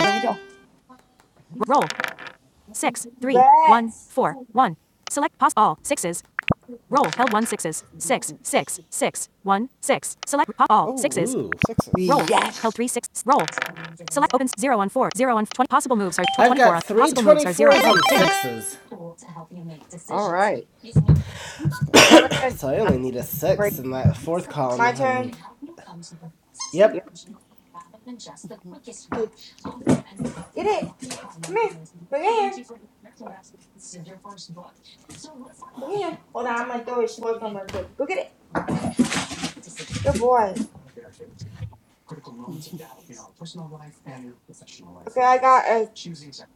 S4: Right on.
S3: Rex!
S12: Oh,
S2: Ooh.
S12: sixes.
S4: Yes.
S2: sixes. 24 I've got three on and sixes.
S5: All right.
S12: That's good.
S5: Go ahead.
S2: So I
S5: Uh,
S2: only need a
S5: great.
S2: six in that fourth column.
S3: My
S2: And
S3: turn.
S5: Yeah.
S2: yep.
S3: Hey, Get it! Come here! Bring it here! Bring it here! Hold on, I'm gonna throw his toy from real quick. Go get it! Good boy. Okay, I got a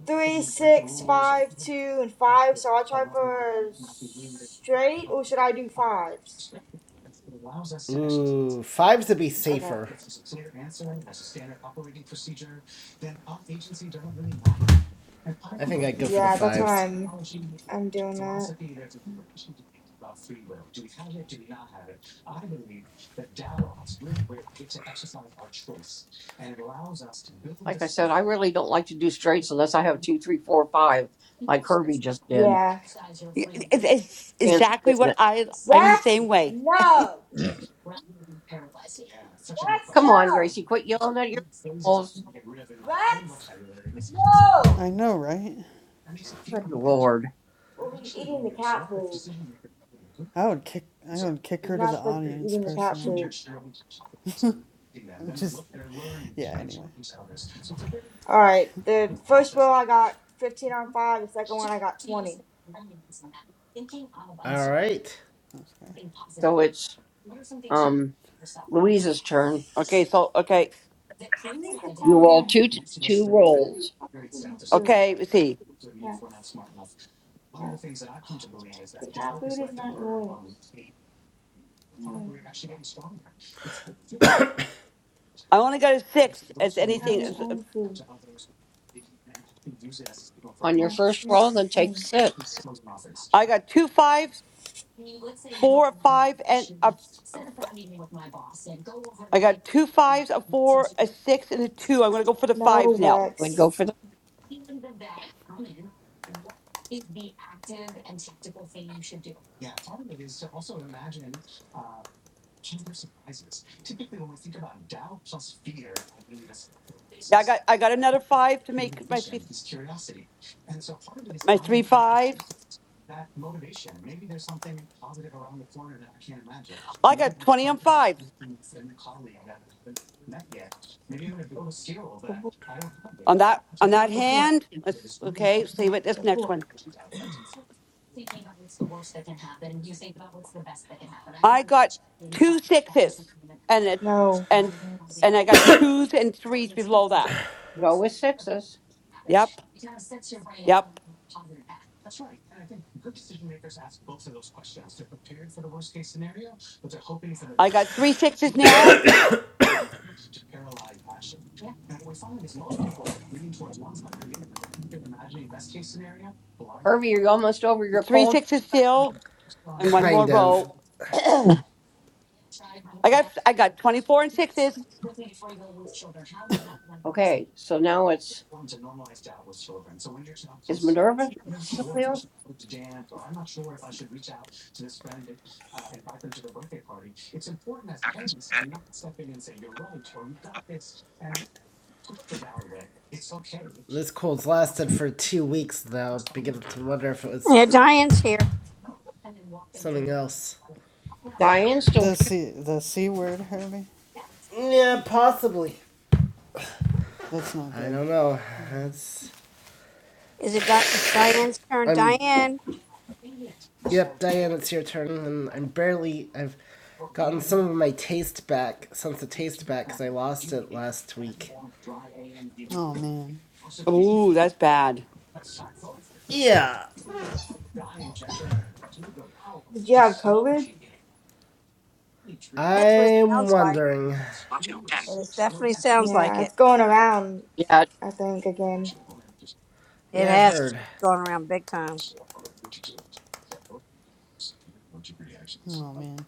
S3: three, six, five, two, and five. So I'll try for straight, or should I do fives?
S2: Ooh, fives would be
S3: Okay.
S2: safer. I think I'd go for the
S3: Yeah, that's what
S2: fives.
S3: I'm. I'm doing that.
S5: Like I said, I really don't like to do straights unless I have two, three, four, five, like Herbie just did.
S3: Yeah.
S4: It's, it's
S5: Chance of
S4: exactly
S5: getting
S4: what
S5: it.
S4: I, I'm the
S3: Rex,
S4: same way.
S3: no. Rex,
S5: Come on,
S3: no.
S5: Gracie. Quit yelling at your rolls.
S3: Rex, no.
S12: I know, right?
S5: Good Lord.
S3: Well, he's eating the cat food.
S12: I would kick. I would kick
S3: He's
S12: her to the
S3: not supposed to be
S12: audience
S3: eating the cat
S12: personally.
S3: food.
S12: I'm just. Yeah. Anyway.
S3: All right. The first roll I got 15 on five. The second one I got 20.
S2: All right.
S12: That's okay.
S5: So it's um, Louise's turn.
S4: Okay, so, okay,
S3: You need to
S5: You
S3: calm
S5: roll
S3: down.
S5: two two
S3: You need to
S5: rolls.
S3: stop eating the food.
S4: okay, let's see.
S3: Yes. Yes. The cat food is not yours. No,
S4: I only got a six as
S3: you have
S4: anything.
S3: your own food.
S5: On your
S3: Yeah,
S5: first
S3: you have
S5: roll, then
S3: your
S5: take
S3: own.
S5: six.
S4: I got two fives, four, five, and a I got two fives, a four, a six, and a two. I'm gonna go for the
S3: No,
S4: fives now.
S5: Would
S3: Rex.
S5: go for the
S4: Yeah, I got I got another five to make my fif- my three fives. Well, I got twenty on fives
S3: Good boy.
S4: on that on that
S3: Good boy.
S4: hand. Let's okay. See
S3: Yeah,
S4: what this
S3: good
S4: next
S3: boy.
S4: one. I got two sixes and a,
S3: No,
S4: and
S3: Rex.
S4: and I got twos and threes below that.
S5: go with sixes.
S4: Yep, yep. I got three sixes now.
S5: Herbie, you're almost over your
S4: Three
S5: cold.
S4: sixes still, and one more
S2: Kind of.
S4: roll. I got I got twenty four and sixes.
S5: Okay, so now it's is Minerva still here? Actions. Heading. Up. Action.
S2: This cold's lasted for two weeks now. Beginning to wonder if it was
S7: yeah, Diane's here.
S2: something else.
S5: Diane's still
S12: The
S5: here.
S12: c the c word, Herbie.
S2: Yeah, possibly.
S12: That's not
S2: I
S12: good.
S2: don't know. That's
S7: Is it Di- it's Diane's turn? Diane.
S2: yep, Diane. It's your turn, and I'm barely. I've gotten some of my taste back since the taste back because I lost it last week.
S12: Oh man.
S4: Ooh, that's bad.
S2: Yeah,
S3: Did you have COVID?
S7: That's what it
S2: I'm
S7: sounds like.
S2: wondering.
S5: Up to 10.
S7: It is definitely sounds like
S3: Yeah,
S7: it.
S3: it's going around,
S5: Yeah,
S3: I think, again.
S7: It
S2: Yeah, I've
S7: has It's
S2: heard.
S7: been going around big time.
S12: Oh man.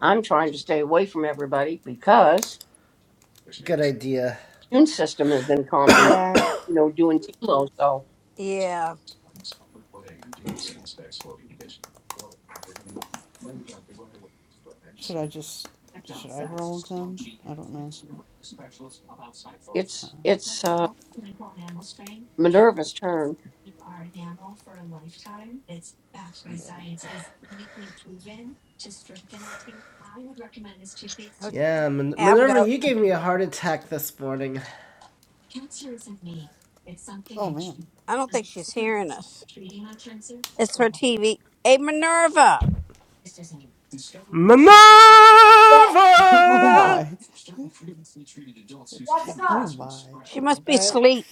S5: I'm trying to stay away from everybody because
S2: Good idea.
S5: immune system has been compromised.
S3: Yeah.
S5: You know, doing chemo, so
S7: Yeah.
S12: Should I just should I roll them? I don't know.
S5: it's it's uh, Minerva's turn.
S12: Yeah.
S7: Her-
S2: Yeah, Min-
S7: I would
S2: Minerva,
S7: go.
S2: you gave me a heart attack this morning.
S12: Oh man.
S7: I don't think she's hearing us. It's her TV. Hey Minerva,
S2: Minerva.
S3: Rex,
S12: oh
S3: no.
S12: my.
S3: Rex, come.
S12: Oh my.
S7: she must
S2: All
S7: be
S2: right,
S7: asleep.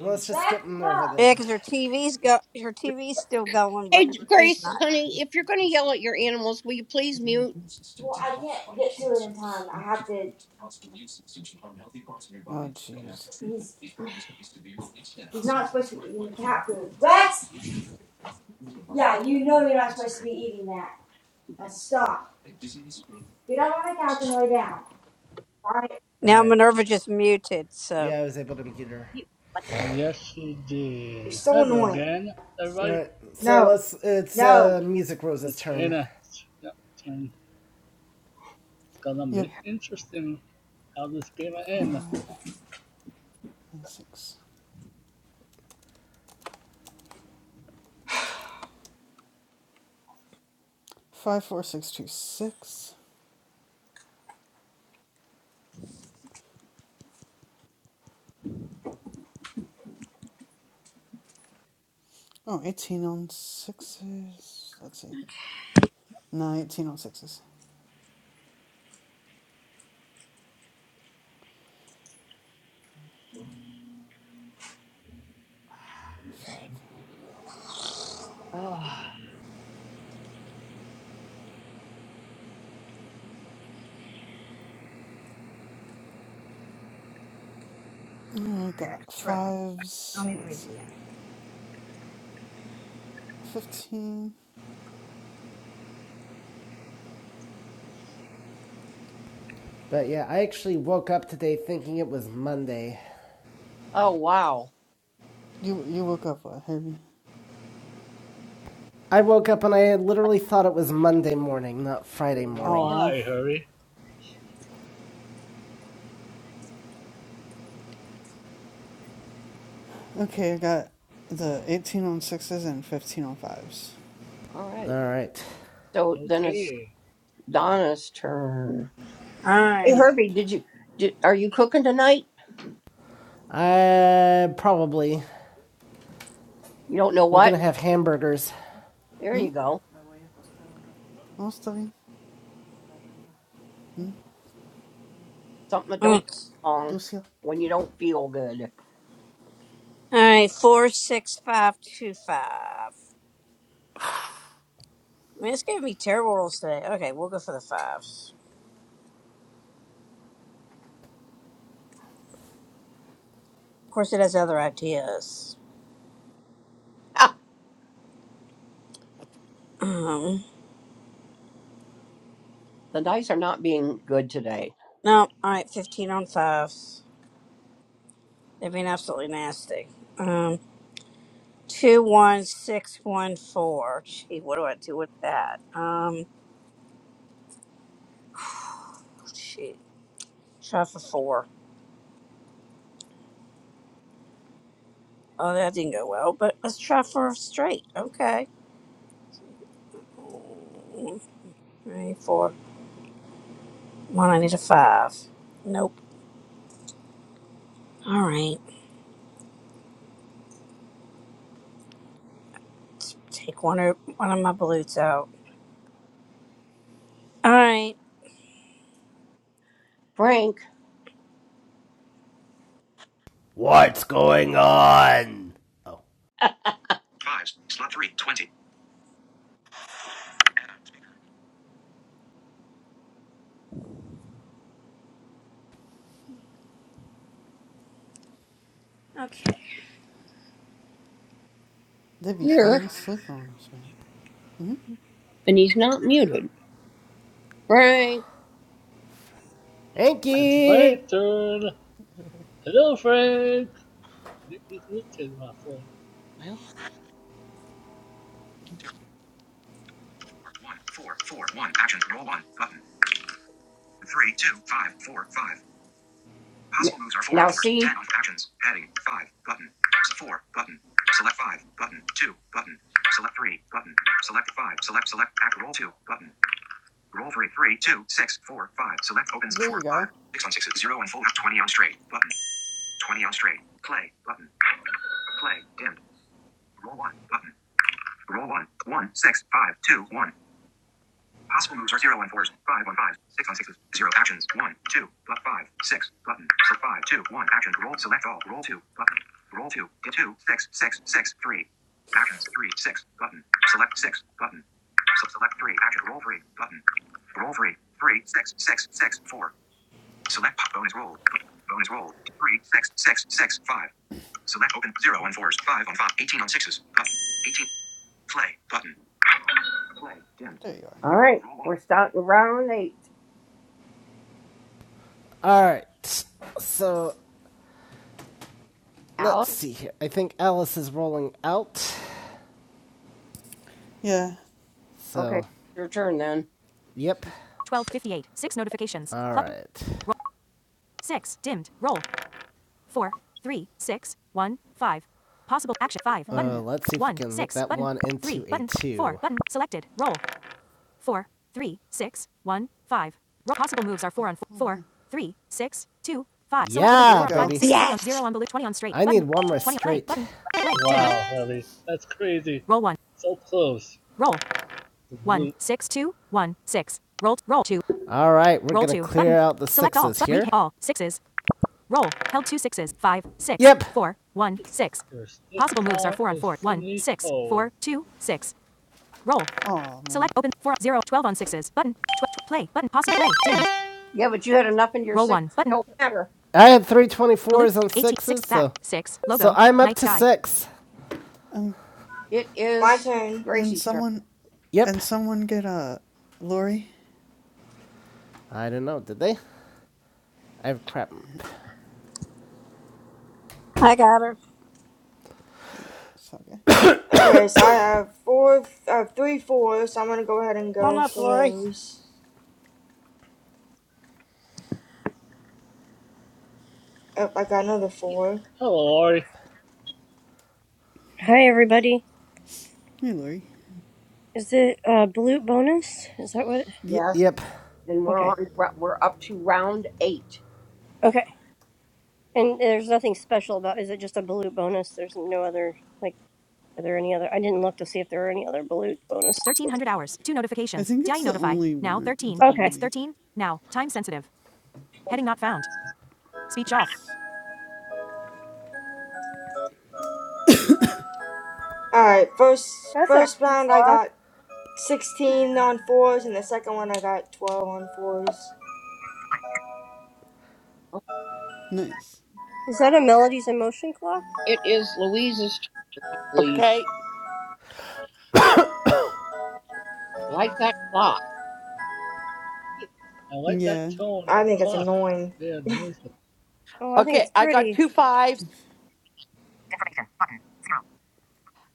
S2: let's just
S3: Rex,
S2: skip Minerva
S3: come.
S2: then.
S7: Yeah, because her TV's go. Her TV's still going, but
S5: Hey,
S7: she's
S5: Grace,
S7: not.
S5: honey, if you're going to yell at your animals, will you please mute?
S3: Well, I can't get to it in time. I have to.
S12: Oh jeez.
S3: He's he's not supposed to be eating the cat food. Rex! Yeah, you know you're not supposed to be eating that. Now stop. Get up on the couch and lay down. Right?
S2: All
S7: Now
S2: right.
S7: Minerva just muted, so.
S2: Yeah, I was able to mute her.
S8: Yes, she
S3: You're
S8: did.
S3: so
S8: Hello
S3: annoying.
S8: again,
S2: All
S8: everybody.
S2: right, so
S3: No,
S2: let's. It's uh,
S3: no.
S2: Music Rose's
S8: It's
S2: turn.
S8: Anna. Yep, it's gonna
S12: Yep.
S8: be interesting how this game ends.
S12: Five and six. Five, four, six, two, six. six. Oh, 18 on sixes. Let's see. No, 18 on sixes. Five.
S4: Oh.
S12: Oh, I got
S7: Alright.
S12: fives. Let's see. 15.
S2: But yeah, I actually woke up today thinking it was Monday.
S5: Oh, wow.
S12: You you woke up, what, Herbie?
S2: I woke up and I literally thought it was Monday morning, not Friday morning.
S12: Oh,
S8: Why, hurry?
S12: okay. I got the 18 on sixes and 15 on fives.
S5: All
S2: All
S5: right.
S2: right.
S5: So then it's
S8: Okay,
S5: Donna's turn. Hey,
S12: Yep.
S5: Herbie, did you, did, are you cooking tonight?
S2: Uh, probably.
S5: You don't know
S2: We're gonna
S5: what?
S2: have hamburgers.
S5: There
S12: Hmm?
S5: you go.
S12: Almost loving? Hmm?
S5: Something that don't
S7: Mm.
S5: belong
S12: Lucille?
S5: when you don't feel good.
S7: Alright, four, six, five, two, five. I mean, it's giving me terrible rolls today. Okay, we'll go for the fives. Of course, it has other ideas. Um,
S5: The dice are not being good today.
S7: no, alright, 15 on fives. They've been absolutely nasty. Um, two, one, six, one, four. Gee, what do I do with that? Um, gee, try for four. Oh, that didn't go well, but let's try for a straight. Okay. Three, four. One, I need a five. Nope. All right. Let's take one of one of my balutes out. All right.
S5: Frank
S2: What's going on? Oh.
S5: Fives. Slot three. Twenty.
S7: Okay.
S12: They'd be
S5: here,
S12: falling asleep on us, man. Hmm?
S5: and he's not muted. Frank,
S2: Thank
S8: it's
S2: you!
S8: Frank's turn. Hello, Frank.
S5: well, One. Four. Four. One. Action. Roll one. Button. Three. Two. Five. Four. Five. Past moves are four Now see, Ten actions. Heading. Five. Button. Four. Button. Select five. Button. Two. Button. Select three. Button. Select five. Select select. Act roll two. Button. Roll three. Three. Two. Six. Four. Five. Select opens
S12: There
S5: four.
S12: you
S5: Five.
S12: go.
S5: Six on sixes. Zero and full. Twenty on straight. Button. Twenty on straight. Play. Button. Play. Dimmed. Roll one. Button. Roll one. One. Six. Five. Two. One. Possible moves are 0 on 4s, 5 on 5s, 6 on 6s, 0 actions, 1, 2, but 5, 6, button, so five, two, one, action, roll, select all, roll 2, button, roll 2, dip 2, six, six, six, three, actions, 3, 6, button, select 6, button, so select 3, action, roll 3, button, roll 3, 3, 6, 6, 6, 4. Select po- bonus roll. Bonus roll. Three, six, six, six, five. Select open. Zero on fours. Five on five. Eighteen on sixes. Button. Eighteen. Play. Button. Play. Dimmed.
S12: There you are.
S5: All right. We're starting round eight.
S2: All right. So, let's
S5: Alex.
S2: see here. I think Alice is rolling out.
S12: Yeah.
S5: Okay.
S2: So,
S5: Your turn then.
S2: yep.
S12: She's.
S2: All right.
S12: Oh man.
S2: we
S12: Oh man. There you go.
S2: baby.
S4: Yes.
S8: Wow, hurry. That's crazy. So close. The blue
S2: All right, we're
S8: Your stiff tone is finito.
S12: Oh man.
S5: Yeah, but you had enough in your six. Don't matter.
S2: I had three twenty fours on sixes, so so I'm up to six.
S12: Um.
S5: It
S3: My
S5: is
S3: turn.
S12: And
S5: Gracie's turn.
S12: someone.
S2: Yep.
S12: And someone get uh. Lori.
S2: I don't know. Did they? I have crap.
S7: I got her.
S12: Yeah. It's okay.
S3: Okay, so I have four. I have three fours. So I'm gonna go ahead and
S7: One
S3: go
S7: up, Lori.
S3: for those. Oh, I got another four.
S8: Hello, Ori.
S13: Hi, everybody.
S12: Hey, Lori.
S13: Is it uh, blue bonus? Is that what?
S12: Yeah.
S5: Yes.
S2: Yep.
S5: And we're
S13: Okay.
S5: on. We're up to round eight.
S13: Okay. And there's nothing special about. Is it just a blue bonus? There's no other. Like, are there any other? I didn't look to see if there were any other blue bonus.
S12: I think it's the only one. The
S13: Okay.
S12: only. It's
S3: All right. First,
S13: That's a
S3: first
S13: pretty
S3: round I
S13: clock.
S3: got 16 on fours, and the second one I got 12 on fours.
S12: nice.
S13: Is that a melodies in motion clock?
S5: It is Louise's turn. Lee.
S4: Okay.
S5: Like that clock.
S8: I like that
S12: Yeah.
S8: tone
S3: I
S8: of the
S3: think it's
S8: clock.
S3: annoying.
S8: Yeah, the music.
S13: Oh, I think
S4: Okay.
S13: it's
S4: I got
S13: pretty.
S4: two fives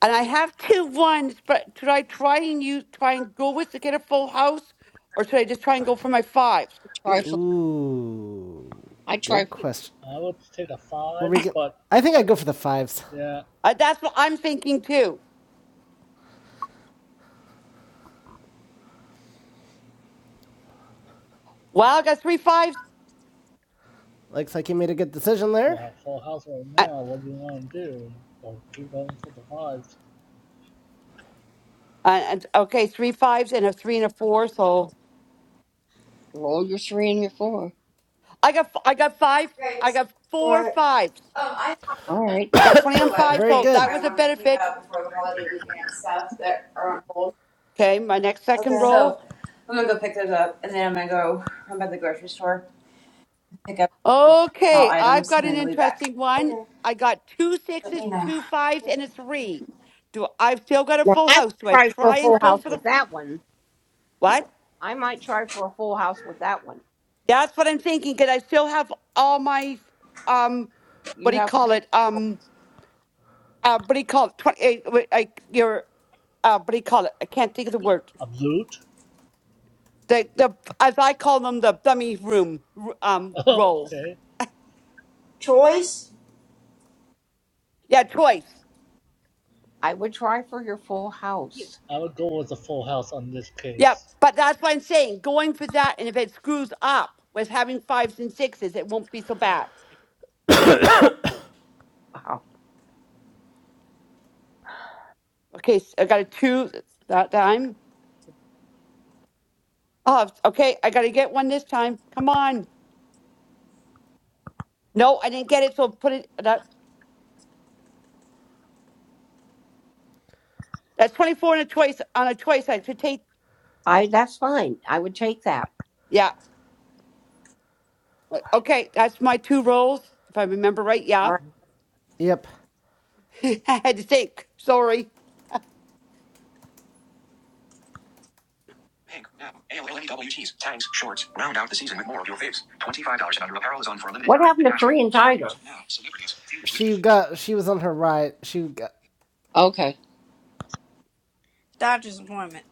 S4: and I have two ones, but should I try and use try and go with to get a full house? Or should I just try and go for my fives?
S5: I try for.
S2: Ooh.
S5: I try
S2: Good
S5: for.
S2: question.
S8: I would take the
S2: Well, we
S8: fives,
S2: get.
S8: but
S2: I think I go
S8: that's,
S2: for the fives.
S8: yeah,
S4: Uh, that's what I'm thinking too. Well, I got three fives.
S2: Looks like you made a good decision there.
S8: yeah, full house right
S4: Uh,
S8: now. What do you want to do? Or keep going for the fives?
S4: uh, and, okay, three fives and a three and a four. So
S5: Roll your three and your four.
S4: I got f- I got five. I got four
S3: What?
S4: fives.
S5: All right.
S4: I got twenty on five.
S2: Very
S4: So
S2: good.
S4: that was a benefit. Okay, my next second
S3: Okay.
S4: roll.
S3: So.
S4: Okay, I've got an interesting one.
S3: Okay.
S4: I got two sixes, two fives, and a three. Do I've still got a
S5: Now
S4: full
S5: I would
S4: house? Do I
S5: try for a
S4: try and
S5: full
S4: go
S5: house
S4: for the
S5: with
S4: full?
S5: that one.
S4: What?
S5: I might try for a full house with that one.
S4: That's what I'm thinking. Because I still have all my um, what
S5: You
S4: do you
S5: have
S4: call
S5: three.
S4: it? Um, uh, what do you call it? Twenty. Uh, wait, I, your uh, what do you call it? I can't think of the word.
S8: A loot?
S4: The the as I call them the dummy room r- um rolls.
S8: okay.
S3: Choice.
S4: Yeah, choice.
S5: I would try for your full house.
S8: I would go with the full house on this
S4: Yep.
S8: case.
S4: But that's what I'm saying. Going for that, and if it screws up with having fives and sixes, it won't be so bad.
S5: No. oh, Wow.
S4: Okay, s I I got a two that time. Oh, okay, I got to get one this time. Come on. No, I didn't get it, so put it. That, that's 24 on a twice On a twice. I should take.
S5: I. That's fine. I would take that.
S4: Yeah. Okay, that's my two rolls, if I remember right.
S5: All
S4: Yeah.
S5: right.
S2: Yep.
S4: I had to think. Sorry.
S5: Pink, now, A-L-L-E-W cheese, tanks, shorts, round out the season with more of your faves. $25 and under apparel is on for a limited What happened to National Korean and Tiger? now, celebrities, theaters with
S2: She got. She was on her right. She got
S5: Okay.
S7: Dodger's appointment.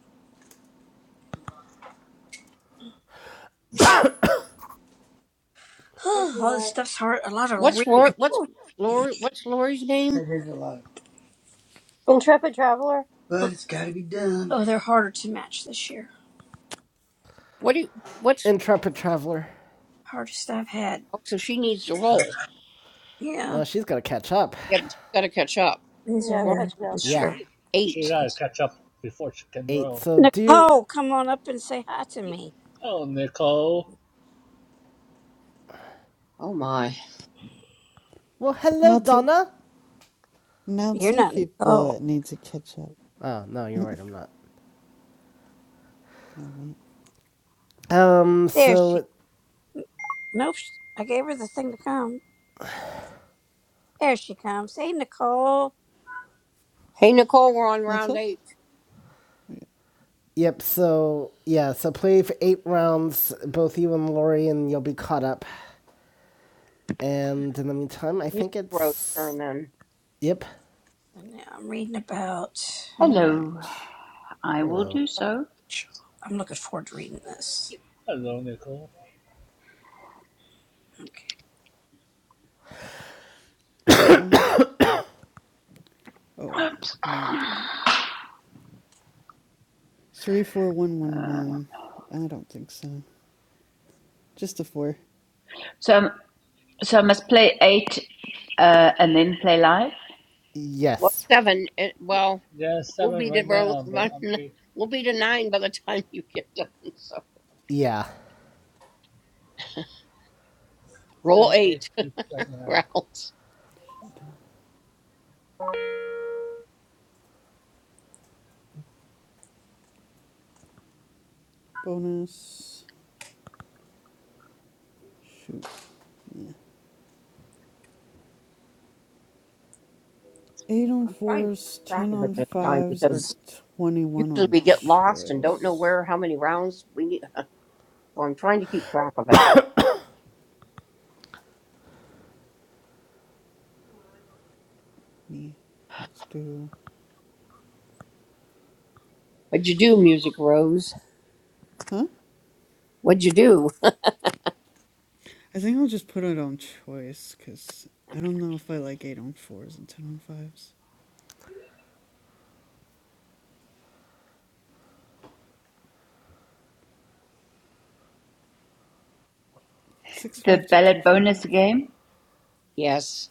S3: What's your
S7: All this
S3: back?
S7: stuff's hard. A lot of
S5: What's Lori?
S7: reading.
S5: What's
S7: Ooh.
S5: Lori? What's Lori's name?
S7: That is a lot,
S13: Intrepid traveler.
S7: but it's got to be done. Oh, they're harder to match this year.
S5: What do? What's?
S2: intrepid traveler.
S7: Hardest I've had.
S5: Oh, so she needs to roll.
S7: Uh, Yeah.
S2: Uh, she's gonna catch up.
S5: Yep. Got to catch up.
S7: These are
S13: Yeah, I'm
S5: We're on
S7: very
S13: catching
S7: hard
S13: up.
S7: this
S2: Yeah.
S7: year.
S8: She
S5: eight.
S8: gotta catch up before she can
S2: Eight.
S8: roll.
S2: So do you?
S7: Nicole, come on up and say hi to me.
S8: Hello, Nicole.
S5: Oh my.
S2: Well, hello,
S12: Now two.
S2: Donna.
S12: Now
S7: You're
S12: two
S7: not Nicole.
S12: people need to catch up.
S2: Oh no, you're right. I'm not.
S12: Oh man.
S2: Um.
S7: There she.
S2: So
S7: Nope. sh- I gave her the thing to come. There she comes. Hey, Nicole.
S5: Hey Nicole, we're on
S12: What's
S5: round
S12: up?
S5: eight.
S2: Yep. So yeah. So play for eight rounds, both you and Lori, and you'll be caught up. And in the meantime, I
S5: Music
S2: think
S5: road
S2: it's
S5: turn then.
S2: yep.
S7: And now I'm reading about.
S12: All
S14: Hello,
S12: right.
S14: I will
S2: Hello.
S14: do so.
S7: I'm looking forward to reading this.
S8: Hello, Nicole.
S7: Okay.
S12: Roll one. Oh wow. Nah. Three, four, one, one, one. I don't think so. Just a four.
S14: So, um, so I must play eight uh, and then play live.
S5: Well,
S2: Yes.
S5: seven. It, well,
S8: Yeah,
S5: we'll
S8: seven
S5: be to
S8: right
S5: ro-
S8: now, but
S5: run-
S8: I'm eight,
S5: we'll be to nine by the time you get done. So
S2: Yeah.
S5: roll
S8: seven, eight
S5: eight
S8: just right now.
S5: rounds.
S12: Bonus. Shoot. Yeah. Eight on
S5: I'm trying to
S12: fours,
S5: keep track
S12: ten
S5: of
S12: on
S5: it this time
S12: fives, or
S5: because
S12: twenty-one
S5: usually
S12: on
S5: we get lost and don't know
S12: choice.
S5: where how many rounds we need. So I'm trying to keep track of it.
S12: Yeah. Let's do.
S5: What'd you do, Music Rose?
S12: Huh?
S5: What'd you do?
S12: I think I'll just put it on choice because I don't know if I like eight on fours and ten on fives. Six,
S14: The
S12: five, two,
S14: ballot
S12: two, five.
S14: bonus game.
S5: Yes.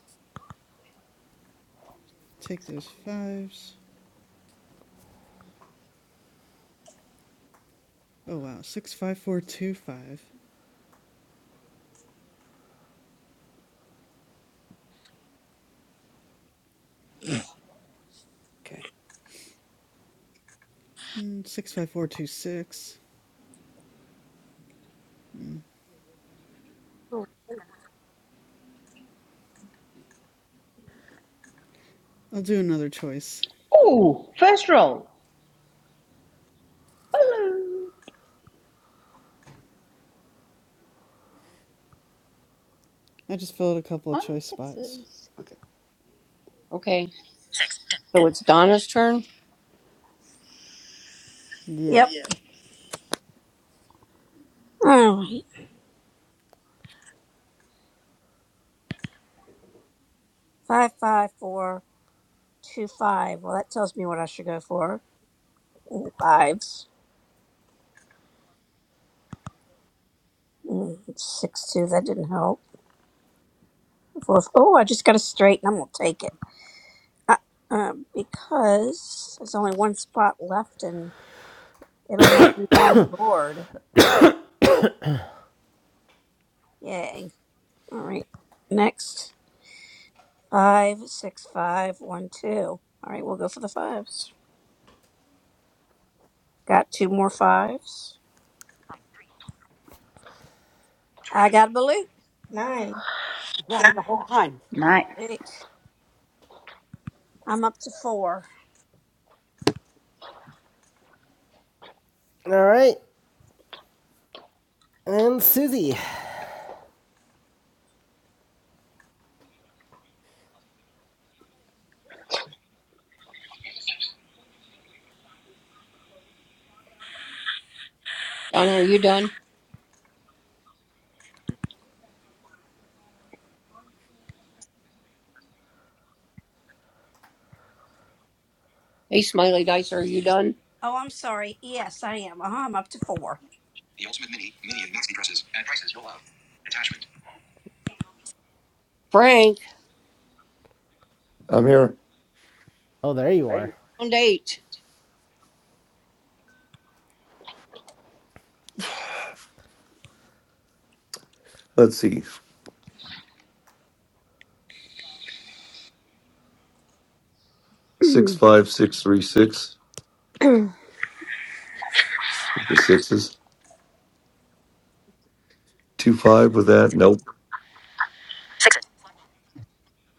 S12: Take those fives. Oh wow. Six, five, four, two, five.
S4: Okay.
S12: Mm, six, five, four, two, six. Mm.
S13: Hmm.
S12: I'll do another choice.
S14: Oh, first roll. Hello,
S12: I just filled a couple of
S14: on
S12: choice spots.
S14: sixes.
S4: Okay.
S5: Okay.
S13: Six.
S5: So it's Donna's turn.
S12: Yep.
S7: Yep. Yeah. All right. Five, five, four, two, five. Well, that tells me what I should go for. Mm, Fives. Mm, Six, two. That didn't help. Four, oh, I just got a straight, and I'm gonna take it. Uh, um, because there's only one spot left, and it'll help me get on the board. Yay! All right. Next. Five, six, five, one, two. All right, we'll go for the fives. Got two more fives. I
S5: Tournament.
S7: got a balut.
S3: Nine.
S4: Right, the whole time.
S14: Nice.
S7: Eight. I'm up to four.
S2: All right. And Susie.
S5: Donna, are you done? Hey, Smiley Dice, are you done?
S7: Oh, I'm sorry.
S5: Board.
S7: Yes, I am. Uh huh. I'm up to four.
S5: The Ultimate Mini, Mini and Maxi dresses at prices you'll love. Attachment. Frank,
S1: I'm here.
S2: Oh, there you are.
S5: round eight.
S1: Let's see. Six, five, six, three, six. The sixes. Two, five with that. Nope.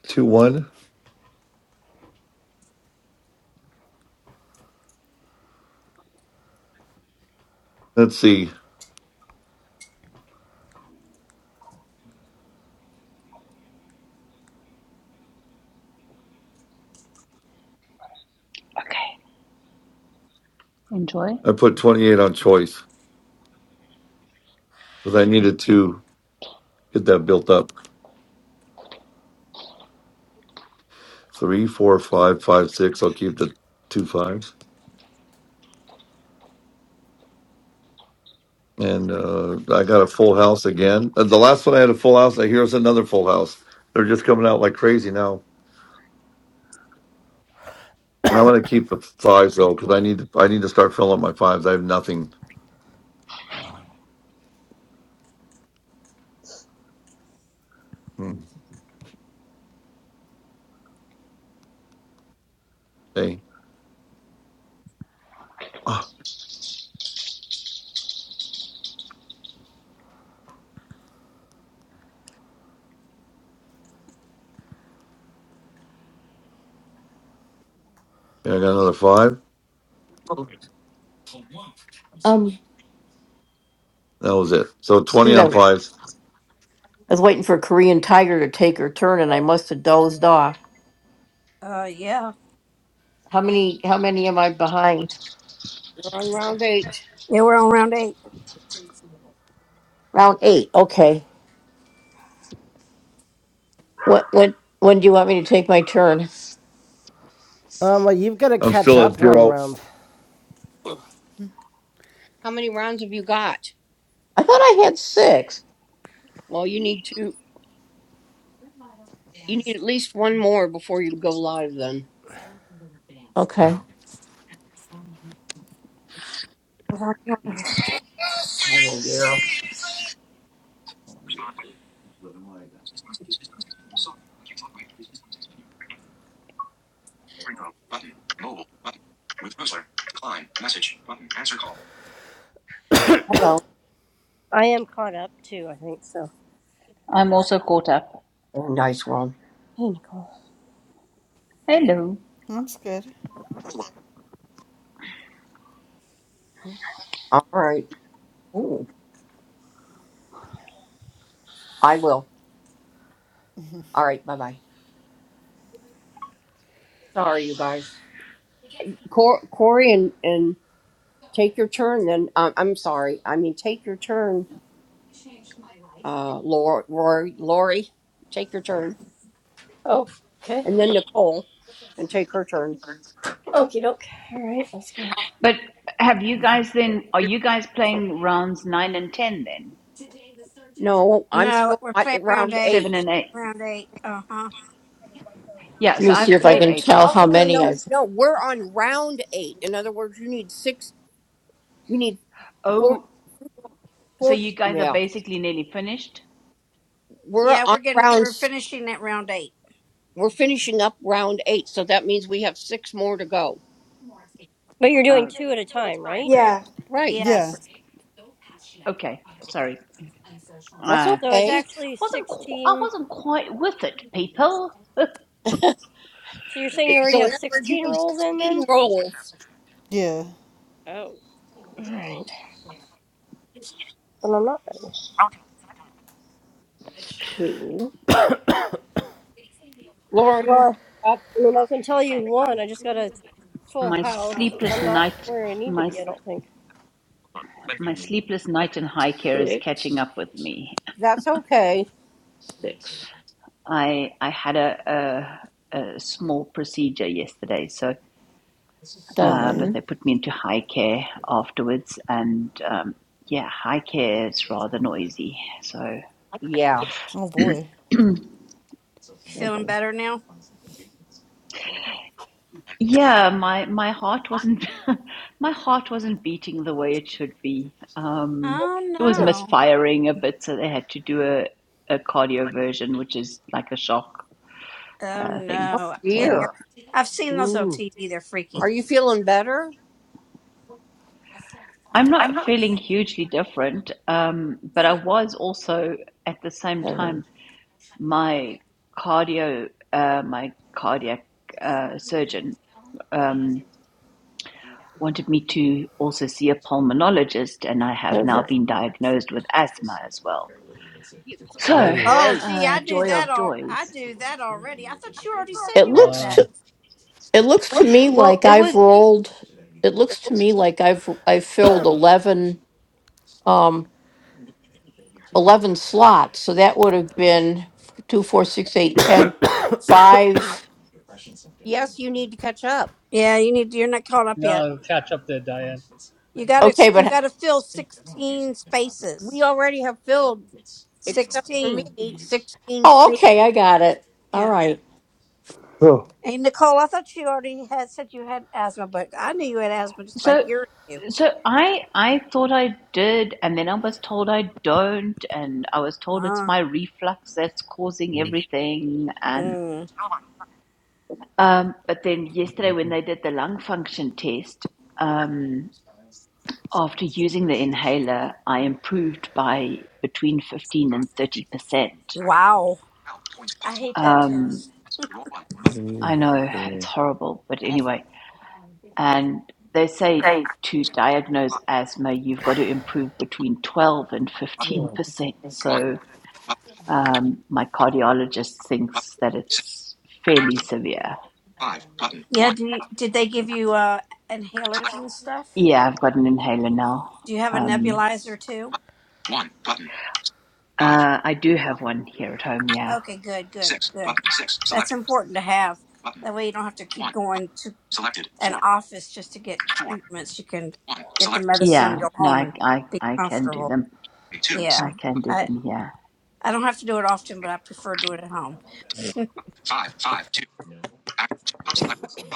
S1: Two, one. Let's see.
S14: Okay, enjoy.
S1: I put 28 on choice because I needed to get that built up. Three, four, five, five, six. I'll keep the two fives. and uh, I got a full house again. Uh, The last one I had a full house. I hear it's another full house. They're just coming out like crazy now. And I'm gonna keep the fives though because I need to, I need to start filling up my fives. I have nothing. Hmm. Hey, ah, yeah, I got another five.
S10: Um,
S1: That was it. So twenty on fives.
S10: I was waiting for a Korean Tiger to take her turn and I must have dozed off.
S7: Uh, yeah.
S10: How many how many am I behind?
S5: You're on round eight.
S7: Yeah, we're on round eight.
S10: Round eight. Okay. What when when do you want me to take my turn?
S2: Um. Well, you've got to
S1: I'm
S2: catch
S1: still at
S2: up one
S1: zero.
S2: round.
S5: How many rounds have you got?
S10: I thought I had six.
S5: Well, you need to. You need at least one more before you go live. Then.
S10: Okay.
S5: Oh dear. Respond. Ringtone. Button. Mobile. Button. Ruth Boosler. Decline. Message. Button. Answer call. Hello.
S13: I am caught up too. I think so.
S14: I'm also caught up.
S5: Oh, Nice one.
S13: Hey, Nicole.
S14: Hello.
S12: That's good.
S5: All right. I will. All right. Bye bye. Sorry, you guys. Cor- Corey and, and take your turn then. Um, I'm sorry. I mean, take your turn, uh, Lori, Lori. Lori. Take your turn.
S13: Oh, okay.
S5: And then Nicole and take her turn.
S13: Okay, doke. All right, let's go.
S14: But have you guys then, are you guys playing rounds nine and ten then?
S5: No, I'm
S7: No,
S5: still
S7: we're
S5: at
S7: playing round
S5: round
S7: eight.
S5: eight.
S14: Seven and eight?
S7: Round eight. Uh huh.
S14: Yeah,
S10: Let me
S14: so
S10: see
S14: I've
S10: if I
S14: played
S5: We're,
S10: can
S14: eight
S10: tell
S5: oh,
S10: how
S5: no, no,
S14: rounds.
S10: many I've
S5: no. No, we're on round eight. In other words, you need six, you need four,
S14: Oh, so
S5: four.
S14: you guys are
S5: Yeah.
S14: basically nearly finished?
S5: We're
S7: Yeah,
S5: on
S7: we're getting,
S5: round.
S7: we're
S5: s-
S7: finishing at round eight.
S5: We're finishing up round eight, so that means we have six more to go.
S13: But you're doing
S14: Oh,
S13: two at a time, right?
S3: Yeah.
S5: Right.
S12: Yeah.
S7: Yes.
S14: okay. Sorry.
S5: That's
S14: I
S13: So it's
S5: okay.
S13: actually
S14: wasn't qu- I
S13: 16.
S14: wasn't quite with it, people.
S13: So you're saying you already
S5: So in
S13: have
S5: other words, you
S13: 16
S5: need
S13: rolls in then?
S5: sixteen rolls,
S12: Yeah.
S13: Oh. Alright. But I'm not finished.
S10: six,
S5: Laura. You,
S13: Well,
S5: that,
S13: I mean, I can tell you one. I just got a full
S14: my
S13: house, but
S14: sleepless
S13: I'm not
S14: night
S13: where I need to
S14: my
S13: be,
S14: s-
S13: I don't think.
S14: my sleepless night in high care is catching up with me.
S5: that's okay.
S10: six,
S14: I I had a a, a small procedure yesterday, so
S12: Oh,
S14: uh, but
S12: man.
S14: they put me into high care afterwards, and um, yeah, high care is rather noisy. So
S5: Yeah.
S12: Oh, boy.
S7: Feeling better now?
S14: Yeah, my my heart wasn't my heart wasn't beating the way it should be. Um,
S7: Oh,
S14: it was
S5: Dear.
S7: no.
S14: misfiring a bit, so they had to do a, a cardio version, which is like a shock
S7: Oh,
S14: uh, thing.
S5: Oh
S7: no. Yeah. yeah.
S14: So
S5: dear.
S7: I've seen those on
S4: Mm,
S7: TV. They're freaky.
S5: Are you feeling better?
S14: I'm not feeling hugely different, um, but I was also at the same
S10: seven,
S14: time my cardio uh, my cardiac uh, surgeon. Um, wanted me to also see a pulmonologist, and I have now
S10: seven.
S14: been diagnosed with asthma as well.
S8: You.
S5: Oh,
S14: So,
S8: Oh,
S7: Oh,
S5: great.
S7: gee,
S14: uh,
S7: I do
S14: joy
S7: that
S14: of
S7: all. I
S14: joys.
S7: do that already. I thought you already said you had that.
S8: wow.
S14: Well, it was
S5: Yes, you need to catch up.
S7: Yeah, you need. You're not caught up yet.
S8: Now catch up there, Diane.
S7: You gotta. You gotta fill sixteen
S5: We
S7: spaces.
S5: already have filled, except for me,
S7: Sixteen.
S5: sixteen
S10: Oh,
S5: spaces.
S10: okay, I got it. All
S7: Yeah.
S10: right.
S7: Hey, Nicole, I thought you already had said you had asthma, but I knew you had asthma just by
S14: so.
S7: hearing you.
S14: So I I thought I did, and then I was told I don't, and I was told it's my
S7: Ah.
S14: reflux that's causing everything. And
S7: Mm.
S14: um, but then yesterday when they did the lung function test, um, after using the inhaler, I improved by between fifteen and thirty percent.
S7: Wow.
S5: help, points
S7: I
S5: possible.
S7: hate that
S14: Um,
S7: test.
S5: Roll one, button,
S14: I know
S1: Oh.
S14: it's horrible, but
S5: roll,
S14: anyway. And they
S5: action,
S14: say to diagnose asthma, you've got to improve between 12 and 15%. So
S5: button,
S14: um, my cardiologist thinks that
S5: button.
S14: it's fairly severe.
S5: Five button.
S7: Yeah.
S5: One.
S7: Do you, did they give you uh
S5: Select
S7: inhalers and stuff?
S14: Yeah, I've got an inhaler now.
S7: Do you have a
S14: Um,
S7: nebulizer too?
S5: One button. Five.
S14: uh, I do have one here at home, yeah.
S7: Okay, good, good,
S5: Six
S7: good.
S5: button. Six
S7: That's
S5: selected
S7: important to have.
S5: button.
S7: That way you don't have to keep
S5: One button.
S7: going to
S5: Selected.
S7: an
S5: four
S7: office just to get
S5: four one
S7: treatments. You can
S5: Four. One.
S7: get the
S5: Select.
S7: medicine,
S14: Yeah,
S7: go
S14: no,
S7: home
S14: I,
S7: and
S14: I,
S7: be
S14: I can do
S7: comfortable.
S14: them.
S5: Three. Two. Six.
S14: I
S7: Yeah.
S14: can do
S7: I
S14: them, yeah.
S7: I don't have to do it often, but I prefer do it at home.
S5: Five. five Two. act two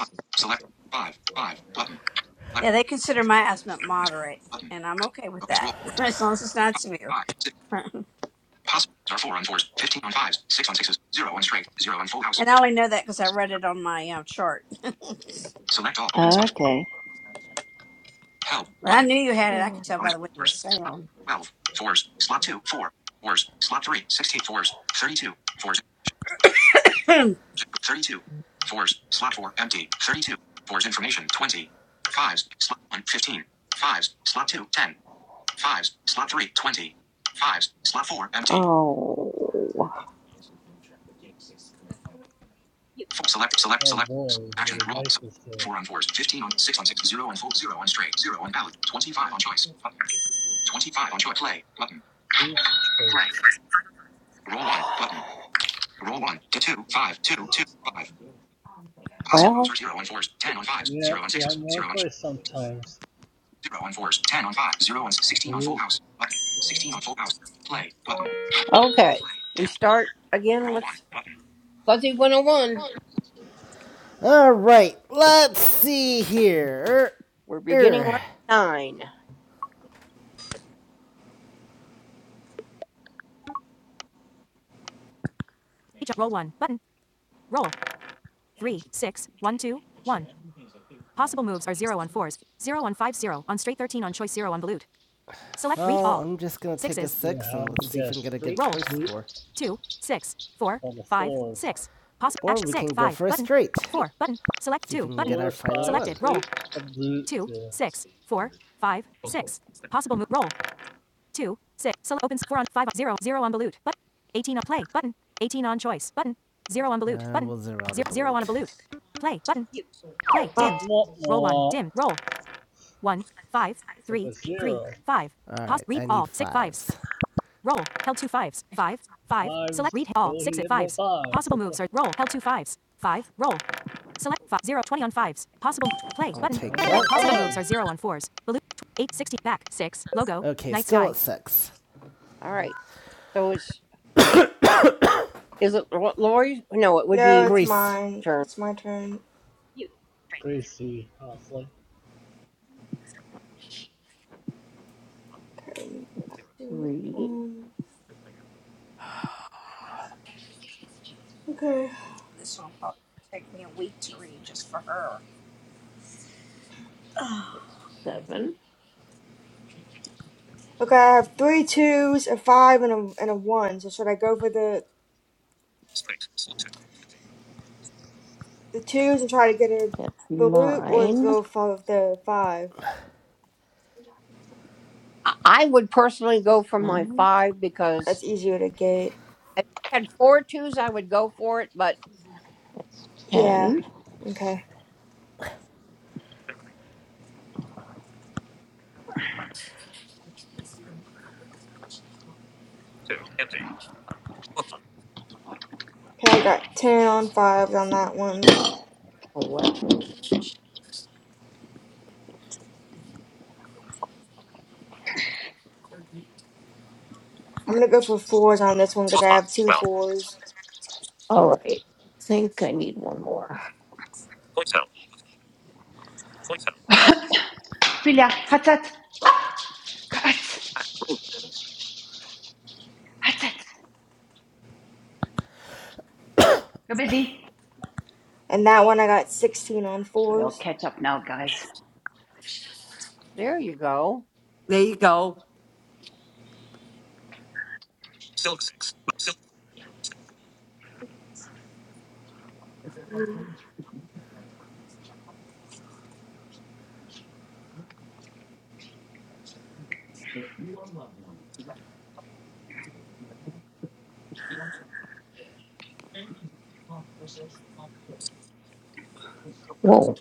S5: Up. Select. Five. Select. Five. Five. Button. Select.
S7: Yeah, they consider my asthma moderate,
S5: Button.
S7: and I'm okay with
S5: Bonus
S7: that
S5: roll.
S7: as long as it's not severe.
S5: Five. Six.
S7: and
S5: Possible are four on fours. Fifteen on fives. Six on sixes. Zero on straight. Zero on full house.
S7: I only know that because I read it on my um, chart.
S5: Select all. Opens up.
S14: Okay.
S5: Help.
S7: But I
S5: Button.
S7: knew you had it. I could tell by
S5: Bonus
S7: the way you would
S5: fours. Slot
S7: sound.
S5: 12. Fours. Slot 2. 4. Fours. Slot 3. 16. Fours. 32. Fours.
S7: this
S5: 32. Fours. Slot 4. Empty. 32. Fours. Information. 20. Fives. Slot 1. 15. Fives. Slot 2. 10. Fives. Slot 3. 20. Fives. Slot 4. Empty. Oh.
S8: You.
S5: Four, select. Select.
S8: Oh
S5: Select.
S8: boy,
S5: Action.
S8: well, the
S5: Roll.
S8: dice
S5: Select.
S8: is there.
S5: 4 on 4s. 15 on 6 on 6. 0 on 4. 0 on straight. 0 on ballot. 25 on choice. Button. 25 on choice. Play. Button.
S8: Choose a choice.
S5: Play. Roll on. Button. Roll one, two, two, five, two, two, five. Possible moves Oh, are zero on fours, ten
S8: You.
S5: on fives,
S8: Yeah,
S5: zero on
S8: you
S5: sixes,
S8: have no
S5: zero on
S8: choice sometimes.
S5: zero on fours, ten on five, zero on sixteen on
S8: Do
S5: full house button, sixteen on full house play button. okay. Play We start again Roll with one button. Fuzzy 101.
S2: All right. Let's see here.
S5: We're beginning
S2: Er. er.
S5: round nine.
S2: Well, just gonna
S8: You
S2: six and
S8: have to
S2: let's see if we
S8: get
S2: can get a good
S8: straight loot
S2: score.
S8: on the fours.
S2: Or
S8: You. Four, five, straight of loot there.
S2: Uh,
S8: You. Womp womp. Took a zero.
S2: right,
S8: Fives. Will he hit more fives? The question. Twenty is on fives.
S2: six.
S5: All right. So it's is it Lo- Lori's? No, it would
S3: No,
S5: be
S3: it's
S2: Greece.
S3: mine.
S5: turn.
S3: It's my turn.
S8: You. Gracie was like
S10: Three,
S3: Um. Okay.
S7: one probably take me a week to read just for her.
S10: seven,
S3: Okay, I have three twos, a five, and a and a one. So should I go for the the twos and try to get a
S10: that's
S3: balut, or
S10: nine,
S3: go for the five?
S5: I I would personally go for my
S10: one,
S5: five because
S3: That's easier to get.
S5: if I had four twos, I would go for it. But
S10: that's
S3: Yeah.
S10: ten.
S3: Okay. Okay, I got ten on fives on that one. I'm gonna go for fours on this one because I have two fours,
S10: All right. I think I need one more.
S14: Filia, hatat, hatat, hatat. Go busy.
S3: and that one I got sixteen on
S14: Sorry, I'll
S3: fours.
S14: catch up now, guys.
S5: there you go.
S4: there you go.
S10: Oh,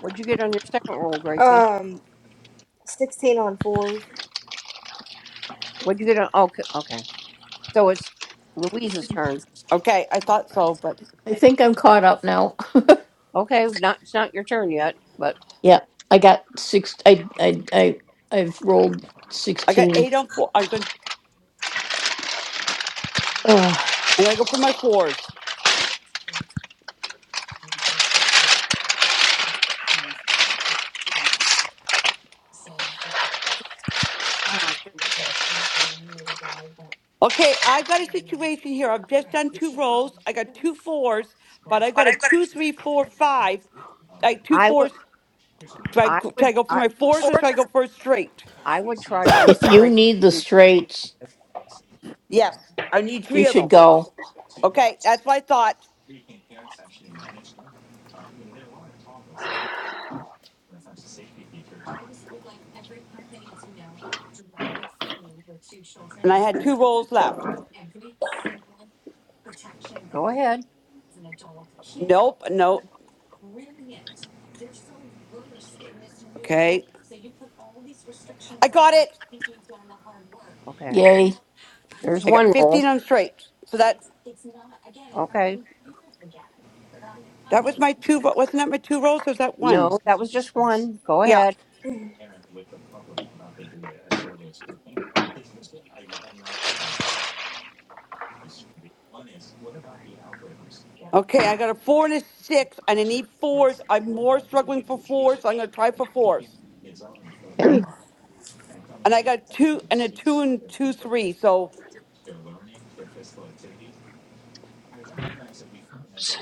S5: What'd you get on your second roll, Gracie?
S3: Um, sixteen on fours.
S5: What you get on? oh, Okay, okay. So it's Louise's turn.
S4: Okay, I thought so, but
S10: I think I'm caught up now.
S5: Okay, not it's not your turn yet, but
S10: Yeah, I got six. I I I I've rolled
S4: I got
S10: sixteen.
S4: eight on four.
S10: Oh,
S4: I'm gonna go for my fours.
S7: I don't think so.
S4: Okay, I've got a situation here. I've just done two rolls. I got two fours, but I've got a two, three, four, five. I two
S5: I would,
S4: fours. Do I,
S5: I
S4: go- should
S5: would,
S4: I go for
S5: I,
S4: my fours or should I go for a straight?
S5: I would try from right.
S4: Yes, I need
S10: you
S4: three of
S10: should
S4: them. Okay, that's what I thought. And I had two rolls left.
S5: Go ahead.
S4: Nope, nope. Okay, I got it.
S5: Okay,
S10: yay
S5: there's
S4: I got
S5: one roll.
S4: 15 on straight. So that
S5: Okay,
S4: that was my two. ro- Wasn't that my two rolls? Or was that one?
S5: no, that was just one. Go
S4: Yeah.
S5: ahead.
S4: Okay, I got a four and a six, and I need fours. I'm more struggling for fours, so I'm going to try for fours. And I got two and a two and two three, so
S14: Oops,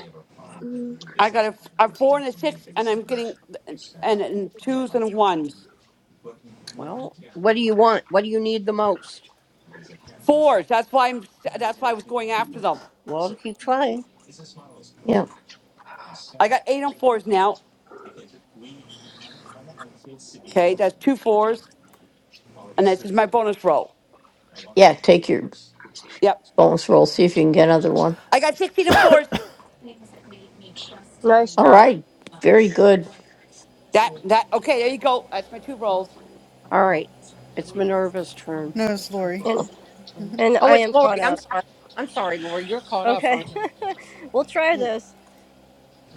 S13: Mm.
S4: I got a, a four and a six, and I'm getting and, and twos and ones,
S5: Well, what do you want? What do you need the most?
S4: fours. That's why I'm. That's why I was going after them.
S5: Well, keep trying.
S4: I got eight on fours now. Okay, that's two fours, and this is my bonus roll. Yep,
S10: one.
S4: I got sixteen and fours.
S13: Nice job.
S10: Right.
S4: That that okay. There you go. That's my two rolls.
S5: All right, it's Minerva's turn.
S12: No, it's Lori.
S10: Oh,
S13: And, and
S5: Oh,
S13: I
S5: it's
S13: am caught
S5: Lori. I'm
S13: up.
S5: sorry. I'm sorry, Lori. You're caught up on.
S13: Okay. we'll try
S12: Yeah.
S13: this.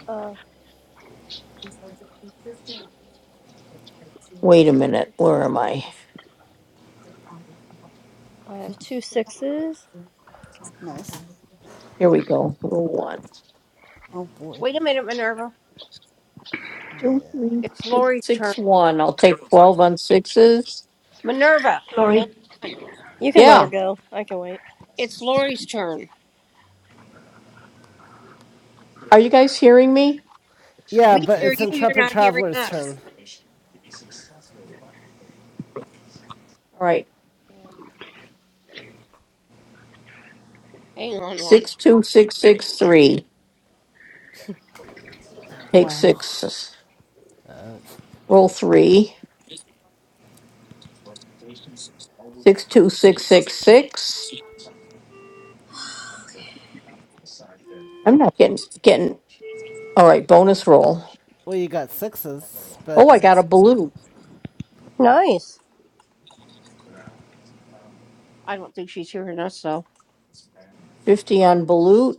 S13: Uh, four,
S10: Wait a
S13: six,
S10: minute.
S13: six.
S10: Where am I?
S13: I have two sixes.
S12: Nice.
S10: Here we go. Roll one,
S12: Oh, boy.
S5: Wait a minute, Minerva.
S10: two,
S12: Yeah.
S10: three,
S5: It's
S10: six,
S5: Lori's turn.
S10: six, one. I'll take twelve on sixes.
S5: Minerva, hold
S14: Sorry.
S5: on.
S13: You can let her
S10: Yeah.
S13: go. I can wait.
S5: It's Lori's turn.
S10: Are you guys hearing me?
S2: Yeah,
S5: We
S12: Oh,
S2: but
S5: hear
S2: it's
S5: you.
S12: jeez.
S5: You're
S2: Intrepid
S5: not hearing
S2: Traveler's
S5: us.
S2: turn.
S10: All right.
S5: Hang on, Lori.
S10: Six two six six three. Take
S12: Wow.
S10: sixes. Roll three. Six two six six six. I'm not getting getting. All right. Bonus roll.
S2: Well, you got sixes,
S10: Oh,
S2: but
S10: I got a balut.
S13: Nice.
S5: I don't think she's hearing us, so.
S10: Fifty on balut.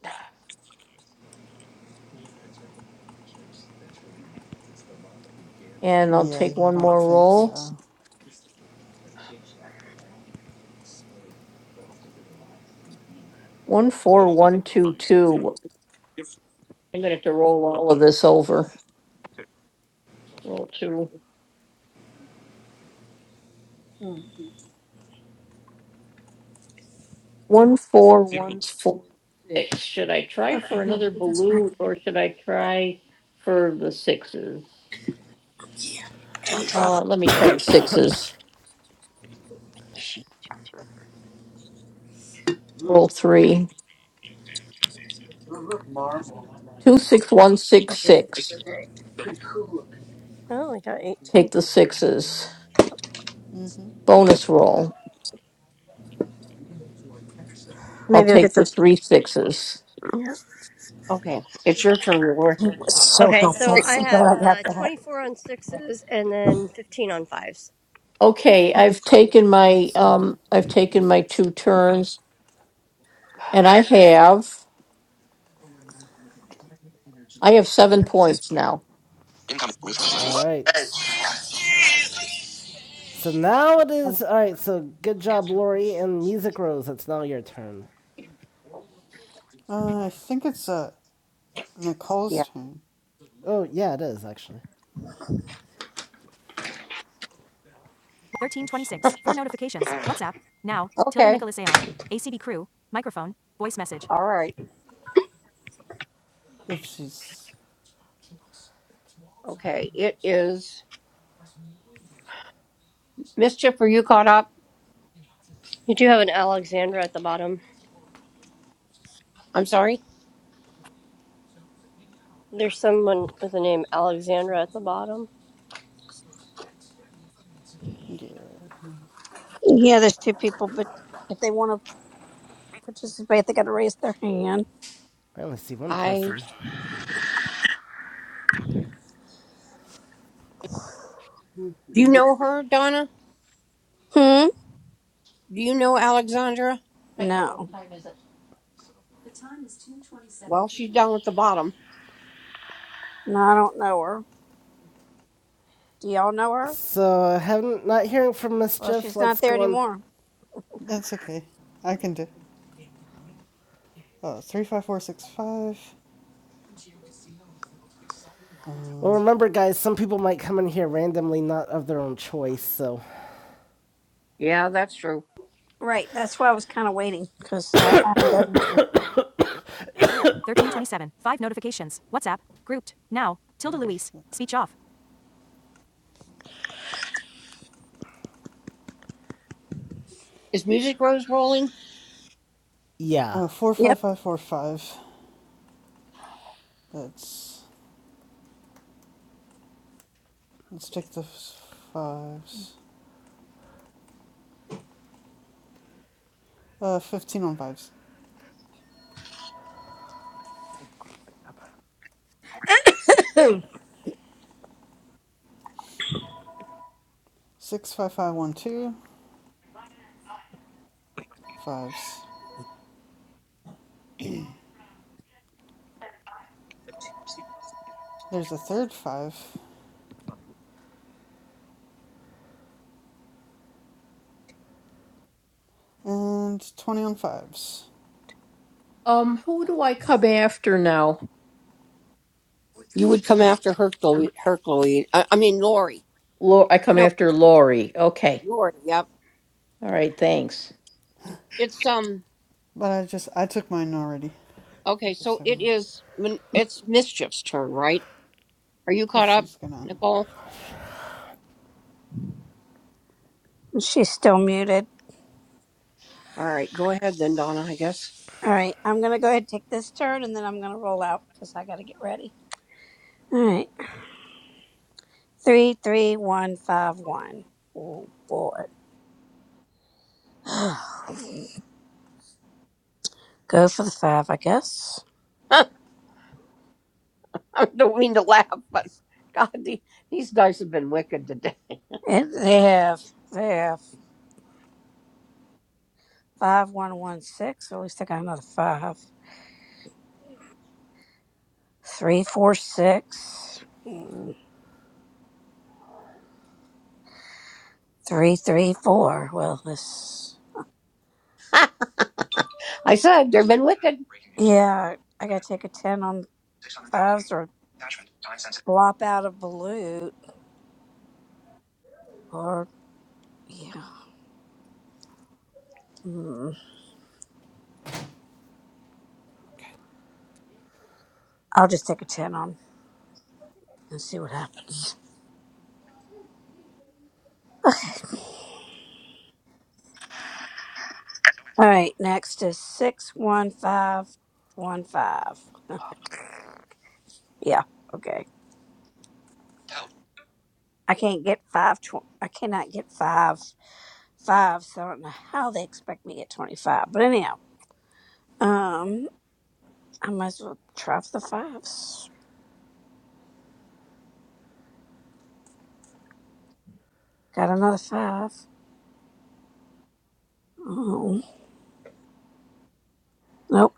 S10: And I'll
S12: Yeah,
S10: take
S12: I
S10: one
S12: don't
S10: more
S12: think
S10: roll.
S12: so.
S10: One, four, one, two, two. I'm gonna have to roll all of this over. Roll two.
S7: Hmm.
S10: One, four, one, four, six. Should I try
S7: Okay,
S10: for
S7: here,
S10: another
S7: just back it
S10: balut or should I try for the sixes? Uh,
S7: up.
S10: let me try the sixes.
S5: She-
S7: Mm,
S10: Roll three.
S7: Well, look, marble.
S10: Two, six, one, six, six.
S7: Pretty cool. looking.
S13: I only got 18.
S10: Take the sixes.
S12: Mm-hmm.
S10: Bonus roll. I'll
S13: Maybe I'll get
S10: take the
S13: the.
S10: three sixes.
S5: Okay, it's your turn, Lori.
S7: It was so
S13: Okay,
S7: helpful.
S13: so I
S7: So
S13: have
S7: glad I got
S13: uh,
S7: that.
S13: 24 on sixes and then 15 on fives.
S10: Okay, I've taken my,
S12: That's good.
S10: um, I've taken
S12: It's-
S10: my two turns and I have I have seven points now.
S5: Incoming. Ruth.
S2: alright. So now it is. Alright, so good job, Lori and Music Rose. It's now your turn.
S12: Uh, I think it's uh, Nicole's
S5: Yeah.
S12: turn.
S2: Oh, yeah, it is, actually.
S12: If she,
S5: Okay. All right.
S12: if she's,
S5: Okay. It is mischief. Are you caught up?
S13: You do have an Alexandra at the bottom.
S5: I'm sorry.
S13: There's someone with the name Alexandra at the bottom.
S12: yeah, no.
S7: Yeah, there's two people, but if they want to participate, they got to raise their hand.
S2: I only see one
S5: I.
S2: person.
S7: Hmm.
S5: Do you
S7: they were-
S5: know her, Donna?
S7: Hmm?
S5: Do you know Alexandra?
S7: No,
S5: Well, she's down at the bottom.
S7: no, I don't know her. Do y'all know her?
S2: So, haven't not hearing from
S7: Well,
S2: Mischief.
S7: she's
S2: Let's
S7: not there
S2: go on.
S7: anymore.
S12: that's okay. I can do. Uh, three, five, four, six, five.
S2: Well,
S12: Um,
S2: remember, guys, some people might come in here randomly, not of their own choice. So,
S5: Yeah, that's true.
S7: Right, that's why I was kind of waiting because I, I haven't done anything.
S12: oh shit.
S5: Is Music Rose rolling?
S2: yeah.
S12: Uh, four, five,
S7: Yep,
S12: five, four, five. Let's let's take the fives. Uh, fifteen on fives. Six, five, five, one, two, fives. There's a third five and twenty on fives.
S10: Um, I'm after now.
S5: You would come after her, Chloe. Her, Chloe. I, I mean, Lori.
S10: Lo- I come
S5: No,
S10: after Lori. Okay.
S5: Lord, yep.
S10: All right. Thanks.
S5: It's um
S12: But I just I took mine already. I
S5: okay,
S12: just
S5: so
S12: took
S5: it
S12: mine.
S5: is min- it's mischief's turn, right? Are you
S12: If
S5: caught up,
S12: she's gonna.
S5: Nicole?
S7: she's still muted.
S5: All right, go ahead then, Donna, I guess.
S7: All right, I'm gonna go ahead and take this turn, and then I'm gonna roll out because I got to get ready. All right. 33151. Oh, boy. Go for the five, I guess.
S5: I don't mean to laugh, but God, the, these guys have been wicked today.
S7: And they have, they have 5116. At least I got another five. 346. Mm, 334. Well, this.
S5: I said they've been wicked.
S7: Yeah, I got to take a 10 on fives or blop out of balut. Or, yeah. Mm,
S4: Okay,
S7: I'll just take a 10 on and see what happens. Okay. All right, next is 61515. Yeah, okay. I can't get 5 tw- I cannot get 5 5 so I don't know how they expect me to get 25. But anyhow, um I might as well try for the fives. Got another 5. Oh, nope,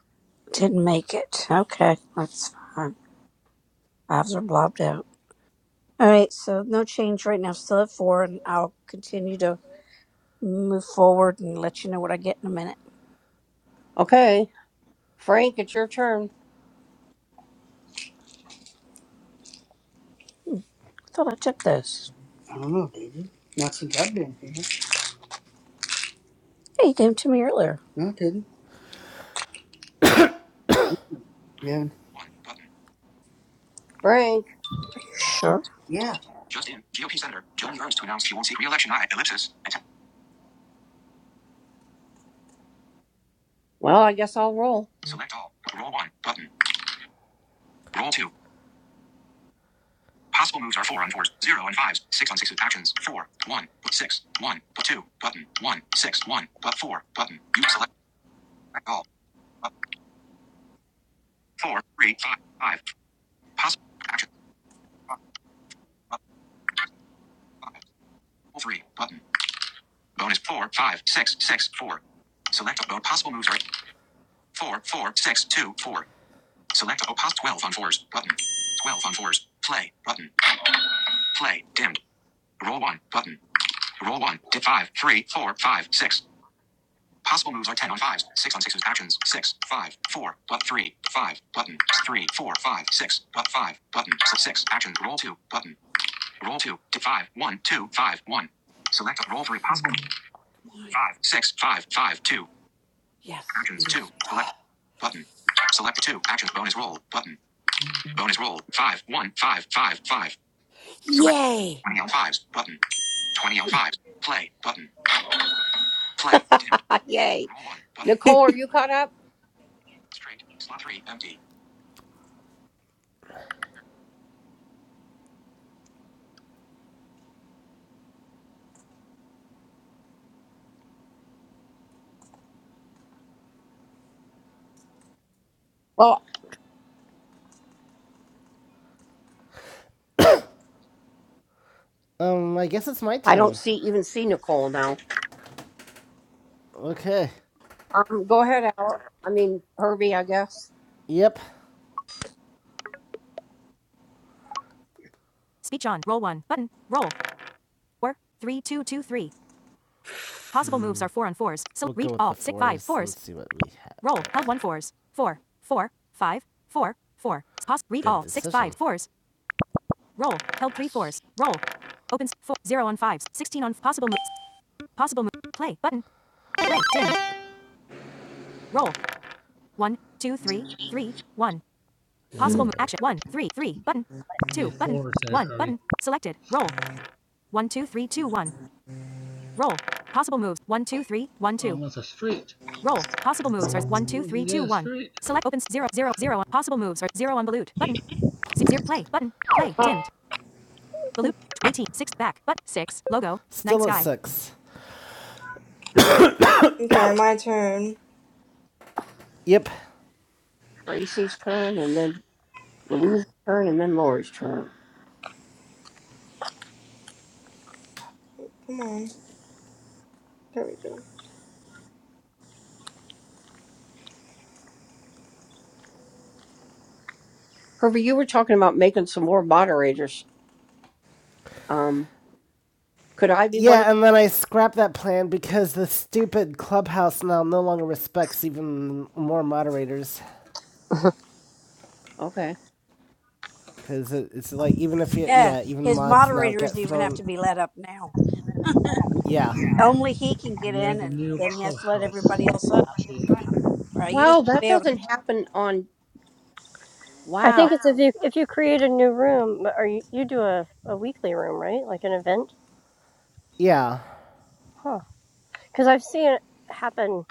S7: didn't make it. Okay, that's fine. Fives are blobbed out. All right, so no change right now. Still at 4 and I'll continue to move forward and let you know what I get in a minute.
S5: Okay. Frank, it's your turn.
S7: I thought I took those. I don't know, did you? Not since I've been here. Hey, you gave them to me earlier. No, I didn't. Yeah.
S5: Frank.
S7: sure? Yeah.
S5: Well, I guess I'll roll. Roll two. Possible moves are four on fours, zero and fives, six on sixes. Actions four, one, six, one, two, button, one, six, one, but four, button. You select all. Up, four, three, five, five. Possible actions. Up, up, five, roll three, button. Bonus four, five, six, six, four. Select all possible moves are four, four, six, two, four. Select all possible twelve on fours, button. Twelve on fours. Play, button. Play, dimmed. Roll one, button. Roll one, dip five, three, four, five, six. Possible moves are 10 on 5s, 6 on 6s, actions, six, five, four, 5, but 3, 5, button, three, four, five, six, 4, 5, but 5, button, so 6, action, roll 2, button, roll 2, to 5, one, two, five, one. Select a roll for a possible move,
S4: come on.
S5: 5, 6, 5, 5 2,
S4: Yes.
S5: actions, 2, select, button, select 2, actions, bonus roll, button, bonus roll, five one five five five, select
S4: Yay.
S5: 20 on 5s, button, 20 on 5s, play, button, play, dimmed. Yay. Roll one, button. Nicole, are you caught up? Straight, slot 3, empty. Well,
S2: Um, I guess it's my
S5: I don't
S2: turn.
S5: see even see Nicole now.
S2: Okay.
S5: Um, go ahead, Al. I mean Herbie, I guess.
S2: Yep. mm. We'll Let's see what we have. Good decision. six
S4: Yes.
S8: the former almost a street What is that street?
S2: Still night six.
S3: Okay, my turn.
S2: Yep.
S5: Gracie's turn, and then Louise's turn, and then Lori's turn.
S3: Come on. There we go.
S5: Herbie, you were talking about making some more moderators. Um, could I be one of?
S2: Yeah, and then I scrapped that plan because the stupid clubhouse now no longer respects even more moderators.
S5: Okay.
S2: Because it, it's like, even if you,
S7: Yeah,
S2: yeah, even
S7: his
S2: mods now get
S7: moderators even have
S2: thrown.
S7: to be let up now.
S2: Yeah.
S7: Only he can get
S8: near
S7: in,
S8: the
S7: and
S8: new
S7: then he has to let everybody
S8: clubhouse
S7: else up.
S8: change.
S7: Or I used
S5: Wow,
S7: to be
S5: that
S7: able to.
S5: doesn't happen on.
S13: I think
S5: Wow,
S13: it's if you if you create a new room or you, you do a, a weekly room, right? Like an event?
S2: Yeah.
S13: Huh. Because I've seen it happen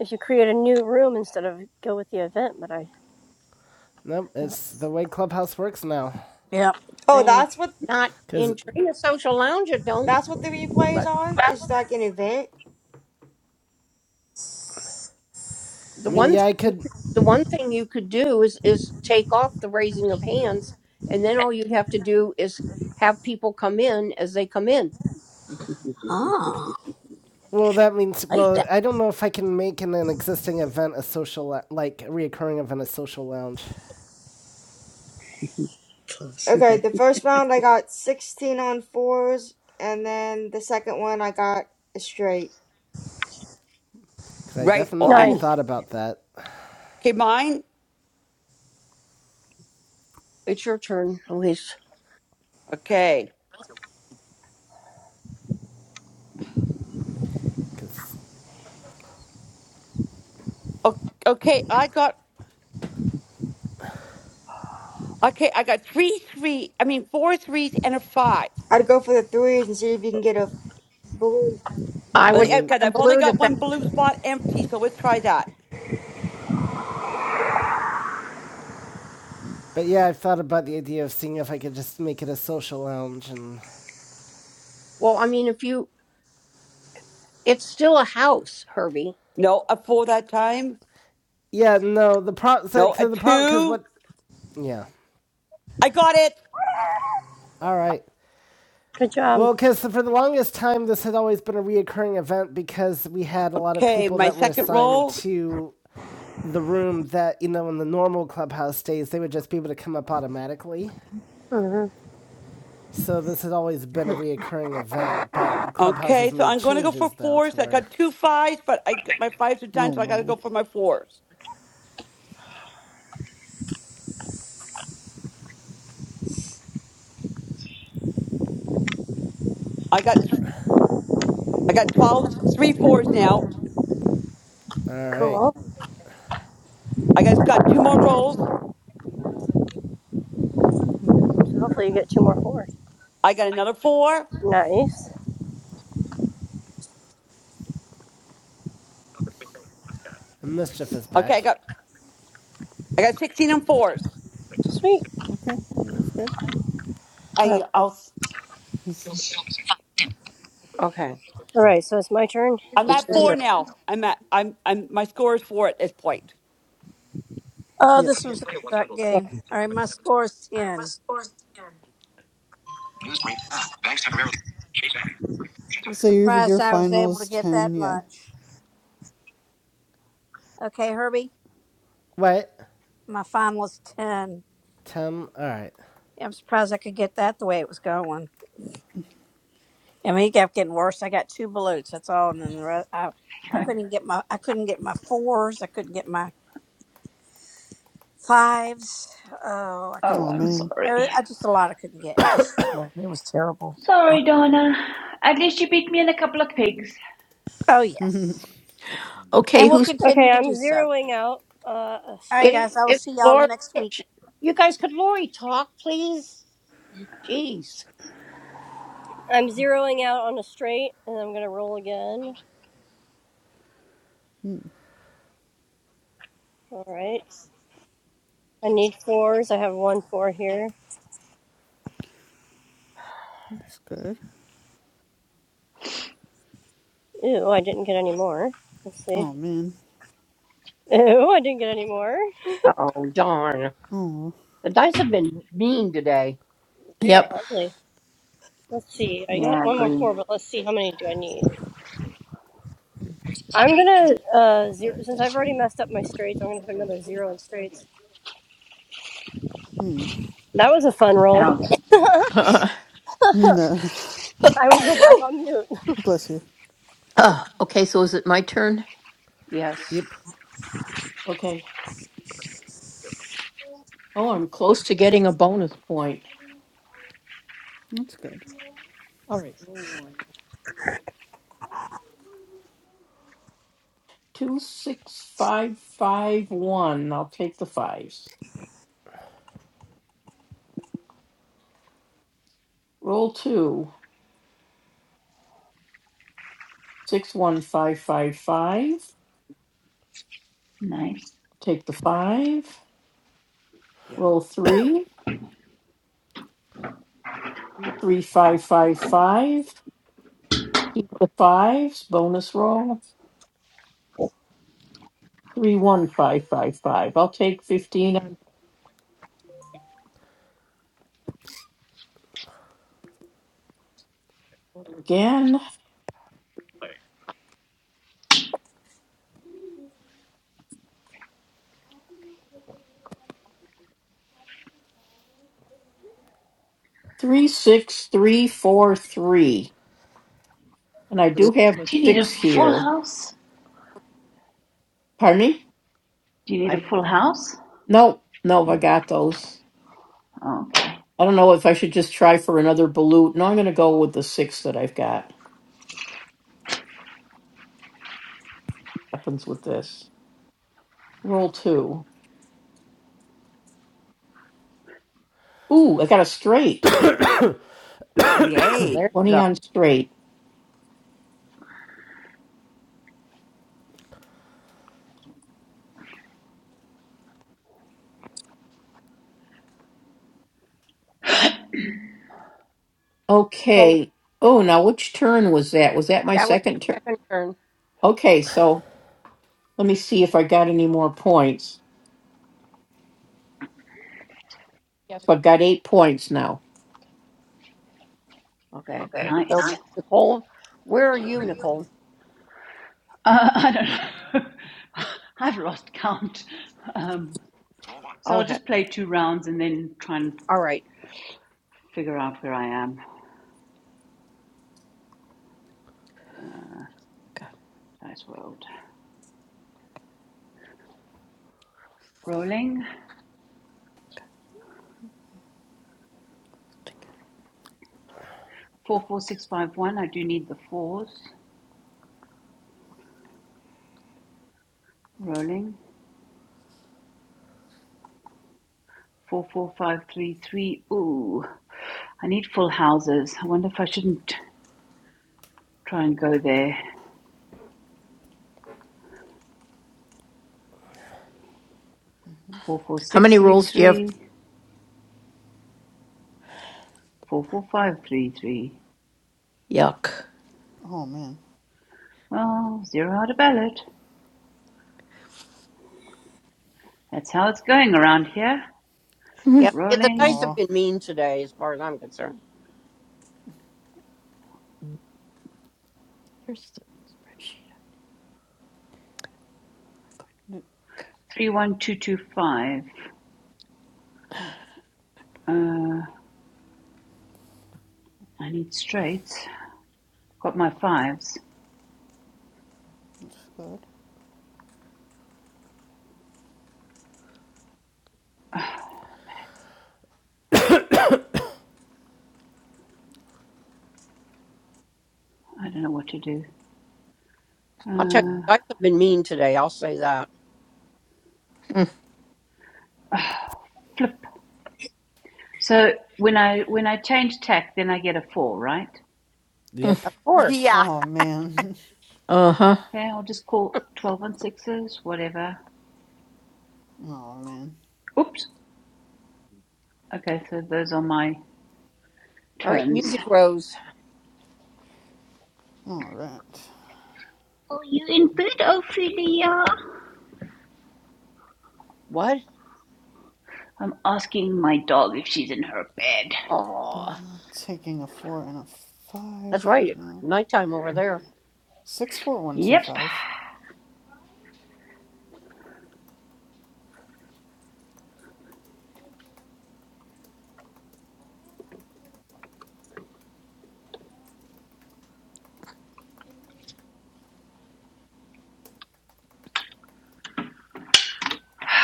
S13: if you create a new room instead of go with the event, but I
S2: Nope,
S13: know
S2: it's
S13: that's
S2: the way clubhouse works now.
S7: Yep.
S3: Oh,
S13: strange.
S3: that's what
S5: not
S2: Because,
S5: in
S2: I
S5: Trina Social Lounge. It don't.
S3: that's what the replays
S5: But
S3: are. It's like an event.
S5: the
S2: mean,
S5: one thing
S2: yeah, I
S5: you
S2: could.
S5: could, the one thing you could do is is take off the raising of hands, and then all you'd have to do is have people come in as they come in.
S7: Ah,
S2: Well, that means,
S7: I like
S2: well,
S7: that.
S2: I don't know if I can make an, an existing event a social, like, a reoccurring event a social lounge.
S7: Plus, you
S3: Okay, the first round I got 16 on fours, and then the second one I got a straight.
S2: Because I
S4: Right
S2: definitely
S4: on.
S13: Nice.
S2: thought about that.
S4: Okay, mine.
S5: It's your turn, Elise.
S4: Okay.
S2: Because
S4: O- Okay, I got okay. I got three three. I mean four threes and a five.
S3: I'd go for the threes and see if you can get a blue.
S5: I would
S2: Balut
S4: Because
S5: try a
S4: I've only
S5: balut
S4: got
S5: if that.
S4: one blue spot empty, so let's try that.
S2: But yeah, I've thought about the idea of seeing if I could just make it a social lounge and
S5: Well, I mean, if you, it's still a house, Herbie.
S4: No, a four that time.
S2: yeah, no, the pro so,
S4: No, a
S2: so the problem because
S4: two.
S2: what? Yeah,
S4: I got it.
S2: all right.
S13: Good job.
S2: Well, because for the longest time, this had always been a reoccurring event because we had a lot of
S4: Okay,
S2: people
S4: my
S2: that were
S4: second
S2: assigned
S4: roll.
S2: to the room that you know in the normal clubhouse days they would just be able to come up automatically.
S13: hmm
S2: So this had always been a
S12: Right.
S2: reoccurring event, but Clubhouse has
S4: Okay, so
S2: made
S4: I'm going to go for
S2: changes though to
S4: fours. I
S2: where.
S4: got two fives, but I got- my fives are done,
S12: Oh
S4: so I got to
S12: my.
S4: go for my fours. I got I got twelves, three fours now.
S2: All right,
S13: Cool.
S4: I guys got two more rolls.
S12: Hmm,
S13: So hopefully you get two more fours.
S4: I got another four.
S13: Nice.
S2: mischief is
S4: Okay, I
S2: back.
S4: got I got sixteen on fours.
S13: Sweet.
S12: Okay, that's good.
S4: I
S13: Oh,
S4: I'll,
S5: Okay,
S13: All right, so it's my turn.
S4: I'm
S5: it's
S4: at
S5: your
S12: yeah,
S4: four
S5: turn.
S4: now. I'm at I'm I'm my score is four at this point.
S7: Oh,
S12: yeah.
S7: this was a suck
S13: Yeah.
S7: game. All right, my score is 10.
S5: News break. Ah, banks temporarily.
S7: I'm
S12: So your
S7: surprised
S12: your
S7: I was able to
S12: finals
S7: get that
S12: ten. Yeah.
S7: much. Okay, Herbie,
S2: What?
S7: my final is 10.
S2: Tum. All right.
S7: Yeah, I'm surprised I could get that the way it was going. And we kept getting worse. I got two balutes. That's all. And then the rest, I, I couldn't get my, I couldn't get my fours. I couldn't get my fives. Oh, I could.
S14: oh,
S12: Oh
S14: I'm
S12: man.
S14: sorry.
S7: I I just a lot I couldn't get. It just, well, it was terrible.
S14: Sorry, Donna. At least you beat me in a couple of pigs.
S7: Oh
S12: that's
S7: yes, and we'll continue
S13: Okay,
S7: to
S13: I'm
S7: do so.
S13: zeroing out uh, a
S7: All right,
S5: It,
S13: straight.
S7: guys. I will
S5: it,
S7: see y'all
S5: Lori.
S7: next week.
S5: You guys, could Lori talk, please? Jeez.
S13: I'm zeroing out on a straight, and I'm gonna roll again. All right. I need fours. I have one four here.
S12: good.
S13: Ew, I didn't get any more. Let's see.
S12: Oh man.
S13: Ew, I didn't get any more.
S5: Oh darn!
S12: Oh.
S5: The dice have been mean today.
S13: They are ugly. Let's see. I
S14: Yeah,
S13: got
S14: I
S13: one more
S14: agree.
S13: four, but let's see how many do I need. I'm gonna uh zero since I've already messed up my straights. I'm gonna put another zero in straights.
S12: Hmm.
S13: That was a fun roll.
S14: Ouch.
S12: No.
S13: I will go back on mute.
S12: Bless you.
S5: Yes.
S2: Yep.
S10: Okay. Oh, I'm close to getting a bonus point.
S12: That's good.
S10: All right. Two, six, five, five, one. I'll take the fives. Roll two. Six, one, five, five, five.
S14: Nice.
S10: Take the five.
S4: Yeah.
S10: Roll three. Three, five, five, five. Keep the fives. Bonus roll. Three, one, five, five, five. I'll take 15. Again, 36343. And I do have a
S14: Do you need a
S10: six
S14: full
S10: here.
S14: house?
S10: Pardon me?
S14: Do you need
S5: I.
S14: a full house?
S10: Nope, nope, I got those.
S14: Okay,
S10: I don't know if I should just try for another balut. No, I'm going to go with the six that I've got. Happens with this. Roll two. Ooh, I got a straight.
S4: Yay.
S5: There you
S10: 20
S5: go.
S10: on straight.
S5: Nicole,
S10: Okay. Oh, now which turn was that? Was that my
S5: that was your
S10: second turn?
S5: second turn.
S10: Okay, so let me see if I got any more points. Yes, I've got eight points now.
S5: Okay.
S10: Okay.
S5: So
S14: nice.
S10: Nice.
S5: Nicole, where are you, Nicole?
S14: Uh, I don't know. I've lost count. Um,
S5: Roll one.
S14: so
S5: Oh,
S14: I'll
S5: heck.
S14: just play two rounds and then try and
S5: All right.
S14: figure out where I am. Nice world. Rolling. 44651. I do need the fours. Rolling. Four, four, five, three, three. Ooh, I need full houses. I wonder if I shouldn't try and go there. Four, four,
S10: How
S14: six,
S10: many
S14: three,
S10: rolls do you have?
S14: three. Four, four, five, three, three.
S10: Yuck.
S12: Oh man.
S14: Well, zero out of ballot. That's how it's going around here.
S5: Yeah,
S10: uh
S5: yeah, the
S14: Rolling.
S5: dice have
S12: Oh,
S5: been mean today, as far as I'm concerned.
S12: that's
S14: Three, one, two, two, five. Uh, I need straights. Got my fives.
S12: good.
S14: I don't know what to do.
S5: I'll tell you,
S14: Uh,
S12: Oh,
S5: the dice have been mean today. I'll say that.
S14: flip. So when I when I change tack, then I get a four, right?
S2: Yep.
S5: Of course.
S4: Yeah.
S12: oh man.
S10: huh.
S14: Okay, I'll just call twelve on sixes, whatever.
S12: Oh man.
S14: Oops. Okay, so those are my
S5: All right,
S14: turns.
S5: music rose.
S12: All right.
S14: Are you in bed, Ophelia?
S5: What?
S14: I'm asking my dog if she's in her bed.
S5: Oh,
S12: Taking a four and a
S5: that's
S12: five right
S5: right.
S12: now.
S5: Nighttime over there.
S12: Six, four, one, two,
S14: Yep.
S12: five.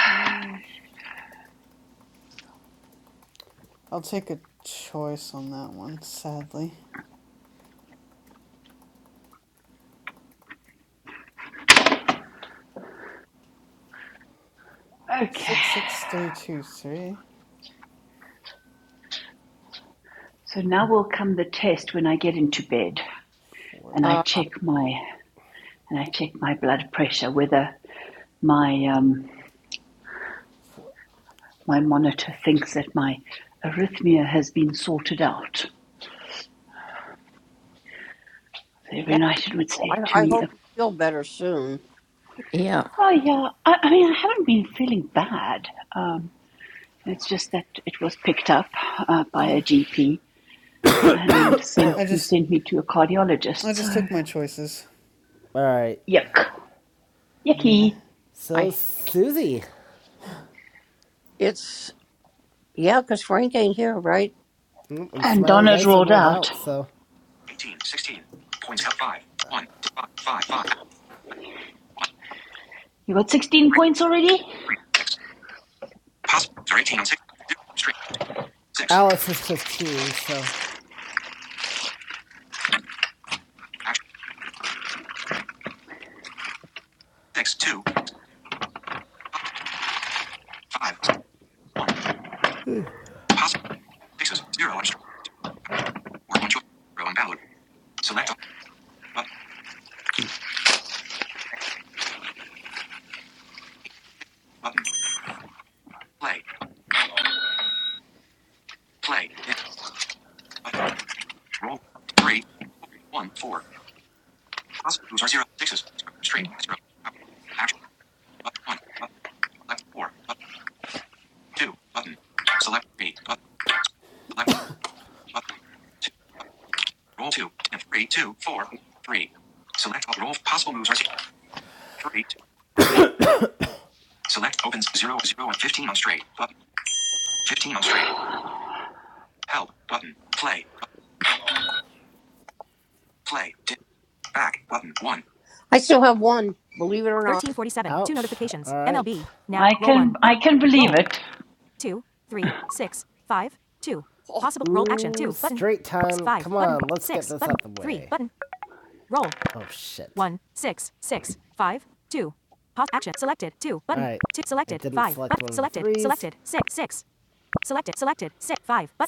S12: Mm, I'll take a choice on that one. Sadly,
S14: Okay.
S12: six, six, three, two, three,
S14: So now will come the test when I get into bed
S12: four,
S14: and I
S5: Uh,
S14: check my and I check my blood pressure whether my um,
S12: four.
S14: my monitor thinks that my arrhythmia has been sorted out. So every
S5: that,
S14: night it would
S5: I,
S14: say to
S5: I
S14: me,
S5: hope you feel better soon.
S10: Yeah.
S14: "Oh yeah, I, I mean I haven't been feeling bad. Um, It's just that it was picked up uh, by a
S12: Mm.
S14: GP and sent
S12: I
S14: who
S12: just,
S14: sent me to a cardiologist.
S12: I
S14: So
S12: just took my choices.
S2: All right.
S14: yuck,
S12: Yeah.
S14: yucky.
S2: So
S5: I
S2: Susie
S5: it's yeah, 'cause Frank ain't here, right?
S2: Mm, and
S14: And
S2: Smiley
S14: Donna's
S2: Dyson
S14: rolled
S2: rolled
S14: out.
S2: out. So
S5: 18, 16. Points help 5. one, five, five, five, one,
S14: You got 16 points already?
S5: three, three, six. Possible are 18 on 6. zero, straight. 6.
S2: Alice is 15. So
S5: Action. 6, 2. Possible 5. 1. Faces. Zero on stream. Or on joy. Zero on download. Select Button. Button. Play. Play. In. Button. Roll. Three. Four. One. Four. Possible moves are zero. Sixes. Zero. on Straight. Zero. Action. Button. One. Button. Select four. Button. Two. Button. Select three. Button. Select. Button. Two. Roll two. And three. Two. Four. One. Three. Select all. Roll. Possible moves are Three. Two. Four. One. Select opens zero. Zero and fifteen on straight. Button. Fifteen on straight. Help. Button. Play. Button. Play. Back button one. I still have one, believe it or not.
S14: I can I can believe it.
S4: Oh,
S2: oh shit. Alright.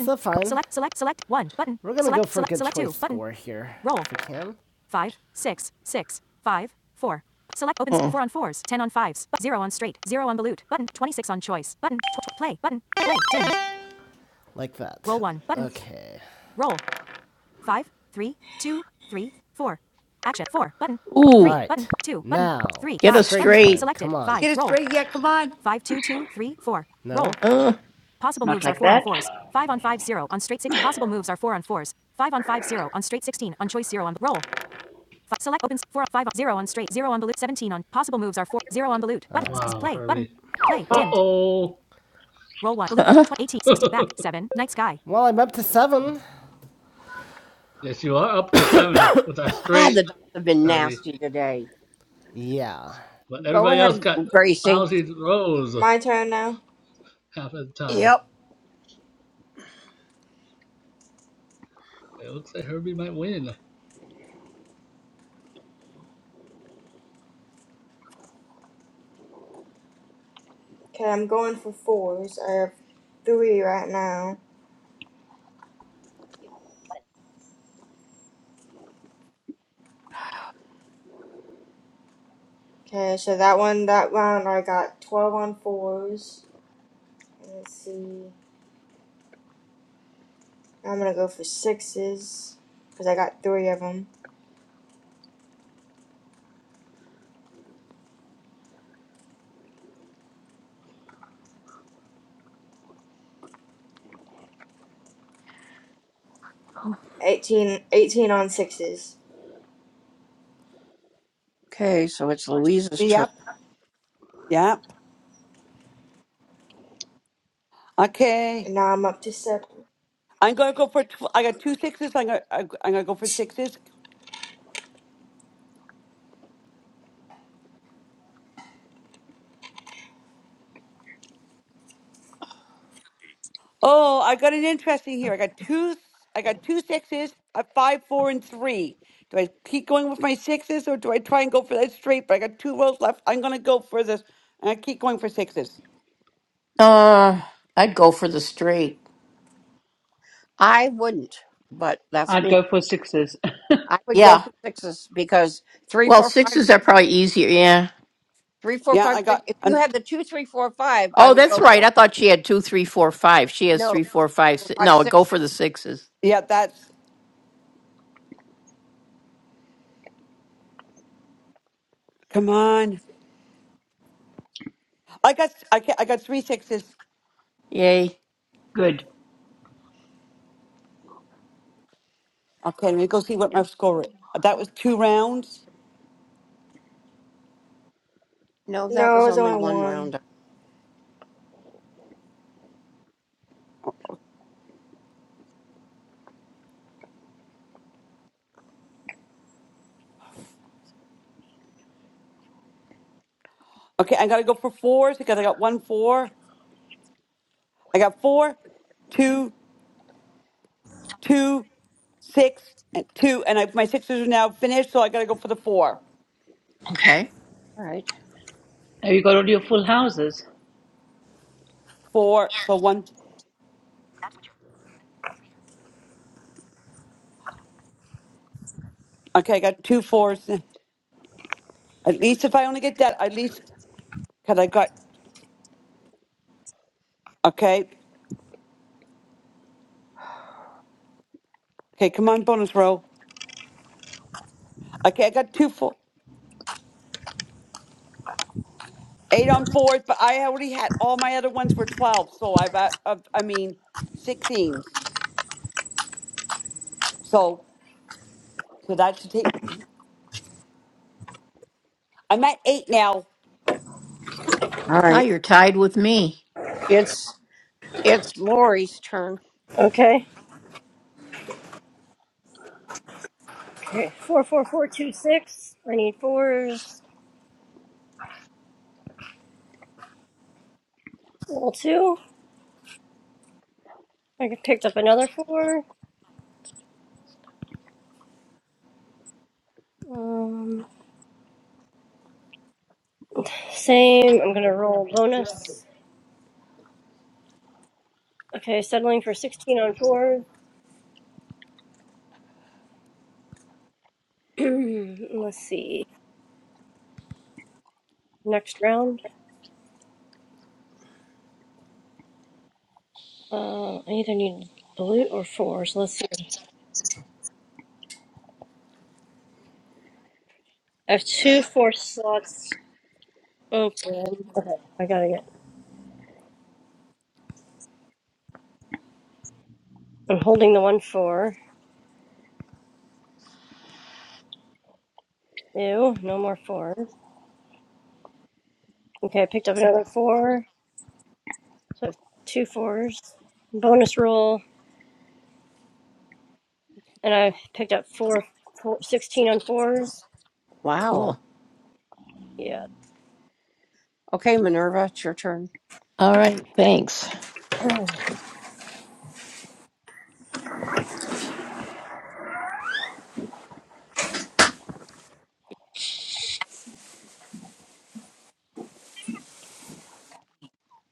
S2: So fine. We're gonna go for a good choice four here. If we can.
S10: Mm.
S2: Like that. Okay. Alright. Now, straight time. Come on.
S4: get it straight. Yeah. Come on.
S2: No.
S14: Not like that.
S8: Wow, Herbie. Uh oh.
S2: Well, I'm up to seven.
S8: yes, you are up to seven with that
S5: Ah, the
S8: straight,
S5: dice have been
S8: Herbie.
S5: nasty today.
S2: Yeah.
S8: But
S5: Go
S8: everybody else
S5: ahead,
S8: got
S5: Gracie.
S8: lousy throws
S3: My turn now.
S8: half of the time.
S5: Yep.
S8: It looks like Herbie might win.
S3: Okay, I'm going for fours. I have three right now. Okay, so that one, that round I got 12 on fours. Let's see. I'm gonna go for sixes, because I got three of them. 18, 18 on sixes.
S5: Okay, so it's Louise's turn.
S4: Yep. Yep. Okay.
S3: And now I'm up to seven.
S4: I'm gonna go for. Tw- I got two sixes. I'm gonna I'm gonna go for sixes. Oh, I got an interesting here. I got two. I got two sixes. A five, four, and three. Do I keep going with my sixes or do I try and go for that straight? But I got two rolls left. I'm gonna go for this. And I keep going for sixes.
S5: I wouldn't, but that's
S14: I'd
S5: me.
S14: go for sixes.
S5: I would go
S10: Yeah.
S5: for sixes because three,
S10: Well,
S5: four, five,
S10: sixes are probably easier. Yeah.
S5: three, four,
S4: Yeah,
S5: five,
S4: I
S5: six.
S4: got
S5: If you
S4: an
S5: had the two, three, four, five, I
S10: Oh,
S5: would
S10: that's
S5: go
S10: right.
S5: for
S10: I thought she had two, three, four, five. She
S5: it.
S10: has
S5: No,
S10: three, four, five.
S5: four,
S10: Six.
S5: five,
S10: No,
S5: six.
S10: go for the sixes.
S4: yeah, that's come on. I got I ca- I got three sixes.
S10: Yay.
S14: Good.
S4: Okay, let me go see what my score is. That was two rounds.
S5: No, that
S3: No, it
S5: was
S3: was
S5: only
S3: only
S5: one
S3: one.
S5: round.
S4: Okay, I gotta go for fours because I got one four. I got four, two, two, six, and two, and I, my sixes are now finished, so I gotta go for the four.
S10: Okay.
S5: All right.
S14: Have you got all your full houses?
S4: Four, so one okay, I got two fours. At least if I only get that, at least because I got okay. Okay, come on, bonus roll. Okay, I got two four. Eight on fours, but I already had all my other ones were twelve, so I've, uh, I've I mean sixteens. So so that should take. I'm at eight now.
S5: All right. It's it's Lori's turn.
S13: Okay. Okay. Four, four, four, two, six. I need fours. Roll two. I get- picked up another four. Um, same. I'm gonna roll bonus. Okay, settling for 16 on 4s let let's see. Next round. Uh, I either need blue or 4s let's see. I have two four slots open. Okay, I gotta get. I'm holding the one four. Ew, no more fours. Okay, I picked up another four. So I have two fours. Bonus roll, and I picked up four, four sixteen on fours.
S5: Wow.
S10: Cool.
S13: Yeah.
S5: Okay, Minerva, it's your turn.
S10: All right. Thanks.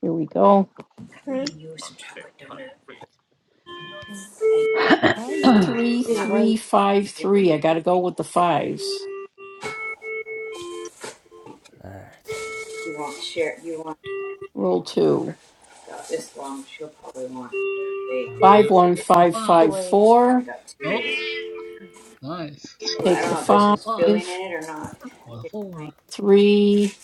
S10: Here we go.
S3: Hmm?
S10: Three,
S3: Need to
S10: three,
S3: wait.
S10: five, three. I got to go with the fives. Roll two.
S8: You
S10: Five,
S8: got- to
S10: one,
S8: Get your
S10: five,
S3: To
S10: five,
S8: fives.
S3: wait.
S10: four.
S8: Oh, nice.
S10: Take the
S8: There's
S10: five.
S8: the fives or the four.
S10: Three,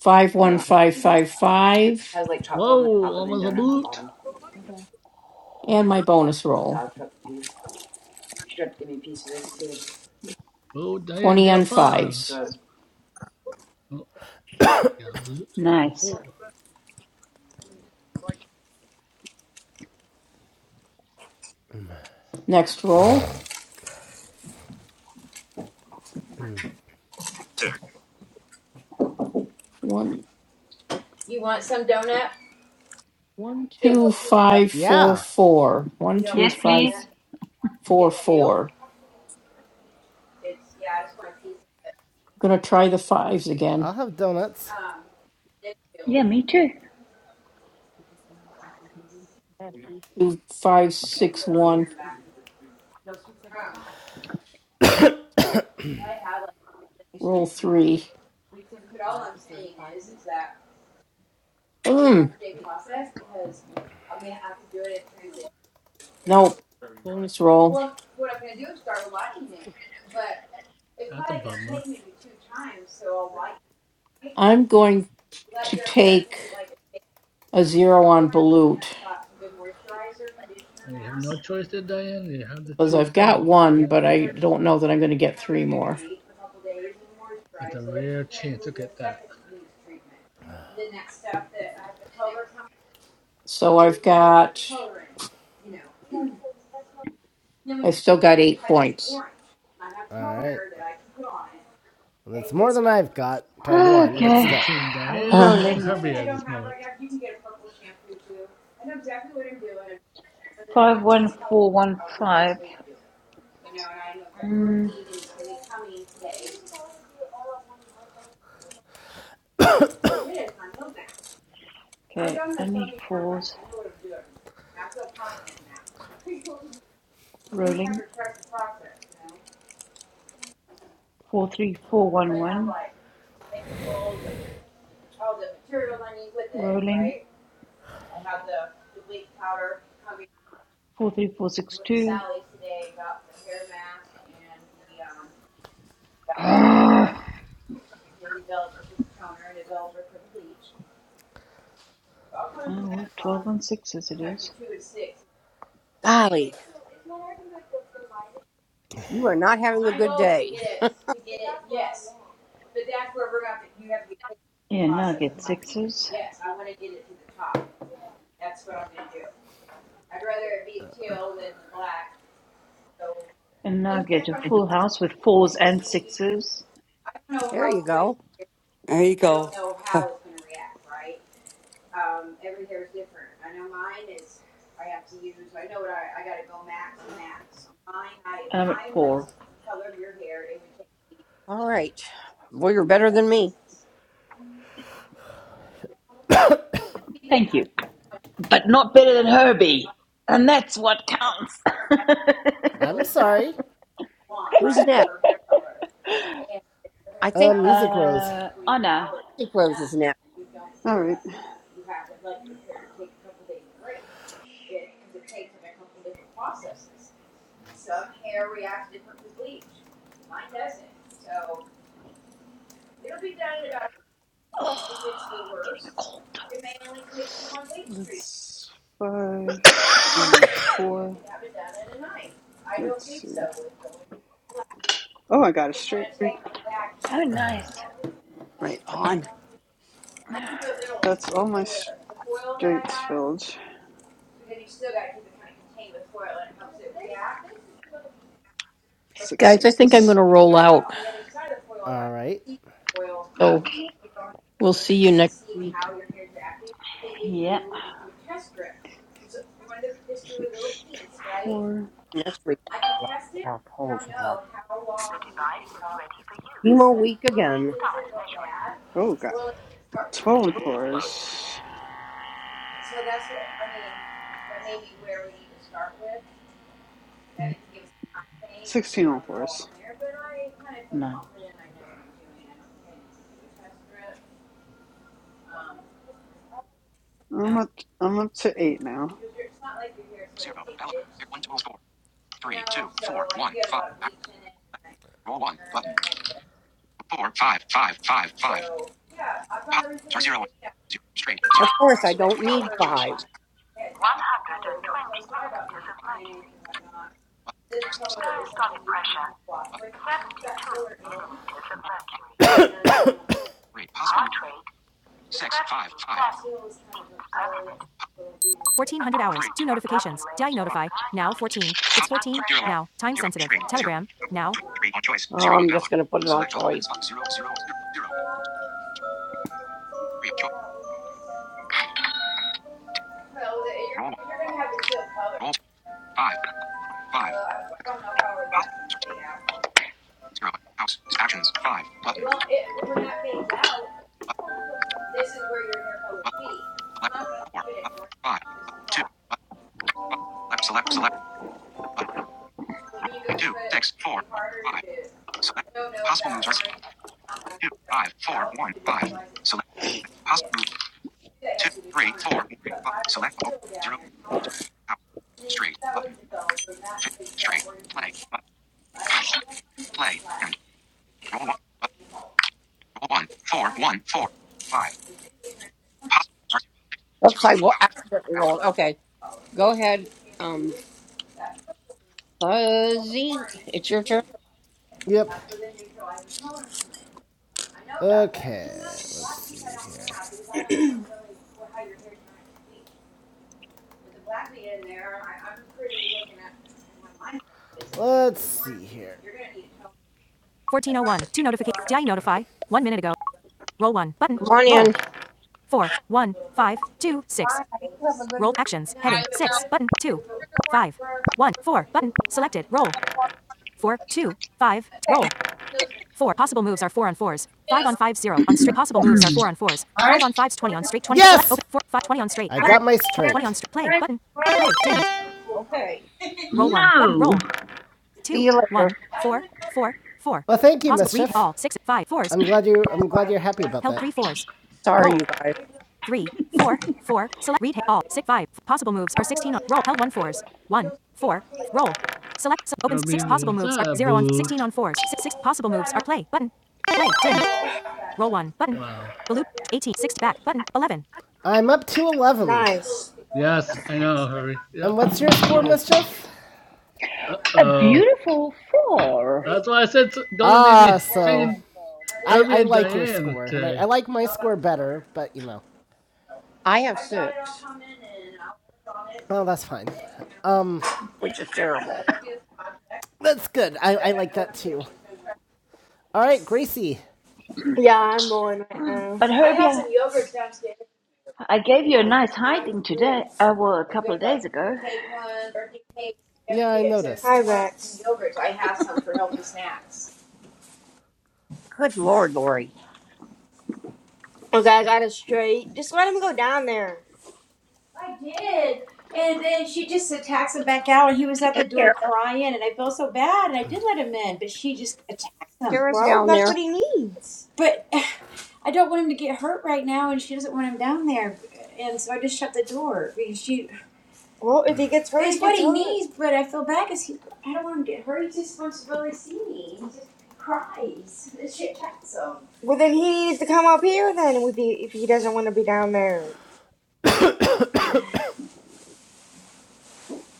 S10: five, one, five, five, five.
S8: Whoa, almost a boot.
S3: Okay.
S10: And my bonus roll.
S8: Oh, damn,
S10: 20
S8: down
S10: on
S8: five.
S10: fives.
S8: Oh, you got a boot. Or
S14: Nice.
S8: four.
S10: Next roll. One, two, five, four,
S2: Yeah.
S10: four. One, two,
S14: Yes,
S10: five,
S14: please.
S10: four, four. I'm going to try the fives
S2: I'll
S10: again.
S2: have donuts.
S14: Yeah, me too.
S10: Two, five, six, one.
S4: No, three seventy five. It's
S10: Roll
S4: tricky.
S10: three.
S4: Three seventy five for thirty five minutes.
S10: Mm, nope. Bonus roll.
S8: You That's a bummer.
S10: I'm going to take a zero on Balut
S8: You When you have no choice there, Diane, you have to
S10: because I've
S8: choose
S10: got
S8: that.
S10: one,
S8: Yeah.
S10: but I don't know that I'm going to get three more.
S8: It's a rare chance to get that.
S10: So I've got, I've still got eight points.
S2: All right. Well, that's more than I've got by one,
S8: It's
S2: but
S14: Okay,
S2: still.
S8: between Diane
S10: Uh,
S8: and
S14: rolling.
S8: Herbie at this moment.
S14: Five one four one five. Mm, okay, I need fours. Rolling four three four one one. Rolling four three four six two. Oh, well, 12 on sixes it is.
S5: Golly. You are not having a good day.
S14: Yeah, now I get sixes. And now I get a full house with fours and sixes.
S5: There you go.
S4: There you go.
S14: And I'm at four.
S5: All right. Well, you're better than me.
S14: Thank you. But not better than Herbie. And that's what counts.
S2: I'm sorry.
S5: Who's next? I think
S2: Um, music rose.
S14: Uh, Anna.
S5: Mystic Rose is next.
S12: All right.
S14: I'm Getting a cold.
S12: That's five and a four. Let's see. Oh, I got a straight.
S14: Oh, nice.
S4: Right on.
S12: That's all my straights filled.
S10: guys, I think I'm going
S12: Sixes.
S10: to roll out.
S2: All right.
S10: So.
S14: Okay.
S10: We'll see you next week.
S14: Yeah.
S12: Six, two, four.
S5: Next week. Oh, God. Chemo week again.
S12: Oh, got 12 on fours. 16 on fours.
S14: No.
S12: I'm up, I'm up to eight now.
S5: zero. Valid. One total score. Three, two, four, one, five. Roll one button. Four, five, five, five, five. Pop. Zero, zero, one, zero, straight, Of course, I don't need five. button, five, button, possible move, possible, zero, one, zero, straight, zero, three, on choice, Oh, zero, I'm just going to put it on choice. zero, zero, zero, zero, three, choice, roll roll two, five, one, five, possible, zero, zero, house, actions, five, button, button, select, button, select, select, Roll two, six, four, one, five. Select possible moves are two, five, four, one, five. Select possible move two, three, four, one, five. Select open zero, zero, out, straight button, straight play button, play and roll one, button, roll one, four, one, four, five. Possible moves are Looks like we'll out, accidentally roll. Okay, go ahead. Um, Fuzzy, it's your turn.
S2: Yep. Okay, let's see here. Let's see here.
S5: Come on in. Bye. You Have a good week. I will.
S2: straight.
S5: Yeah. Okay.
S14: No.
S5: See you later.
S2: thank you, glad you. I'm glad you're happy about
S5: Sorry, you guys.
S8: you Herbie was a boot. Wow.
S2: I'm up to eleven.
S8: Yes, I know, Herbie.
S2: And
S8: Yep,
S2: what's your
S8: he
S2: score,
S8: is.
S2: mischief?
S8: Uh
S14: A
S8: oh.
S14: beautiful four.
S8: That's why I said it's gonna be
S2: Ah, so
S8: between
S2: I
S8: Herbie
S2: I
S8: and
S2: like your
S8: Diane
S2: score, and I,
S8: today.
S2: I like my score better, but you know.
S5: I have six,
S2: Oh, that's fine. Um,
S5: which is terrible.
S2: that's good. I, I like that too. All right, Gracie.
S3: Yeah, I'm rolling right now.
S14: But Herbie, I, I gave you a nice hiding today. Uh, well, a couple of days ago.
S2: Yeah, I
S3: Hi,
S2: noticed.
S3: Rex.
S5: Good Lord, Lori.
S3: Okay, I got it straight. Just let him go down there.
S5: Tara- Tara's
S3: Well,
S5: down
S3: that's
S5: there.
S3: what he needs. Well, if he gets hurt, he gets hurt. Well, then he needs to come up here then if he, if he doesn't want to be down there.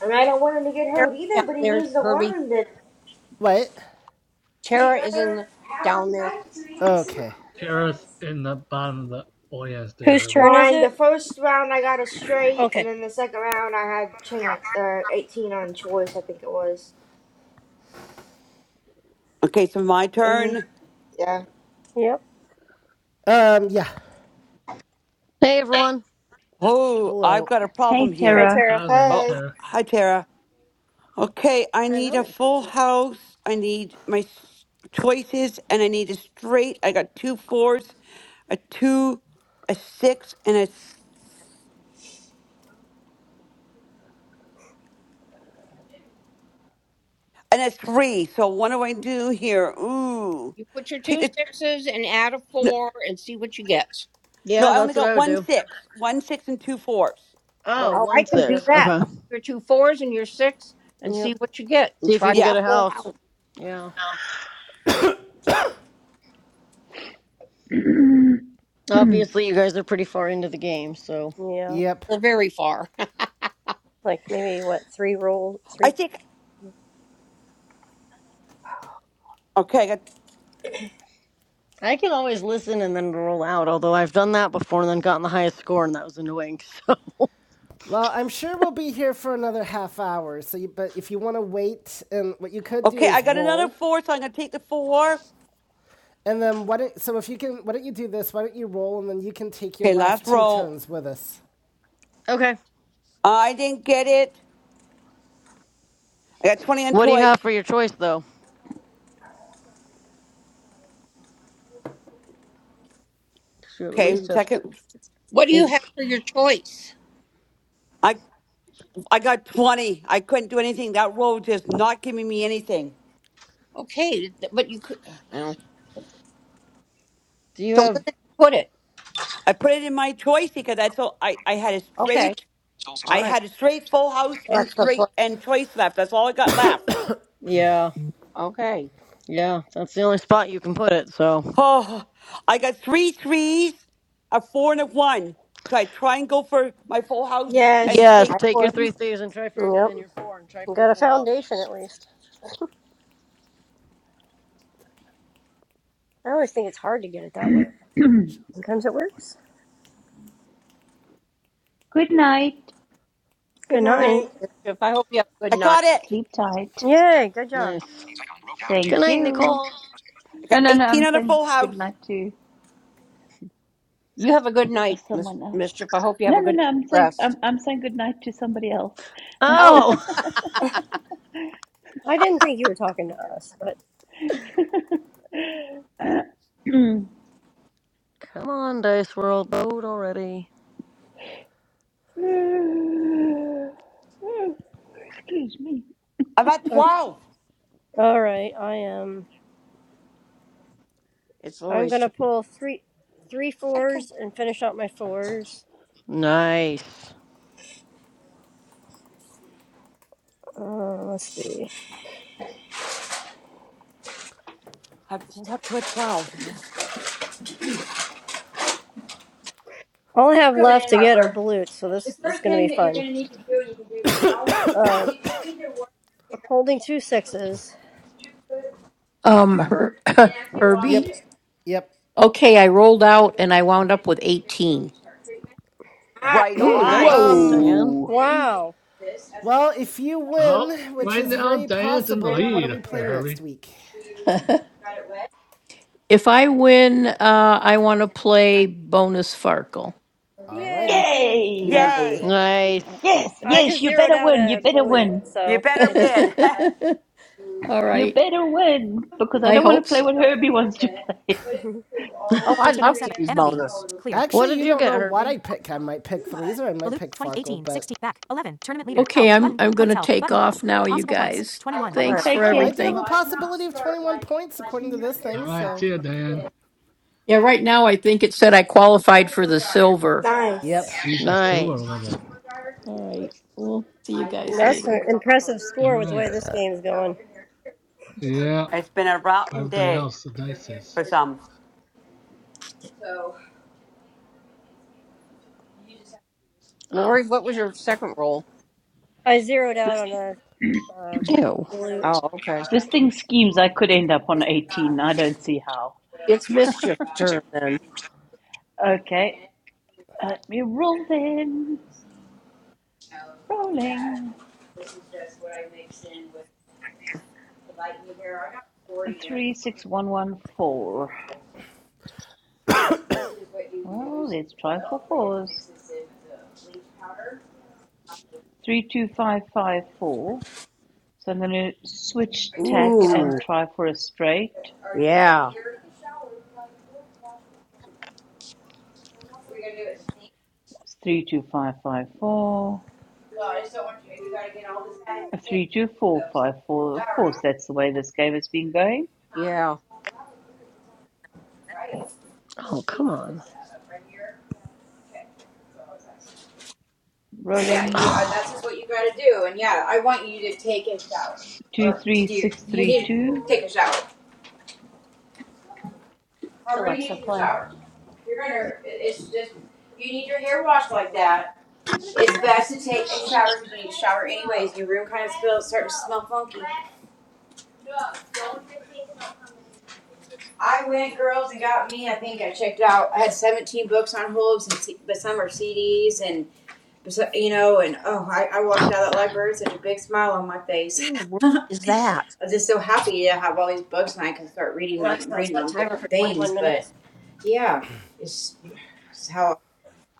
S3: And I don't want him to get
S5: Tara's
S3: hurt
S5: down
S3: either, but he
S5: there,
S3: needs to
S5: Herbie.
S3: learn that.
S2: What?
S5: Tara is in the, down there.
S2: Okay.
S8: Tara's in the bottom of the audience there,
S13: Whose
S8: Herbie.
S13: turn is
S3: Mine, the
S13: it?
S3: first round I got a straight, and
S13: Okay.
S3: then the second round I had chance, uh, 18 on choice, I think it was.
S4: Okay, so my
S3: hmm
S4: turn.
S3: Yeah.
S13: Yep.
S2: Um, yeah.
S15: Hey everyone.
S4: Oh, I've
S2: Hello.
S4: got a problem
S14: Hey,
S13: Hey,
S4: here.
S14: Tara.
S13: Tara.
S8: Hello,
S4: Oh,
S3: Hey.
S8: Tara.
S4: hi Tara. Okay, I need a
S15: Hello.
S4: full house. I need my s- choices, and I need a straight. I got two fours, a two, a six, and a s- and a three. So what do I do here? Ooh,
S5: You put your
S4: take
S5: two
S4: the
S5: sixes and add a
S4: no.
S5: four and see what you get.
S4: no,
S15: Yeah,
S4: I only
S15: that's what
S4: got
S15: I would
S4: one
S15: do.
S4: six, one six, and two fours.
S13: Oh,
S15: Oh,
S13: it's
S5: Or I
S15: one
S5: can do
S13: Tara.
S15: six.
S5: that.
S15: Okay.
S5: Your two fours and your six and see
S13: Yep.
S5: what you get and
S15: See if you
S5: try
S15: can get
S5: to
S4: Yeah,
S15: a
S5: go
S15: house.
S5: out
S15: Yeah.
S14: good
S15: Obviously, you guys are pretty far into the game, so
S13: Yeah.
S2: Yep.
S5: very far.
S13: Like maybe what three roll
S4: I
S13: three.
S4: think. Okay, I got
S15: I can always listen and then roll out. Although I've done that before and then gotten the highest score, and that was annoying.
S2: Well, I'm sure we'll be here for another half hour. So, you, but if you want to wait, and what you could do
S4: okay. I
S2: is
S4: got another
S2: roll,
S4: four, so I'm gonna take the four.
S2: and then why don't? So, if you can, why don't you do this? Why don't you roll, and then you can take your
S4: Okay,
S2: last
S4: last
S2: two
S4: roll.
S2: turns with us.
S15: So. Okay.
S4: I didn't get it. I got twenty on
S15: What do you
S4: choice.
S15: have for your choice, though? You at
S4: Okay,
S15: least have
S4: second.
S5: What do you
S15: eight.
S5: have for your choice?
S4: I. I got 20. I couldn't do anything. That roll was just not giving me anything.
S5: Okay, but you could.
S15: Do you
S5: So where
S15: have?
S5: did you put it?
S4: I put it in my choice because that's all I, I had a
S5: Okay.
S4: straight,
S5: All
S4: I
S5: right.
S4: had a straight full house and
S13: That's the
S4: straight and choice left. That's all I got left.
S15: Yeah.
S5: Okay.
S15: Yeah. That's the only spot you can put it. So
S4: Oh, I got three threes, a four and a one. So I try and go for my full house and
S3: Yes.
S15: yes,
S5: I
S4: take it.
S15: take your
S5: would.
S15: three thieves and try for
S13: plan.
S15: your
S13: Yep.
S15: and your four and try
S13: You
S15: for your
S13: Got a
S15: full house.
S13: foundation at
S2: That's
S13: least. I always think it's hard to get it that way.
S2: how
S13: Sometimes it
S2: you work.
S13: works.
S14: night.
S3: Good
S13: Good
S5: Good night,
S13: night.
S3: night.
S5: Bishop. I hope you have a good
S4: I
S5: night.
S4: got it.
S14: Sleep tight.
S13: Yay. Good job.
S15: Nice. Good
S14: Thank
S15: night,
S14: you.
S15: Nicole.
S4: I
S14: No,
S4: got
S14: no, no.
S4: 18
S14: I'm
S4: on a
S14: saying
S4: full
S14: good
S4: house.
S14: night to
S5: You have a good night, Miss
S14: someone else.
S5: Mischief. I hope you have
S14: No,
S5: a
S14: no,
S5: good
S14: no. I'm saying
S5: rest.
S14: I'm I'm saying good night to somebody else.
S5: Oh,
S15: Oh.
S13: I didn't think you were talking to us, but
S15: Come on, Dice World, load already.
S14: Excuse me.
S4: I'm at
S13: okay.
S4: 12.
S13: All right. I am.
S5: it's
S13: I'm
S5: Lori's
S13: gonna
S5: turn.
S13: pull three three
S4: I can,
S13: fours and finish out my fours.
S15: Nice.
S13: Uh, let's see.
S4: I pulled up to a 12.
S13: All I have left to get are blutes, so this, this is gonna be fun. Um. Holding two sixes.
S10: Um, Her- Herbie?
S2: Yep. Yep.
S10: Okay, I rolled out and I wound up with 18.
S3: Wow.
S4: Right
S15: Ooh,
S4: on.
S15: nice,
S3: Nice.
S2: Um,
S15: Diane.
S14: Whoa!
S13: Wow.
S2: Well, if you
S8: Oh,
S2: win, which
S8: right
S2: is
S8: now
S2: very
S8: Diane's in the
S2: possible, what are
S8: lead
S2: we
S8: there,
S2: playing next
S8: Herbie.
S2: week?
S10: If I win, uh, I want to play bonus Farkle.
S2: Alrighty.
S13: Yay.
S14: Yay!
S5: Yay.
S4: Yay.
S15: Nice.
S14: Yes,
S13: I
S14: yes,
S13: just
S14: you
S13: zeroed
S14: better
S13: out
S14: win. You
S13: a
S14: better
S13: balut,
S14: win.
S4: You
S13: so
S4: better
S13: it's
S4: win.
S10: All
S14: You
S10: right.
S14: better win because I
S10: I
S14: don't want to
S10: hope
S14: play
S10: so.
S14: what Herbie wants to play.
S5: Oh, I love threes bonus.
S15: What
S2: Actually,
S15: did
S2: you
S15: you
S2: don't
S15: get,
S2: know what
S15: Herbie?
S2: I pick. I might pick threes or I might pick but...
S10: Okay, I'm I'm going to take off now, you guys.
S5: All right.
S10: Thanks for
S14: Take
S2: Oh,
S14: care.
S2: I do have a
S10: everything.
S2: possibility of 21 points according to this thing,
S8: All right,
S2: so.
S8: see ya, Diane.
S10: Yeah, right now I think it said I qualified for the silver.
S2: Yep.
S3: Nice.
S8: She's at silver
S15: Nice.
S8: level.
S10: All right. We'll see you guys
S13: that's
S10: later.
S13: an impressive
S8: All
S13: score with the
S8: right.
S13: way this game's going.
S8: Yeah,
S4: It's been a
S8: for
S4: rotten
S8: everybody
S4: day
S8: else, the dice is.
S4: for some.
S5: Lori, what was your second roll?
S13: I zeroed out
S14: This
S13: on a uh,
S15: Ew.
S13: balut.
S5: Oh, okay.
S14: this thing schemes. I could end up on eighteen. I don't see how.
S5: It's Mischief's turn then.
S14: Okay, let me roll then. Rolling three six one one four. Well, let's try for fours. Three two five five four. So I'm going to switch tack and
S5: Ooh,
S14: try for a straight.
S5: yeah,
S14: That's three two five five four. A three, two, four, five, four. Of course, that's the way this game has been going.
S5: yeah.
S15: Oh, come on.
S4: Okay.
S14: Rolling
S15: Oh,
S14: two, three, six, three, two.
S13: Alexa, play.
S5: What in the world is that?
S13: Alexa, set timer for 21 minutes.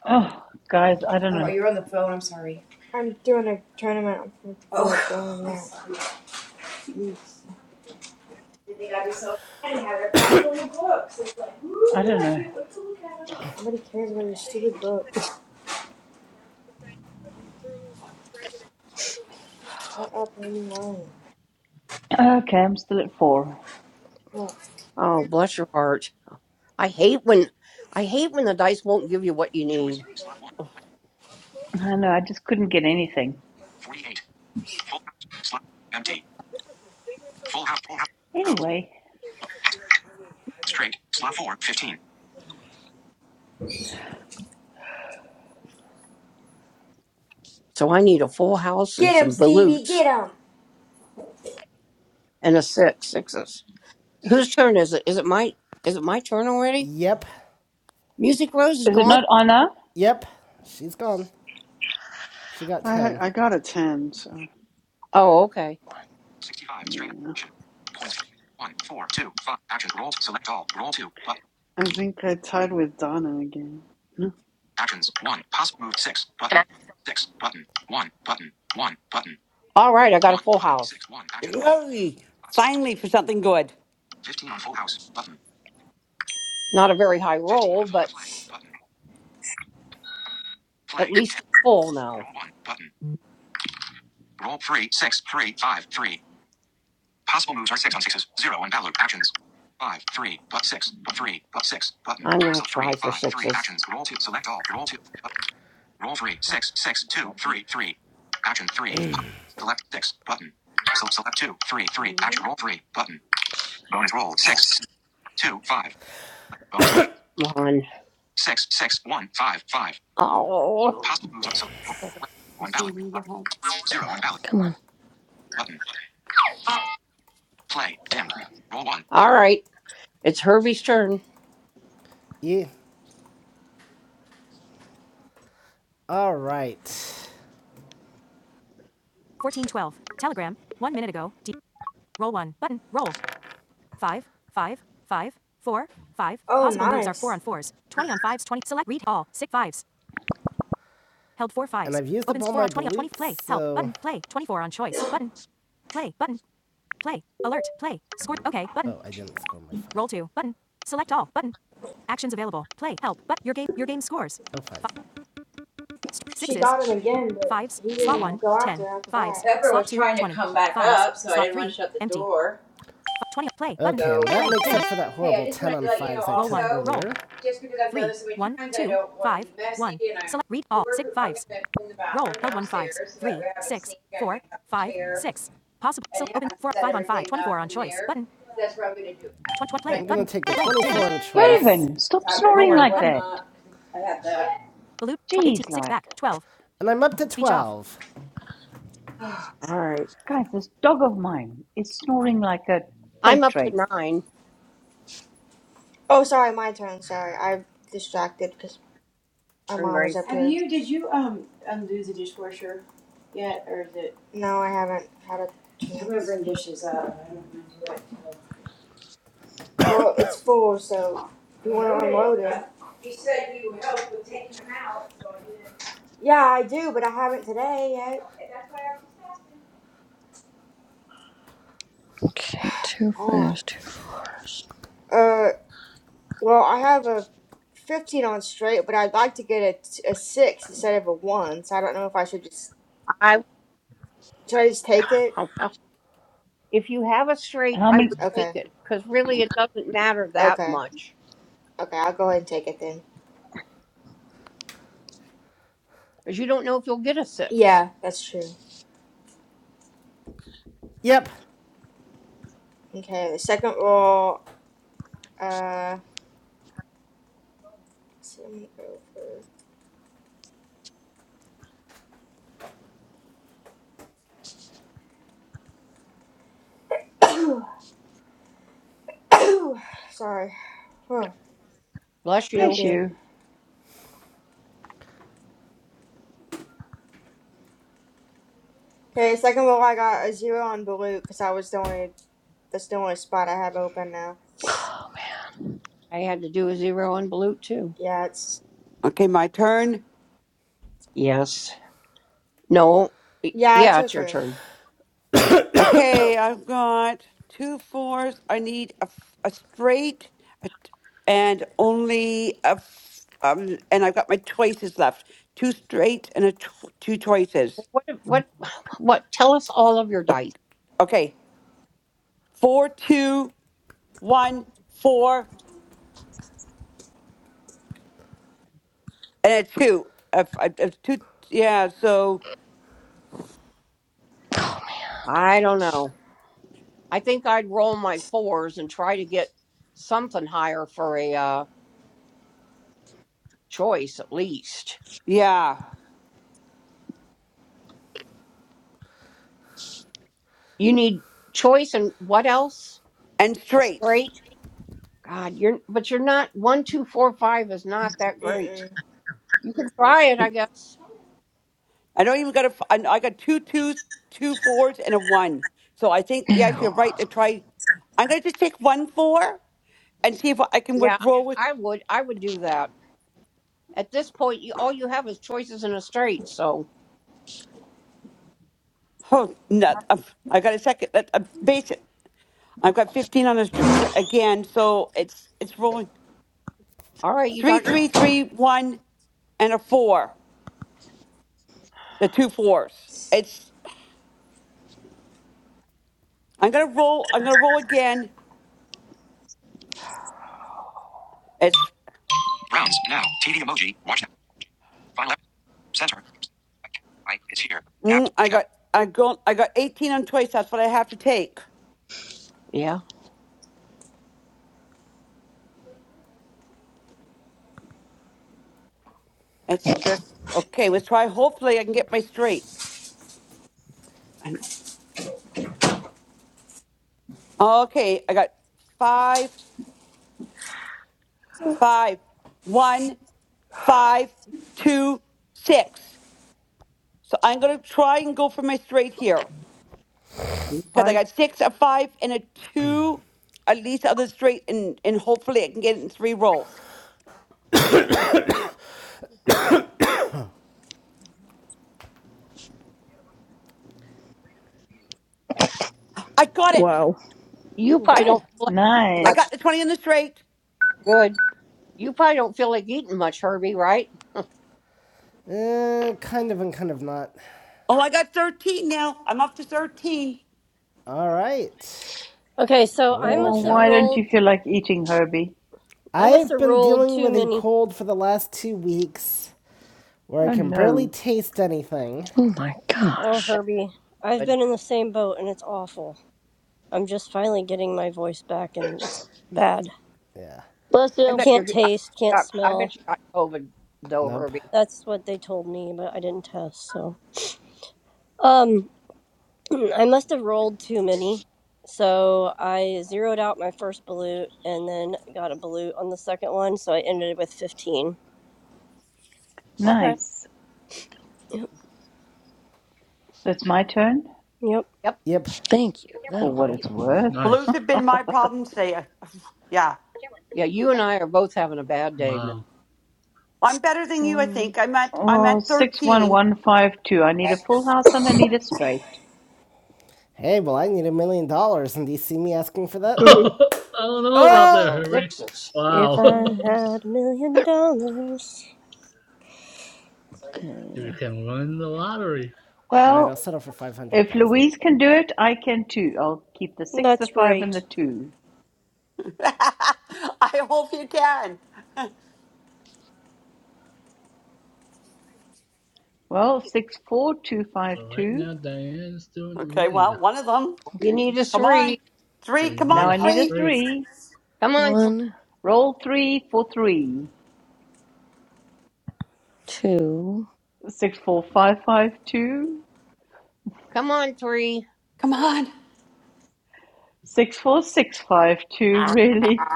S14: Oh, guys, I don't know.
S3: I'm doing a tournament. Oh,
S14: I don't know.
S3: nobody cares.
S14: Okay, I'm still at four.
S5: Oh, bless your heart. I hate when I hate when the dice won't give you what you Choice. need. Slot one.
S14: I know. I just couldn't get anything.
S5: 48. Full house. Slot. Empty. Full house. Full house. Zero.
S14: Anyway,
S5: Straight. Slot four. 15. So I need a full house and
S3: Get him,
S5: some
S3: Stevie.
S5: balutes
S3: Get him.
S5: and a six, sixes. Whose turn is it? Is it my is it my turn already?
S2: Yep.
S5: Music Rose is
S14: is it
S5: gone?
S14: not Anna?
S2: Yep. She's gone. She got
S12: I
S2: 10.
S12: I got a 10, so
S5: Oh, okay. 65. Straight.
S12: yeah.
S5: Action. Points. One. Four. Two. Five. Actions. Roll. Select all. Roll two.
S12: I think I tied with Donna again.
S5: Actions. One. Possible move. Six. Button. Six. Button. One. Button. One. Button. All right, I got a full house. Six. One. Actions. Roll.
S4: Yay!
S5: Spots.
S4: Finally, for something good.
S5: Fifteen on full house. Button. Not a very high roll, but play. Button. play, at least it's full now. Roll one. Button. Roll three six three five three. Possible moves are six on sixes. Zero on ballot. Actions. Five, three, but six, but three, but six, button. I'm gonna Select three, try for five, actions. Roll two. Select all. Roll two. Roll three, six, six, two,
S4: Lovedo,
S5: three, three. Action three. Select six button. So select two, three,
S4: you
S5: three. Action
S4: leaving?
S5: roll three button. Bonus roll six, two, five. Bonus roll. Come Six, six, one, five, five. Oh. Possible moves are select.
S4: Okay. We'll
S5: One
S4: see you
S5: ballot
S4: when you get
S5: button.
S4: home.
S15: come
S5: Zero on
S15: on,
S5: ballot
S15: come on.
S5: button. Play dimmed. Roll one. All right. It's Herbie's turn.
S2: Yeah. All right.
S3: Oh, nice.
S2: And I've used up all my bleeps, so- Oh, I didn't score my five. Oh, fine. F-
S3: She got him again, but he didn't go after her after that.
S2: Okay, and that makes up for that horrible 10 on fives I took earlier. I'm gonna take the 24 on choice,
S14: Raven, stop snoring like that. Jeez, like,
S2: and I'm up to 12.
S5: All right.
S14: guys, this dog of mine is snoring like a
S5: I'm
S14: freight
S5: up to
S14: train.
S5: nine.
S3: Oh, sorry. My turn. Sorry. I'm distracted. because. My
S5: Turn,
S3: mom was
S5: Grace.
S3: up there. No, I haven't had a chance. Well, it's full, so if you want to unload it. Yeah, I do, but I haven't today yet.
S15: Okay, two
S3: Hold on.
S15: fives, two four.
S3: Uh, well, I have a 15 on straight, but I'd like to get a, t- a 6 instead of a 1, so I don't know if I should just.
S5: I.
S3: Should I just take it?
S5: I- If you have a
S14: And
S5: straight,
S14: I'm
S5: I would
S14: in.
S3: Okay.
S5: take it because really it doesn't matter that
S3: Okay.
S5: much
S3: Okay, I'll go ahead and take it then.
S5: because you don't know if you'll get a six.
S3: Yeah, that's true.
S2: Yep.
S3: Okay, the second roll. uh. Sim over. Sorry. Oh,
S5: Bless
S3: thank
S5: you.
S14: Bless
S3: you.
S14: you.
S3: Okay, second roll I got a zero on blue because I was the only that's the only spot I have open now.
S15: Oh,
S5: I had to do a zero on Balut too.
S3: Yeah, it's
S4: Okay, my turn.
S5: Yes. No. Y-
S3: yeah, it's
S5: Yeah,
S3: her
S5: it's your
S3: turn.
S5: turn.
S4: Okay, I've got two fours. I need a, f- a straight a t- and only a. F- um, and I've got my choices left. Two straight and a tw- two choices.
S5: What? What? What? Tell us all of your dice.
S4: Okay, four, two, one, four, and a two. A f- a- a two. Yeah, so
S5: I don't know. I think I'd roll my fours and try to get something higher for a uh, choice at least.
S4: Yeah.
S5: You need choice and what else?
S4: And straights.
S5: Straight. God, you're but you're not one, two, four, five is not that great.
S3: Mm-mm.
S5: You can try it, I guess.
S4: I don't even got a, f- I I got two twos, two fours, and a one. So I think,
S15: man.
S4: yes, you're
S15: Ew.
S4: right to try. I'm going to just take one four and see if I can
S5: Yeah,
S4: withdraw with.
S5: I would. I would do that. At this point, you all you have is choices in a straight. So,
S4: Oh, no. um, I got a second. That, um, basic. I've got 15 on this tr- again. So it's it's rolling.
S5: all right, you
S4: Three,
S5: got your
S4: three, three, one, and a four. The two fours. It's, I'm going to roll. I'm going to roll again. It's,
S5: Rounds now. TD emoji. Watch now. Final app. Center. I is here. Tap
S4: mm,
S5: to
S4: I
S5: watch now.
S4: got, I go, I got 18 on twice. That's what I have to take.
S5: yeah.
S4: It's just okay. Let's try. Hopefully, I can get my straight. And- Okay, I got five, five, one, five, two, six. So I'm gonna try and go for my straight here
S5: You
S4: because I
S5: probably
S4: got six, a five, and a two, at least other straight, and and hopefully I can get it in three rolls. I got it.
S15: Wow.
S5: you probably
S4: I
S5: don't
S13: Good.
S5: feel like eating
S4: I
S5: much.
S4: got the
S14: Nice.
S4: twenty in the straight.
S5: Good. You probably don't feel like eating much, Herbie. Right?
S2: Uh, kind of and kind of not.
S4: Oh, I got thirteen now. I'm up to thirteen.
S2: All right.
S13: Okay, so
S2: Oh,
S13: I
S14: Oh,
S13: must
S2: watch
S13: have
S14: why
S2: out.
S14: don't you
S13: rolled.
S14: feel like eating, Herbie?
S13: I must
S2: I've
S13: have
S2: been
S13: rolled
S2: dealing
S13: too
S2: with a
S13: many.
S2: cold for the last two weeks, where I
S14: Oh
S2: can barely
S14: no.
S2: taste anything.
S15: Oh my
S13: Oh,
S15: gosh.
S5: That's
S13: Herbie, I've
S5: good.
S13: been in the same boat and it's awful. I'm just finally getting my voice back, and it's bad.
S2: Yeah.
S15: Bless
S5: I
S15: you.
S5: bet
S13: Can't
S5: you're. I
S13: taste, can't
S5: got. I
S13: smell.
S5: bet you got COVID though,
S2: Nope.
S5: Herbie.
S13: That's what they told me, but I didn't test. So, um, I must have rolled too many. So I zeroed out my first balut and then got a balut on the second one. So I ended with fifteen.
S5: Okay.
S14: Nice.
S13: Yep.
S14: So it's my turn
S13: Yep.
S5: Yep.
S2: Yep.
S15: Thank you.
S14: for
S15: That'll
S14: what it's
S15: help.
S14: worth.
S4: Blues
S8: Nice.
S4: have been my problem today. Yeah.
S5: Yeah, you and I are both having a bad day, man.
S8: Wow.
S4: I'm better than you, I
S15: One,
S4: think. I'm at I'm
S14: oh
S4: at
S14: six one
S4: 13.
S14: one five two. I need a full house and I need it straight.
S2: Hey, well, I need a million dollars, and do you see me asking for
S8: I
S2: that?
S8: don't know
S5: I
S8: about that,
S2: Oh!
S8: Herbie.
S5: sixes.
S13: if
S8: Wow.
S13: I
S15: sixes.
S13: had a million dollars,
S8: you
S15: Okay.
S8: can win the lottery.
S2: All right, I'll
S14: Well,
S2: settle for five hundred
S14: if
S2: thousand.
S14: Louise can do it, I can too. I'll keep the 6, the
S13: that's
S14: 5, and
S13: right.
S14: the 2.
S4: I hope you can.
S14: Well,
S8: So right
S14: 64252.
S8: now, Diane's still in the
S4: Okay,
S8: lead.
S4: well, one of them.
S5: You
S15: Okay.
S5: need a
S4: Come on.
S5: three.
S4: Three,
S8: And
S4: come
S14: Now
S4: on,
S14: I
S8: yes,
S14: need a
S4: three.
S8: straight.
S14: 3.
S5: Come on, three.
S15: One,
S14: Roll 3 for 3.
S15: two.
S14: 64552.
S5: Come on, three.
S4: Come on.
S14: 64652,
S5: Ah,
S14: really?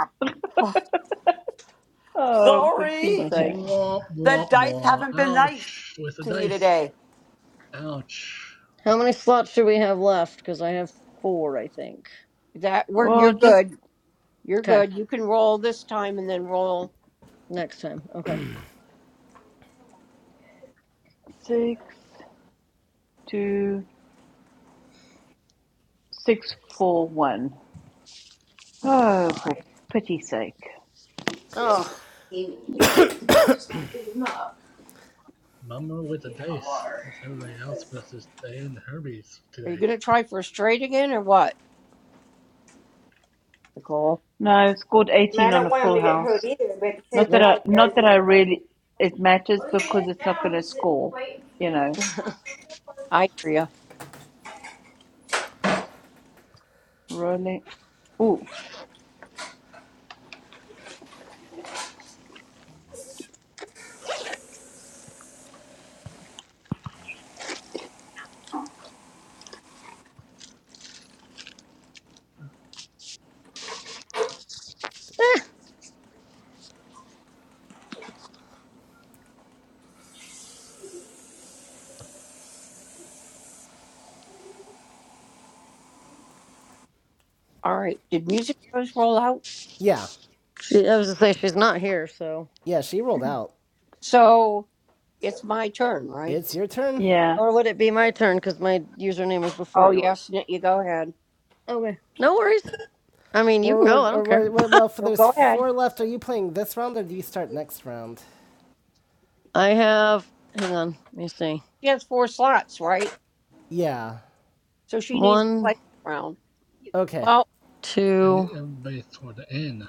S14: Oh, for
S4: Sorry.
S14: Pete's
S15: Okay.
S14: sake.
S8: Womp
S4: The
S8: womp
S4: dice
S8: womp.
S4: haven't been nice
S8: Ouch with the
S4: to you
S8: dice.
S4: today.
S8: Ouch.
S15: How many slots do we have left? Because I have four, I think.
S5: that we're
S14: Well,
S5: you're
S14: just
S5: good. You're
S15: Okay,
S5: good. You can roll this time and then roll.
S15: next time. Okay.
S14: 6, 2. six four one. Oh, for pity's sake!
S15: Oh,
S8: Yep. Mummer with the dice with everybody else versus Diane Herbies
S5: Are you
S8: today.
S5: gonna try for a straight again or what, Nicole?
S14: No, scored
S3: I, mean, I
S14: eighteen on a
S3: don't want him
S14: full
S3: to get hurt
S14: house.
S3: either, but at the same
S14: Not that
S5: There-
S14: I,
S3: time, you guys
S14: not that
S3: need
S14: I
S3: to learn.
S14: really it matters because it's not going to score. You know,
S5: I hear you.
S14: rolling. Ooh,
S15: eh.
S5: All right. Did music rose roll out?
S2: Yeah,
S15: she, I was going to say she's not here, so.
S2: yeah. She rolled out.
S5: So it's my turn, right?
S2: It's your turn,
S14: yeah.
S15: Or would it be my turn? Because my username is before
S5: Oh
S15: yours.
S5: yes, Nick, you go ahead.
S15: Okay. No worries. I mean, you
S2: or
S15: can go.
S2: or
S15: I
S2: or
S15: don't care.
S2: well, for
S5: No,
S2: there's
S5: go ahead.
S2: four left. Are you playing this round, or do you start next round?
S15: I have. Hang on. Let me see.
S5: She has four slots, right?
S2: Yeah.
S5: So she needs to play
S15: One,
S5: this round.
S2: Okay.
S5: Well.
S8: I think
S15: two,
S8: everybody's toward the end.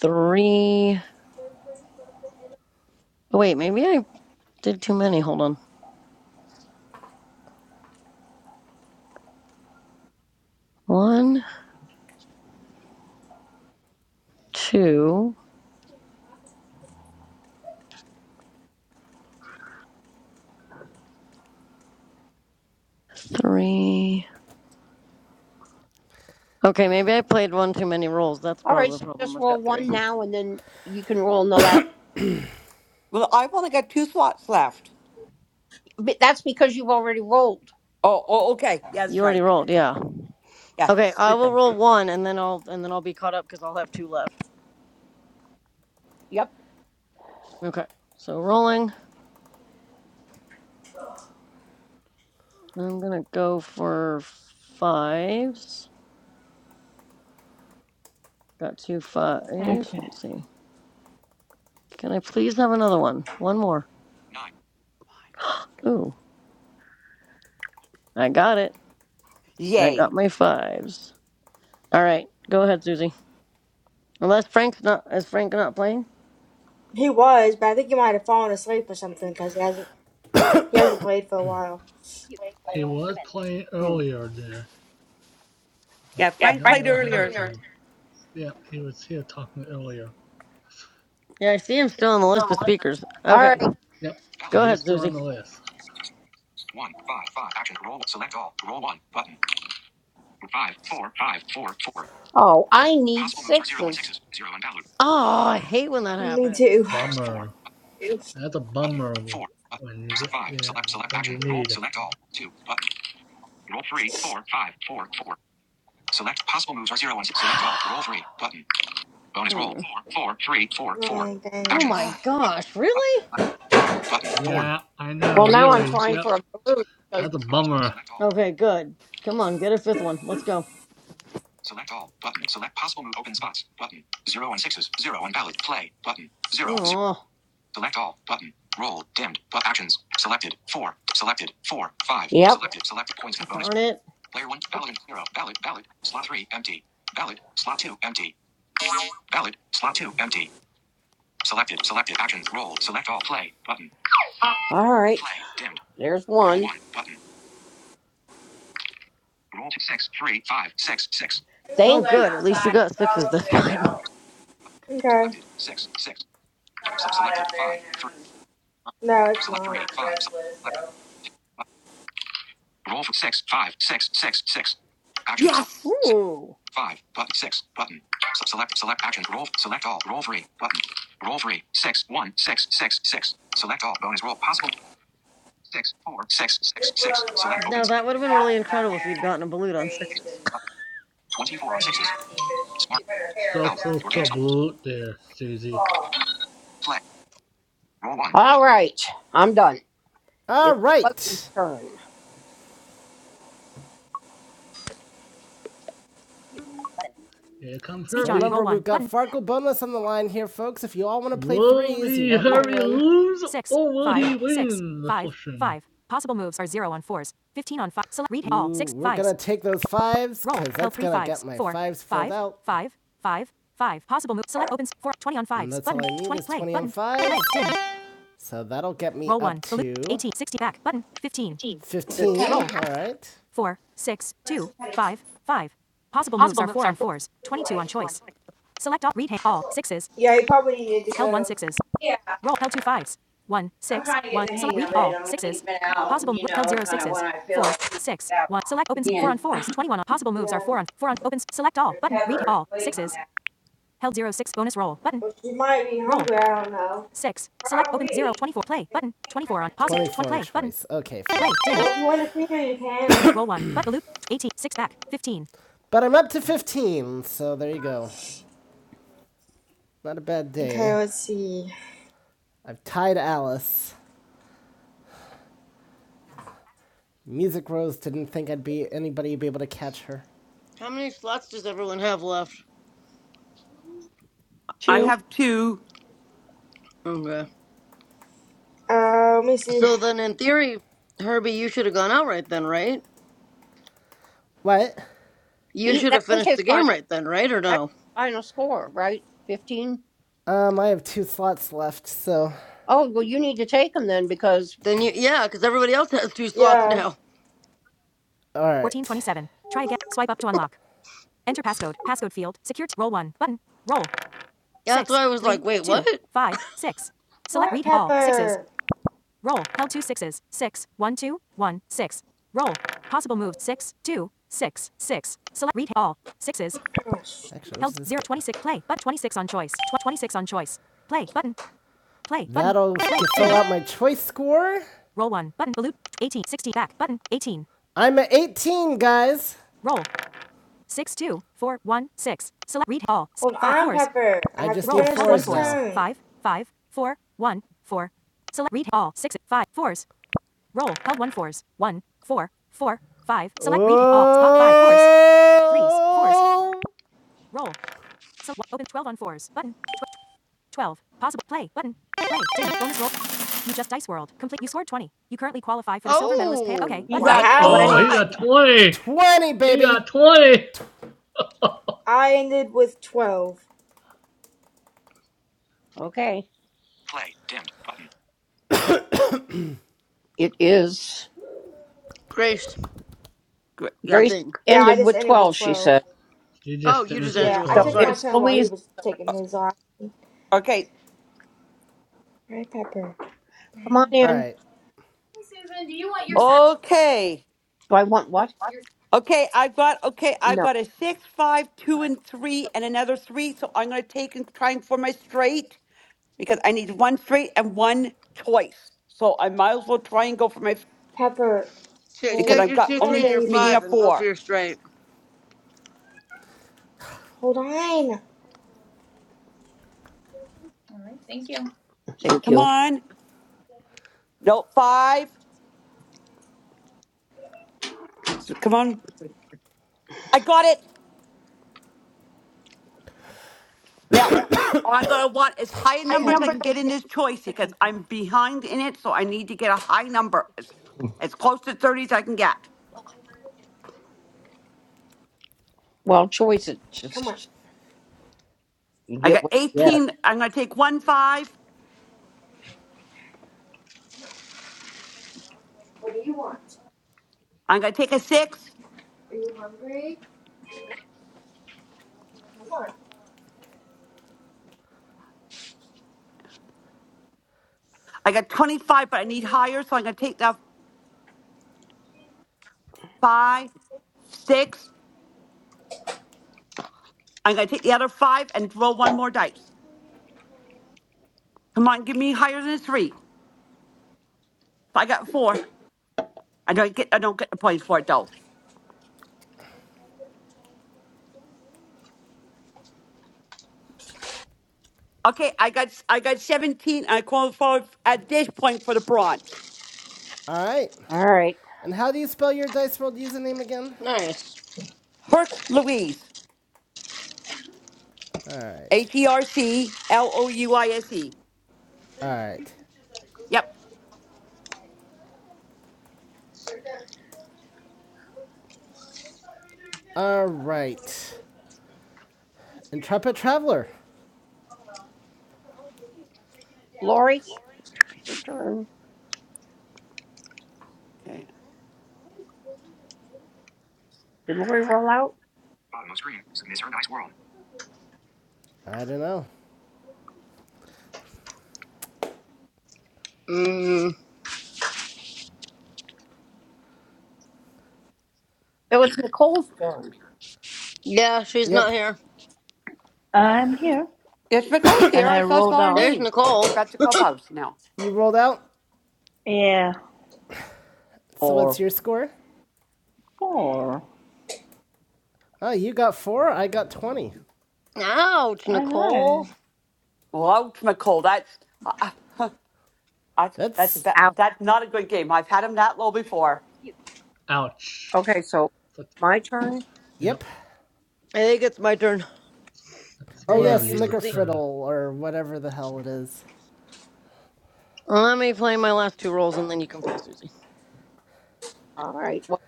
S15: three. Oh, Wait, maybe I did too many. Hold on. One, two, three. Okay, maybe I played one too many roles. That's
S5: All right,
S15: probably
S5: so
S15: the problem.
S5: just
S15: I've
S5: roll
S15: got three.
S5: one now, and then you can roll in the last.
S4: Well, I've only got two slots left.
S5: But that's because you've already rolled.
S4: Oh, oh okay. Yeah, that's
S15: You already
S4: right.
S15: rolled,
S4: Okay.
S15: yeah.
S4: Yeah,
S15: Okay, I will
S4: stupid.
S15: roll one and then I'll and then I'll be caught up because I'll have two left.
S5: Yep.
S15: Okay. So rolling. I'm gonna go for fives. Got two fives.
S14: Okay,
S15: Let's see. Can I please have another one? One more.
S5: Nine.
S15: Ooh. I got it. I
S4: Yay.
S15: got my fives. Alright, go ahead, Susie. Unless Frank's not is Frank not playing?
S3: He was, but I think he might have fallen asleep or something because he hasn't he hasn't played for a while.
S8: Yep. He was playing
S15: Hmm.
S8: earlier there, but
S4: Yeah,
S8: I
S4: Frank
S8: don't know
S4: played
S8: what happened
S4: earlier.
S8: to him. Yeah, he was here talking earlier.
S15: Yeah, I see him still on the list of speakers.
S5: All
S15: Okay.
S8: Yep,
S5: right.
S8: Yep. he
S5: Valid.
S15: Go
S8: is
S15: ahead,
S8: still
S15: Susie.
S8: on the list.
S5: One, five, five. Action. Roll. Select all. Roll one. Button. Five, four, five, four, four. Oh, I need Possible moves are zero and sixes. sixes. Zero and valid.
S15: Oh, I hate when that
S8: Yep.
S3: Me
S15: happens.
S3: too.
S5: Four.
S8: Bummer. That's a
S5: Button.
S8: bummer
S5: Four. Button.
S8: when you
S5: Se-
S8: get
S5: Five.
S8: yeah,
S5: Select. Select.
S8: what
S5: Action.
S8: you
S5: Roll.
S8: need.
S5: Select all. Two. Button. Roll three. Four. five, four, four. Select. Possible moves are zero and six. Select all. Roll three. Button. Bonus roll.
S15: Hmm.
S5: Four, four, three, four, four. Action.
S3: Oh
S15: Oh
S3: dang.
S15: my
S4: Oh,
S15: gosh, really?
S5: Four
S8: Yep.
S5: button four.
S2: Really.
S8: Yeah, I
S5: Well,
S8: know,
S5: now I'm
S8: really.
S5: trying
S8: Yep,
S5: for a blue because
S8: that's a
S5: bonus roll.
S8: bummer.
S5: Select all.
S15: Okay, good. Come on, get a fifth one. Let's go.
S5: Select all button. Select possible move. Open spots button. Zero and sixes. Zero and valid. Play button. Zero. zero.
S15: Oh,
S5: Select all button. Roll dimmed. But actions selected. Four. Selected. Four. Five. yep. Selected. Selected points. Bonus.
S15: darn it.
S5: Player one. valid and zero. valid valid Slot three. Empty. valid Slot two. Empty. valid Slot two. Empty. Selected. Selected actions. Roll. Select all. Play button. All right. Play dimmed. There's one. one button. Roll to six, three, five, six, six.
S15: Oh,
S5: Thank you.
S15: good. At least you got sixes this time.
S3: Okay.
S5: Selected six, six. So selected five, three.
S3: No, it's
S5: Select
S3: not.
S5: three,
S3: Kind of
S5: five. Select,
S3: restless, so.
S5: two. Roll for six, five, six, six, six. Action. Select
S4: yes.
S5: six,
S15: Ooh.
S5: five. Button six. Button. So select. Select action. Roll. Select all. Roll three. Button. Roll three. Six, one, six, six, six. Select all. Bonus roll possible. Six, four, six, six, six. Select
S15: Now,
S5: opens.
S15: that would have been really incredible if you'd gotten a balut on sixes.
S5: Twenty-four on sixes. Smart.
S8: Mute. So
S5: Help.
S8: close
S5: Your game
S8: to
S5: scores.
S8: blue there, Susie.
S5: Play. Roll one. All right. I'm done.
S2: All
S5: It's Bugsy's
S2: right.
S5: turn.
S8: Mute. Button. Here comes Herbie.
S2: Button. Farkle bonus on the line here, folks. If you all want to play
S8: Will
S2: threes, you
S8: be
S2: want me
S8: Herbie
S2: to win.
S8: lose or will he win? The question.
S2: take those fives because 20 So that'll get me 15. Roll. All right.
S3: Yeah, he probably needed to go. Yeah. Well, she might be hungry. I don't know.
S2: 24 Okay,
S3: Well, if you want to finger, you can.
S2: But I'm up to 15, so there you go. Not a bad
S3: Okay,
S2: day.
S3: let's see.
S2: I've tied Alice. Music Rose didn't think I'd be anybody be able to catch her.
S15: How many slots does everyone have left?
S4: I
S5: Two.
S4: have two.
S15: Okay.
S3: Uh, let me see.
S15: So then, in theory, Herbie, you should have gone out right then, right?
S2: What?
S15: You
S5: He
S15: should
S5: that
S15: have
S5: is
S15: finished
S5: his
S15: the game
S5: final
S15: right then, right? Or
S5: that's
S15: no?
S5: his final score, right? Fifteen.
S2: Um, I have two slots left, so
S5: Oh well, you need to take him then because
S15: Then you, yeah, because everybody else has two slots
S3: Yeah.
S15: now.
S2: all right.
S15: Yeah, that's why I was like, wait, what?
S3: What, Pepper? Gosh.
S2: Actually, what's this? zero That'll to fill out my choice score. I'm at 18, guys.
S3: Hold on, Pepper. I
S2: I
S3: have
S2: just
S3: to
S2: need
S3: finish
S2: fours
S3: this
S2: now.
S3: turn.
S2: reading Fours.
S15: Oh,
S5: he
S8: Uh
S4: Right
S5: got
S8: oh,
S5: twenty.
S8: he
S3: Wow.
S8: got
S4: on.
S8: 20.
S2: Threes, fours. 20,
S8: He
S2: baby.
S8: got 20.
S3: I ended with 12.
S5: Okay. Play dimmed button. It is.
S15: Grace,
S4: Great.
S15: I
S4: Yeah.
S5: Grace
S15: think.
S3: Yeah, I
S5: ended
S3: just
S5: with
S3: ended with
S5: twelve. She
S3: 12.
S5: said.
S8: He just
S15: Oh, you just
S8: finished
S15: ended
S8: with
S3: Yeah,
S15: with
S3: I
S5: So
S15: 12.
S8: 12.
S3: took
S15: Sorry.
S3: my
S5: it's
S3: turn while he
S5: Louise.
S3: was taking his off.
S4: Okay.
S3: Alright, Pepper.
S5: Come on
S2: All
S5: in.
S2: right.
S4: Okay.
S5: Do I want what?
S4: Okay, I've got okay, I've
S5: No.
S4: got a six, five, two, and three, and another three. So I'm gonna take and try and for my straight because I need one straight and one choice. So I might as well try and go for my
S3: Pepper,
S15: Take,
S4: because
S3: hold
S15: take
S4: I've
S15: your
S4: got
S15: two,
S3: on,
S15: three,
S4: only
S15: and your
S4: meeting
S3: baby.
S4: a
S15: five and go for
S4: four.
S15: your straight.
S3: Hold on.
S5: All right. Thank you. Thank
S4: Come
S5: you.
S4: on, no five. So Come on, I got it. Now I'm gonna want as high a number as
S3: Okay,
S4: I can get in this choice because I'm behind in it, so I need to get a high number as as close to thirty as I can get.
S5: Well, choice is
S3: come on.
S5: just you
S4: I
S5: get
S4: got
S5: what you get.
S4: eighteen. I'm gonna take one five. I'm going to take a six. I got 25, but I need higher, so I'm going to take that five, six. I'm going to take the other five and roll one more dice. Come on, give me higher than a three. I got four. I don't get. I don't get the points for it though. Okay, I got. I got 17. I qualify at this point for the bronze.
S2: All right.
S5: All right,
S2: And how do you spell your Dice World username again?
S15: Nice.
S4: Herc Louise.
S2: All right.
S4: H E R C L O U I S E.
S2: All right.
S4: Yep.
S2: All right. Intrepid Traveler.
S5: Lori, your turn.
S4: Okay.
S5: Did Lori roll out? Bottom of screen. Submit her dice world.
S2: I don't know.
S15: Mm,
S5: It was Nicole's.
S15: yeah, she's
S2: Yep.
S15: not here.
S14: I'm here,
S4: Yes, Nicole's
S14: and
S4: here. I
S14: I
S4: saw,
S14: rolled
S4: saw her
S14: out.
S15: There's
S4: name. I can
S15: Nicole.
S4: back to clubhouse now.
S2: You rolled out.
S14: Yeah,
S2: So what's
S14: four
S2: your score?
S14: four.
S2: Oh, you got four. I got 20.
S15: Ouch,
S14: I know.
S15: Nicole.
S4: Well, Nicole, that's. I, that's
S2: That's.
S4: ba- that's not a good game. I've had him that low before.
S8: Mute. Ouch.
S5: Okay, so
S8: But,
S5: my turn.
S8: you know,
S2: Yep.
S15: I think it's my turn.
S8: that's
S2: Oh,
S15: And
S8: one
S2: yeah.
S15: then
S8: of
S15: you,
S8: your
S2: Snicker
S15: Susie.
S2: Friddle
S8: turn.
S2: or whatever the hell it is.
S15: Let me play my last two rolls and then you can play Susie.
S5: All right. Well,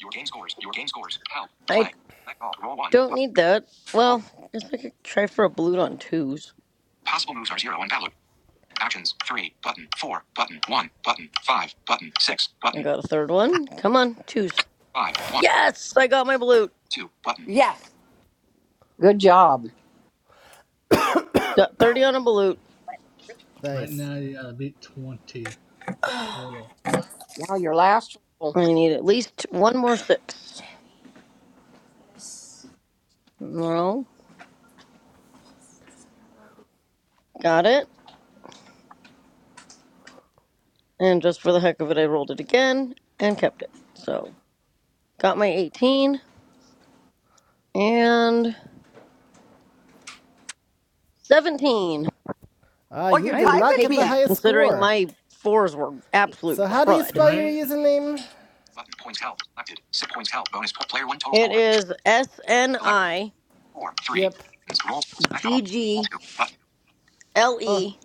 S5: Your game scores. Your game scores. Help.
S15: I
S5: Play. Select all. Roll one.
S15: don't
S5: Bu-
S15: need that.
S5: Roll.
S15: Well, guess I could try for a blute on twos.
S5: Possible moves are zero and valid. Actions. Three. Button. Four. Button. One. Button. Five. Button. Six.
S15: I
S5: Button.
S15: got a third one. Come on, twos.
S5: Five. One.
S15: Yes, I got my blute.
S5: Two. Button.
S4: Yes.
S5: good job.
S15: Got 30 on a blute.
S8: Mute. Right
S2: Nice.
S8: now, you gotta beat 20. The total.
S5: Now your last roll.
S15: I need at least one more six. Well, got it. And just for the heck of it, I rolled it again and kept it. So got my 18 and 17.
S2: Ah,
S4: Oh,
S2: you
S4: you're
S15: I
S2: did
S15: will
S4: tied
S2: not
S4: with
S2: get
S15: take
S2: the
S4: me.
S15: that
S2: highest
S15: considering
S2: score.
S15: my fours were
S8: Mute.
S2: So
S15: absolute
S2: how do you
S15: crud.
S2: spell your
S8: Right?
S2: username?
S5: Button. Points help. Selected. Six points help. Bonus. po- Player one. Total
S15: It
S5: score.
S15: is S N
S5: Select
S15: I
S5: four. Three.
S2: Yep.
S5: Actions. Roll. Select all.
S15: G
S5: Roll
S15: G
S5: two. Button.
S15: L
S2: Oh,
S15: E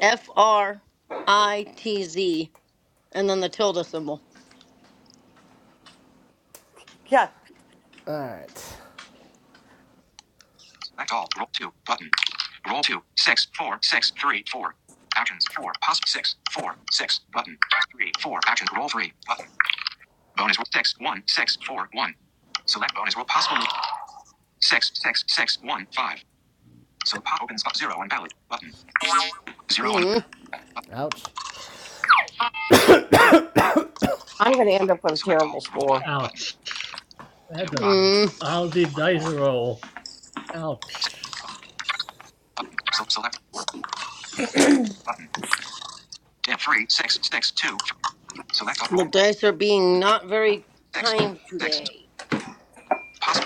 S15: F R I T Z and then the tilde symbol.
S4: Yes.
S2: alright.
S5: Select all. Roll two. Button. Roll two. Six. Four. Six. Three. Four. Actions. Four. Pos. Six. Four. Six. Button. Three. Four. Actions. Roll three. Button. Bonus. roll Six. One. Six. Four. One. Select bonus roll possible. move. Six. Six. Six. One. Five. So the pop opens up zero on ballot. Button. Zero on
S15: Mm,
S5: button.
S2: Ouch.
S5: I'm going to end up with a
S8: Mute.
S5: Select terrible score. Button.
S8: Ouch. Adam,
S5: Two. Five.
S15: mm,
S8: How's the
S5: Four.
S8: dice
S5: Four.
S8: roll?
S5: Six.
S8: Ouch.
S5: Button. So select four. Roll. Button. Dim. Three. Six. Six. Two. Three. Select all.
S15: the
S5: Roll.
S15: dice are being not very
S5: Six.
S15: kind
S5: Six. Two.
S15: today.
S5: Poss.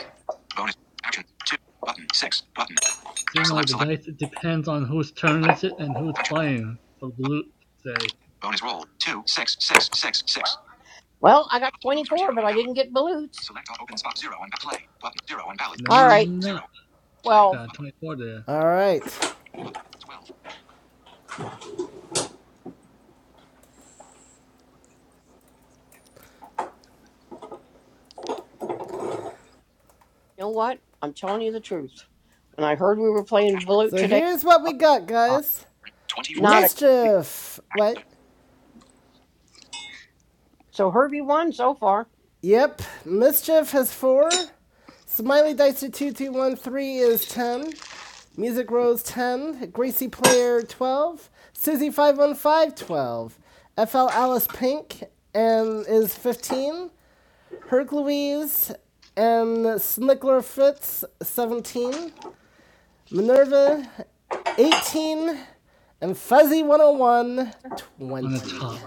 S5: Bonus. Action. Two. Button. Six. Button.
S8: Seems like
S5: Select.
S8: the
S5: Select.
S8: dice it depends on whose turn
S5: Select.
S8: is it and who's
S5: Action.
S8: playing. So
S5: Button.
S8: blue say,
S5: Bonus roll. Two. Six. Six. Six. Six. Well, I got 24, but I didn't get Balut. Select all open spot. Zero and play. Button. Zero and valid.
S8: no,
S5: All
S8: you
S5: right,
S8: did
S5: Zero.
S8: not.
S5: 12.
S8: Got a
S5: Button.
S8: 24 there
S2: Alright.
S5: Button. Twelve. You know what? I'm telling you the truth. When I heard we were playing Dashboard. Balut
S2: So
S5: today,
S2: here's
S5: I said,
S2: what we
S5: oh,
S2: got,
S5: God,
S2: guys.
S5: not a.
S2: Mischief! What?
S5: So Herbie won so far.
S2: Yep. Mischief has four. Smiley Dicer2213 is 10. Music Rose 10. Gracie Player 12. susie five one five FL Alice Pink and is 15. Hercules and Snicklerfoots, 17. Minerva, 18. And Fuzzy one hundred one
S8: on the
S2: twenty.
S8: top.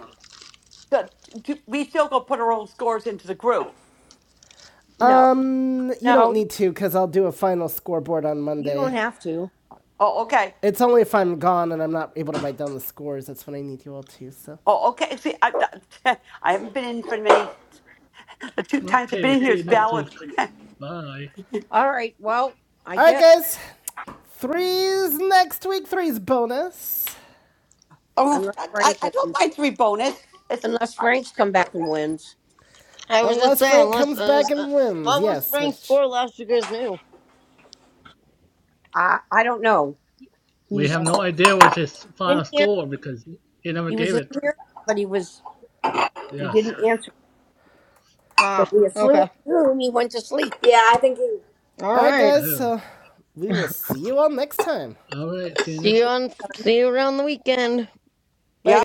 S4: Good. Do- We still go put our own scores into the group.
S5: No,
S2: Um, you don't
S5: no,
S2: need to because I'll do a final scoreboard on
S5: you don't
S2: Monday.
S5: have to.
S4: Oh, okay.
S2: It's only if I'm gone and I'm not able to write down the scores. That's when I need you all to, so.
S4: Oh, okay. See, I, I I haven't been in for many. The two times I've
S8: Okay,
S4: been in
S8: see
S4: here is
S8: you next
S4: valid.
S8: week. Bye.
S5: All right, well, I
S2: Alright,
S5: guess,
S2: guys. Threes next week. Threes bonus.
S4: oh,
S5: unless
S4: I, I
S5: Frank
S4: I don't
S5: wins.
S4: mind three bonus. It's
S5: Unless Frank's come back and wins.
S15: I was just
S2: Unless
S15: saying,
S2: Frank
S15: let's.
S2: comes
S15: Uh,
S2: back
S15: uh,
S2: and wins.
S15: what was
S2: Yes,
S15: Frank's
S2: which
S15: score last you guys knew?
S5: I I don't know.
S8: We
S5: He's
S8: have
S15: Okay.
S8: no idea what's his
S5: in
S8: final
S5: here.
S8: score because he never
S5: He was
S8: gave
S5: in
S8: it.
S5: here, but he was he
S8: Yes.
S5: didn't answer. So
S15: Ah,
S5: we assume
S15: okay.
S5: he went to sleep.
S15: All
S2: Alright,
S15: right.
S2: guys,
S8: Oh.
S2: so we will see you all next time.
S8: All right. See you next.
S15: See you on. See you around the weekend.
S4: yeah.
S15: Bye.